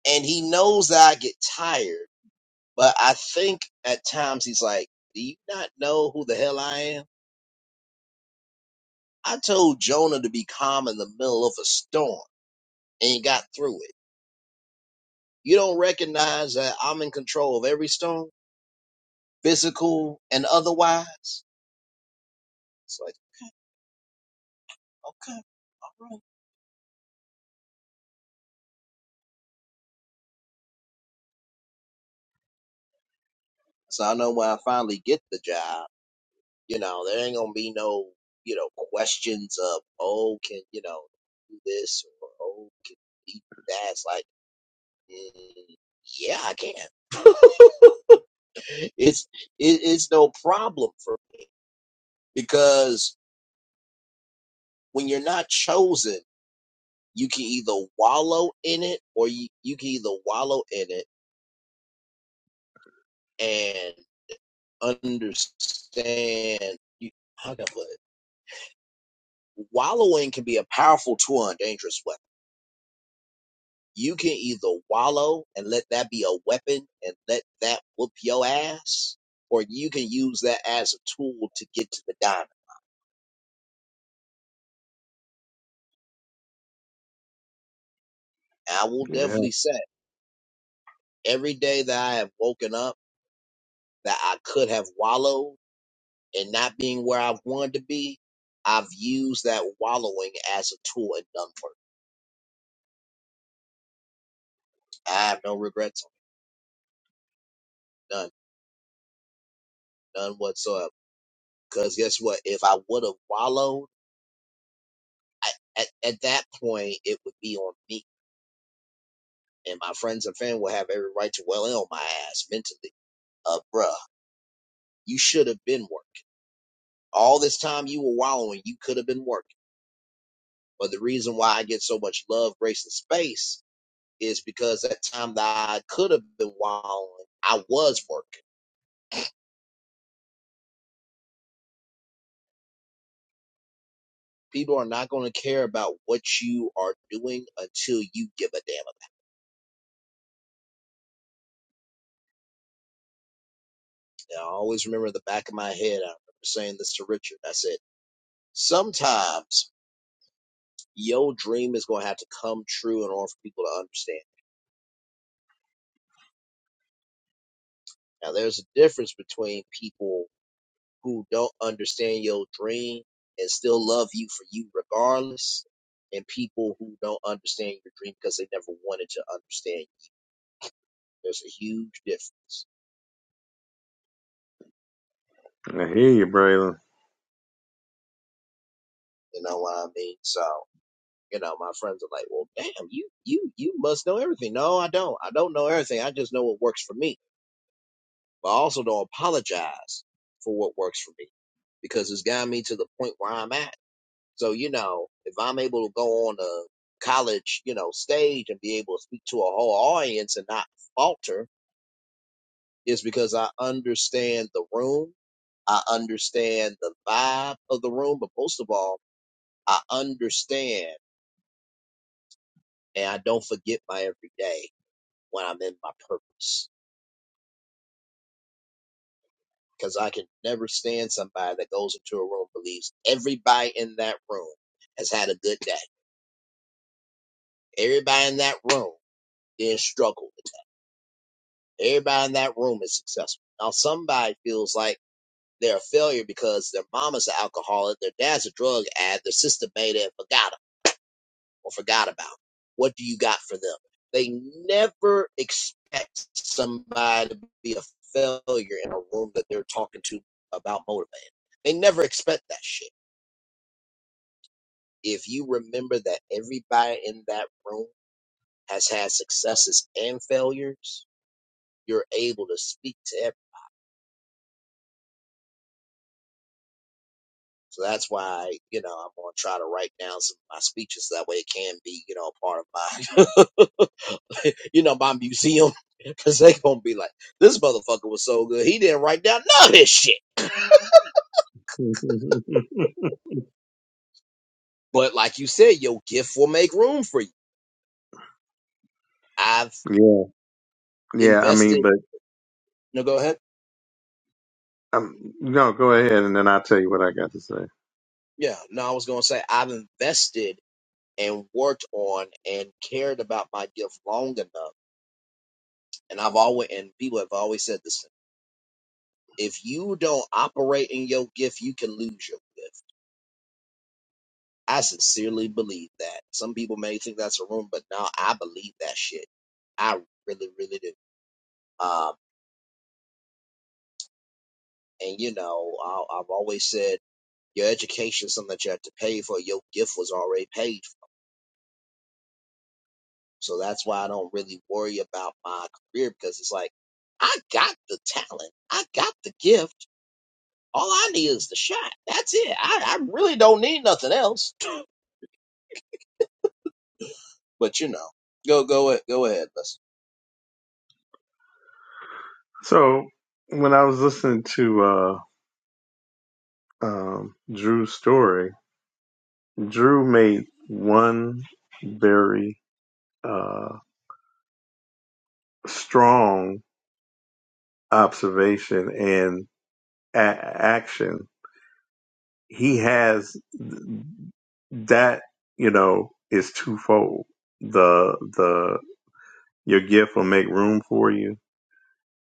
A: and He knows that I get tired. But I think at times he's like, Do you not know who the hell I am? I told Jonah to be calm in the middle of a storm and he got through it. You don't recognize that I'm in control of every storm, physical and otherwise? It's like, okay, all right. So I know when I finally get the job, you know, there ain't gonna be no, you know, questions of, oh, can you know do this or oh, can you do that? It's like, mm, yeah, I can. it's it, it's no problem for me because when you're not chosen, you can either wallow in it or you, you can either wallow in it and understand. You, how can I put it? Wallowing can be a powerful tool and dangerous weapon. You can either wallow and let that be a weapon and let that whoop your ass, or you can use that as a tool to get to the diamond. And I will
B: yeah,
A: definitely say every day that I have woken up. that I could have wallowed in not being where I wanted to be, I've used that wallowing as a tool and done for it. I have no regrets, none, none whatsoever. Because guess what? If I would have wallowed, I, at, at that point, it would be on me. And my friends and family would have every right to well in on my ass mentally. Uh, bruh, you should have been working. All this time you were wallowing, you could have been working. But the reason why I get so much love, grace, and space is because that time that I could have been wilding, I was working. People are not going to care about what you are doing until you give a damn about it. Now, I always remember in the back of my head, I remember saying this to Richard. I said, sometimes your dream is going to have to come true in order for people to understand. Now, there's a difference between people who don't understand your dream and still love you for you regardless and people who don't understand your dream because they never wanted to understand There's a huge difference.
B: I hear you, Braylon.
A: You know what I mean? So, you know, my friends are like, well, damn, you, you, you must know everything. No, I don't. I don't know everything. I just know what works for me. But I also don't apologize for what works for me because it's gotten me to the point where I'm at. So, you know, if I'm able to go on a college, you know, stage and be able to speak to a whole audience and not falter is because I understand the room. I understand the vibe of the room, but most of all, I understand and I don't forget my every day when I'm in my purpose. Because I can never stand somebody that goes into a room and believes everybody in that room has had a good day. Everybody in that room did not struggle. Everybody in that room is successful. Now somebody feels like they're a failure because their mama's an alcoholic, their dad's a drug ad, their sister made it and forgot 'em. or forgot about? What do you got for them? They never expect somebody to be a failure in a room that they're talking to about motivating. They never expect that shit. If you remember that everybody in that room has had successes and failures, you're able to speak to every so that's why, you know, I'm gonna try to write down some of my speeches that way it can be, you know, a part of my you know, my museum, because they gonna be like, this motherfucker was so good, he didn't write down none of this shit. But like you said, your gift will make room for you. I've
B: yeah, yeah. I mean,
A: invested.
B: but
A: No, go ahead.
B: um, no. Go ahead, and then I'll tell you what I got to say.
A: Yeah, no, I was gonna say I've invested and worked on and cared about my gift long enough, and I've always and people have always said this. If you don't operate in your gift, you can lose your gift. I sincerely believe that. Some people may think that's a rumor, but now I believe that shit. I really, really do Um, And you know, I, I've always said your education is something that you have to pay for. Your gift was already paid for. So that's why I don't really worry about my career because it's like, I got the talent. I got the gift. All I need is the shot. That's it. I, I really don't need nothing else. But you know, go, go, a- go ahead. Listen.
B: So when I was listening to uh, um, Drew's story, Drew made one very uh, strong observation and a- action. He has that. You know, is twofold. The the your gift will make room for you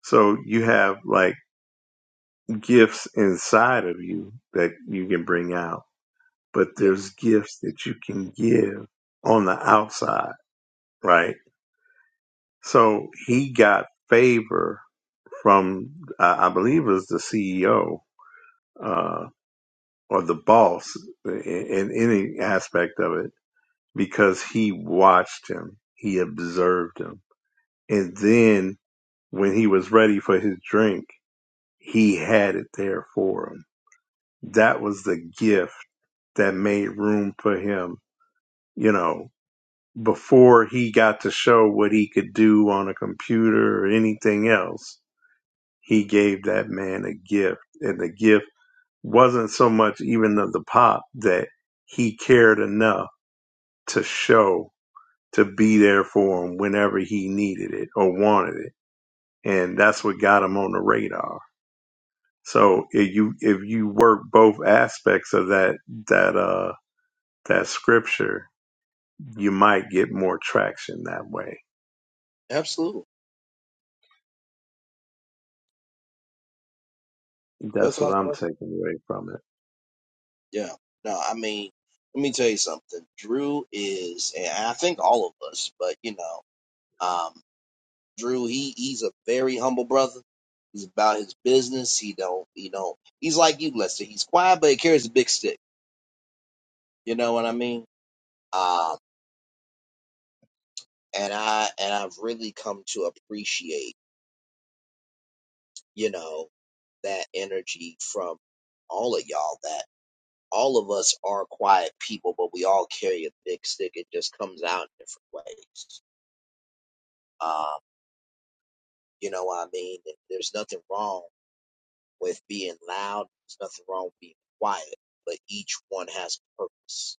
B: So you have like gifts inside of you that you can bring out, but there's
A: Yes.
B: gifts that you can give on the outside, right? So he got favor from, I I believe it was the CEO, uh, or the boss in, in any aspect of it because he watched him. He observed him. And then when he was ready for his drink, he had it there for him that was the gift that made room for him, you know, before he got to show what he could do on a computer or anything else, he gave that man a gift. And the gift wasn't so much even of the pop that he cared enough to show, to be there for him whenever he needed it or wanted it. And that's what got him on the radar. So if you if you work both aspects of that that uh that scripture you might get more traction that way.
A: Absolutely.
B: That's what
A: Without,
B: I'm
A: question.
B: taking away from it.
A: yeah. No, I mean, let me tell you something. Drew is, and I think all of us, but you know, Drew, he he's a very humble brother. He's about his business. He don't he don't he's like you, Lester. He's quiet, but he carries a big stick. You know what I mean? Um, and I and I've really come to appreciate, you know, that energy from all of y'all. That all of us are quiet people, but we all carry a big stick. It just comes out in different ways. Um, you know what I mean? There's nothing wrong with being loud. There's nothing wrong with being quiet, but each one has a purpose.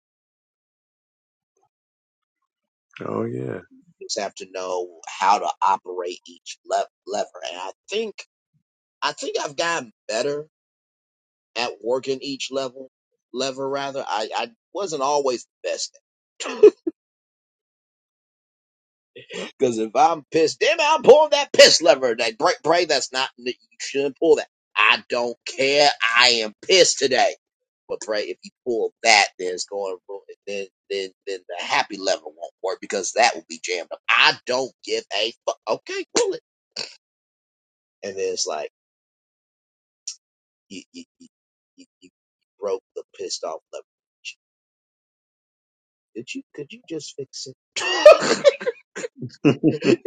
B: Oh
A: You just have to know how to operate each le- lever. And I think I think I've gotten better at working each level lever rather. I, I wasn't always the best Because if I'm pissed, damn it, I'm pulling that piss lever. That pray, pray that's not you shouldn't pull that. I don't care. I am pissed today. But pray if you pull that, then it's going to ruin- it. then then then the happy lever won't work because that will be jammed up. I don't give a fuck. Okay, pull it. And then it's like you you you, you, you broke the pissed off lever. Did you could you just fix it?
B: yeah.
A: you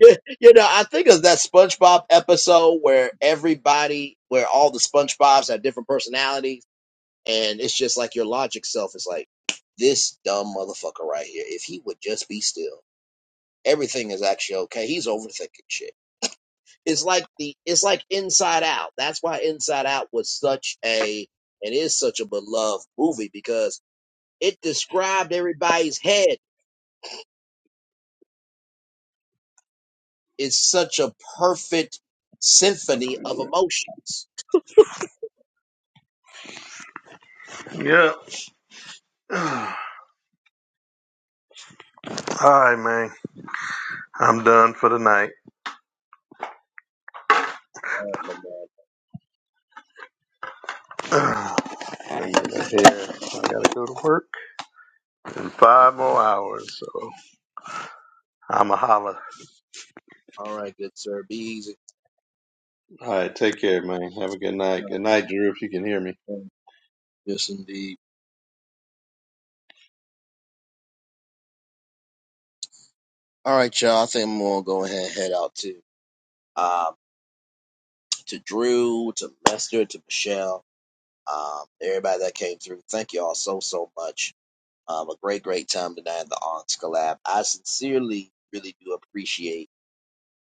A: know, you know, I think of that SpongeBob episode where everybody, where all the SpongeBobs have different personalities, and it's just like your logic self is like, this dumb motherfucker right here. If he would just be still, everything is actually okay. He's overthinking shit. It's like the, it's like Inside Out. That's why Inside Out was such a, and is such a beloved movie because it described everybody's head. It's such a perfect symphony of emotions
B: yeah. All right, man. I'm done for the night.
A: All right, my man.
B: I'm out of here. I gotta go to work in five more hours, so I'm a holler.
A: All right, good sir. Be easy.
B: All right, take care, man. Have a good night. Good night, Drew, if you can hear me.
A: Yes, indeed. All right, y'all. I think I'm gonna go ahead and head out to um to Drew, to Lester, to Michelle, um, everybody that came through. Thank y'all so so much. Um, a great great time tonight at the Aunts Collab. I sincerely really do appreciate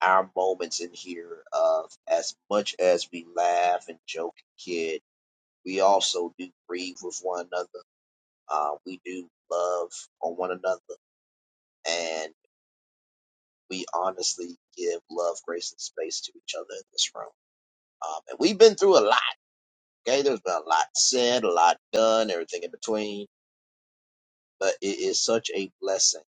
A: our moments in here. Of as much as we laugh and joke and kid, we also do grieve with one another. Uh, we do love on one another and. we honestly give love, grace, and space to each other in this room. Um, and we've been through a lot. Okay, there's been a lot said, a lot done, everything in between. But it is such a blessing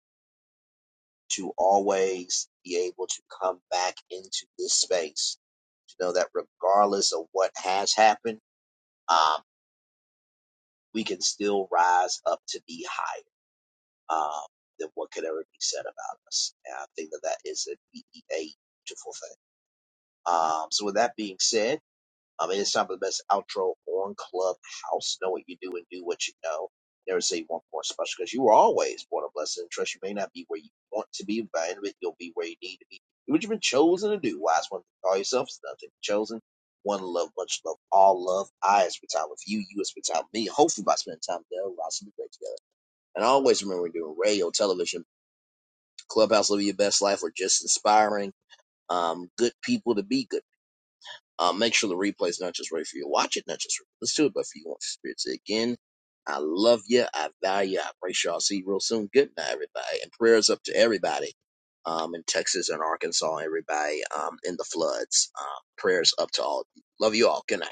A: to always be able to come back into this space to know that regardless of what has happened, um, we can still rise up to be higher um, than what could ever be said about us. And I think that that is a, a beautiful thing. Um, so with that being said. Um, it is time for the best outro on Clubhouse. Know what you do and do what you know. Never say one more special because you were always born a blessing and trust. You may not be where you want to be, but in it, you'll be where you need to be. Do what you've been chosen to do. Wise one, call yourself is nothing. Chosen. One love, much love, all love. I have spent time with you. You have spent time with me. Hopefully, by spending time together, we'll also be great together. And always remember, we're doing radio, television, Clubhouse, live your best life, or just inspiring um, good people to be good um, make sure the replay is not just right for you. to Watch it, not just listen to it, but for you want spirit. Say again, I love you. I value you. I appreciate y'all. See you real soon. Good night, everybody. And prayers up to everybody um, in Texas and Arkansas, everybody um, in the floods. Um, prayers up to all. of you. Love you all. Good night.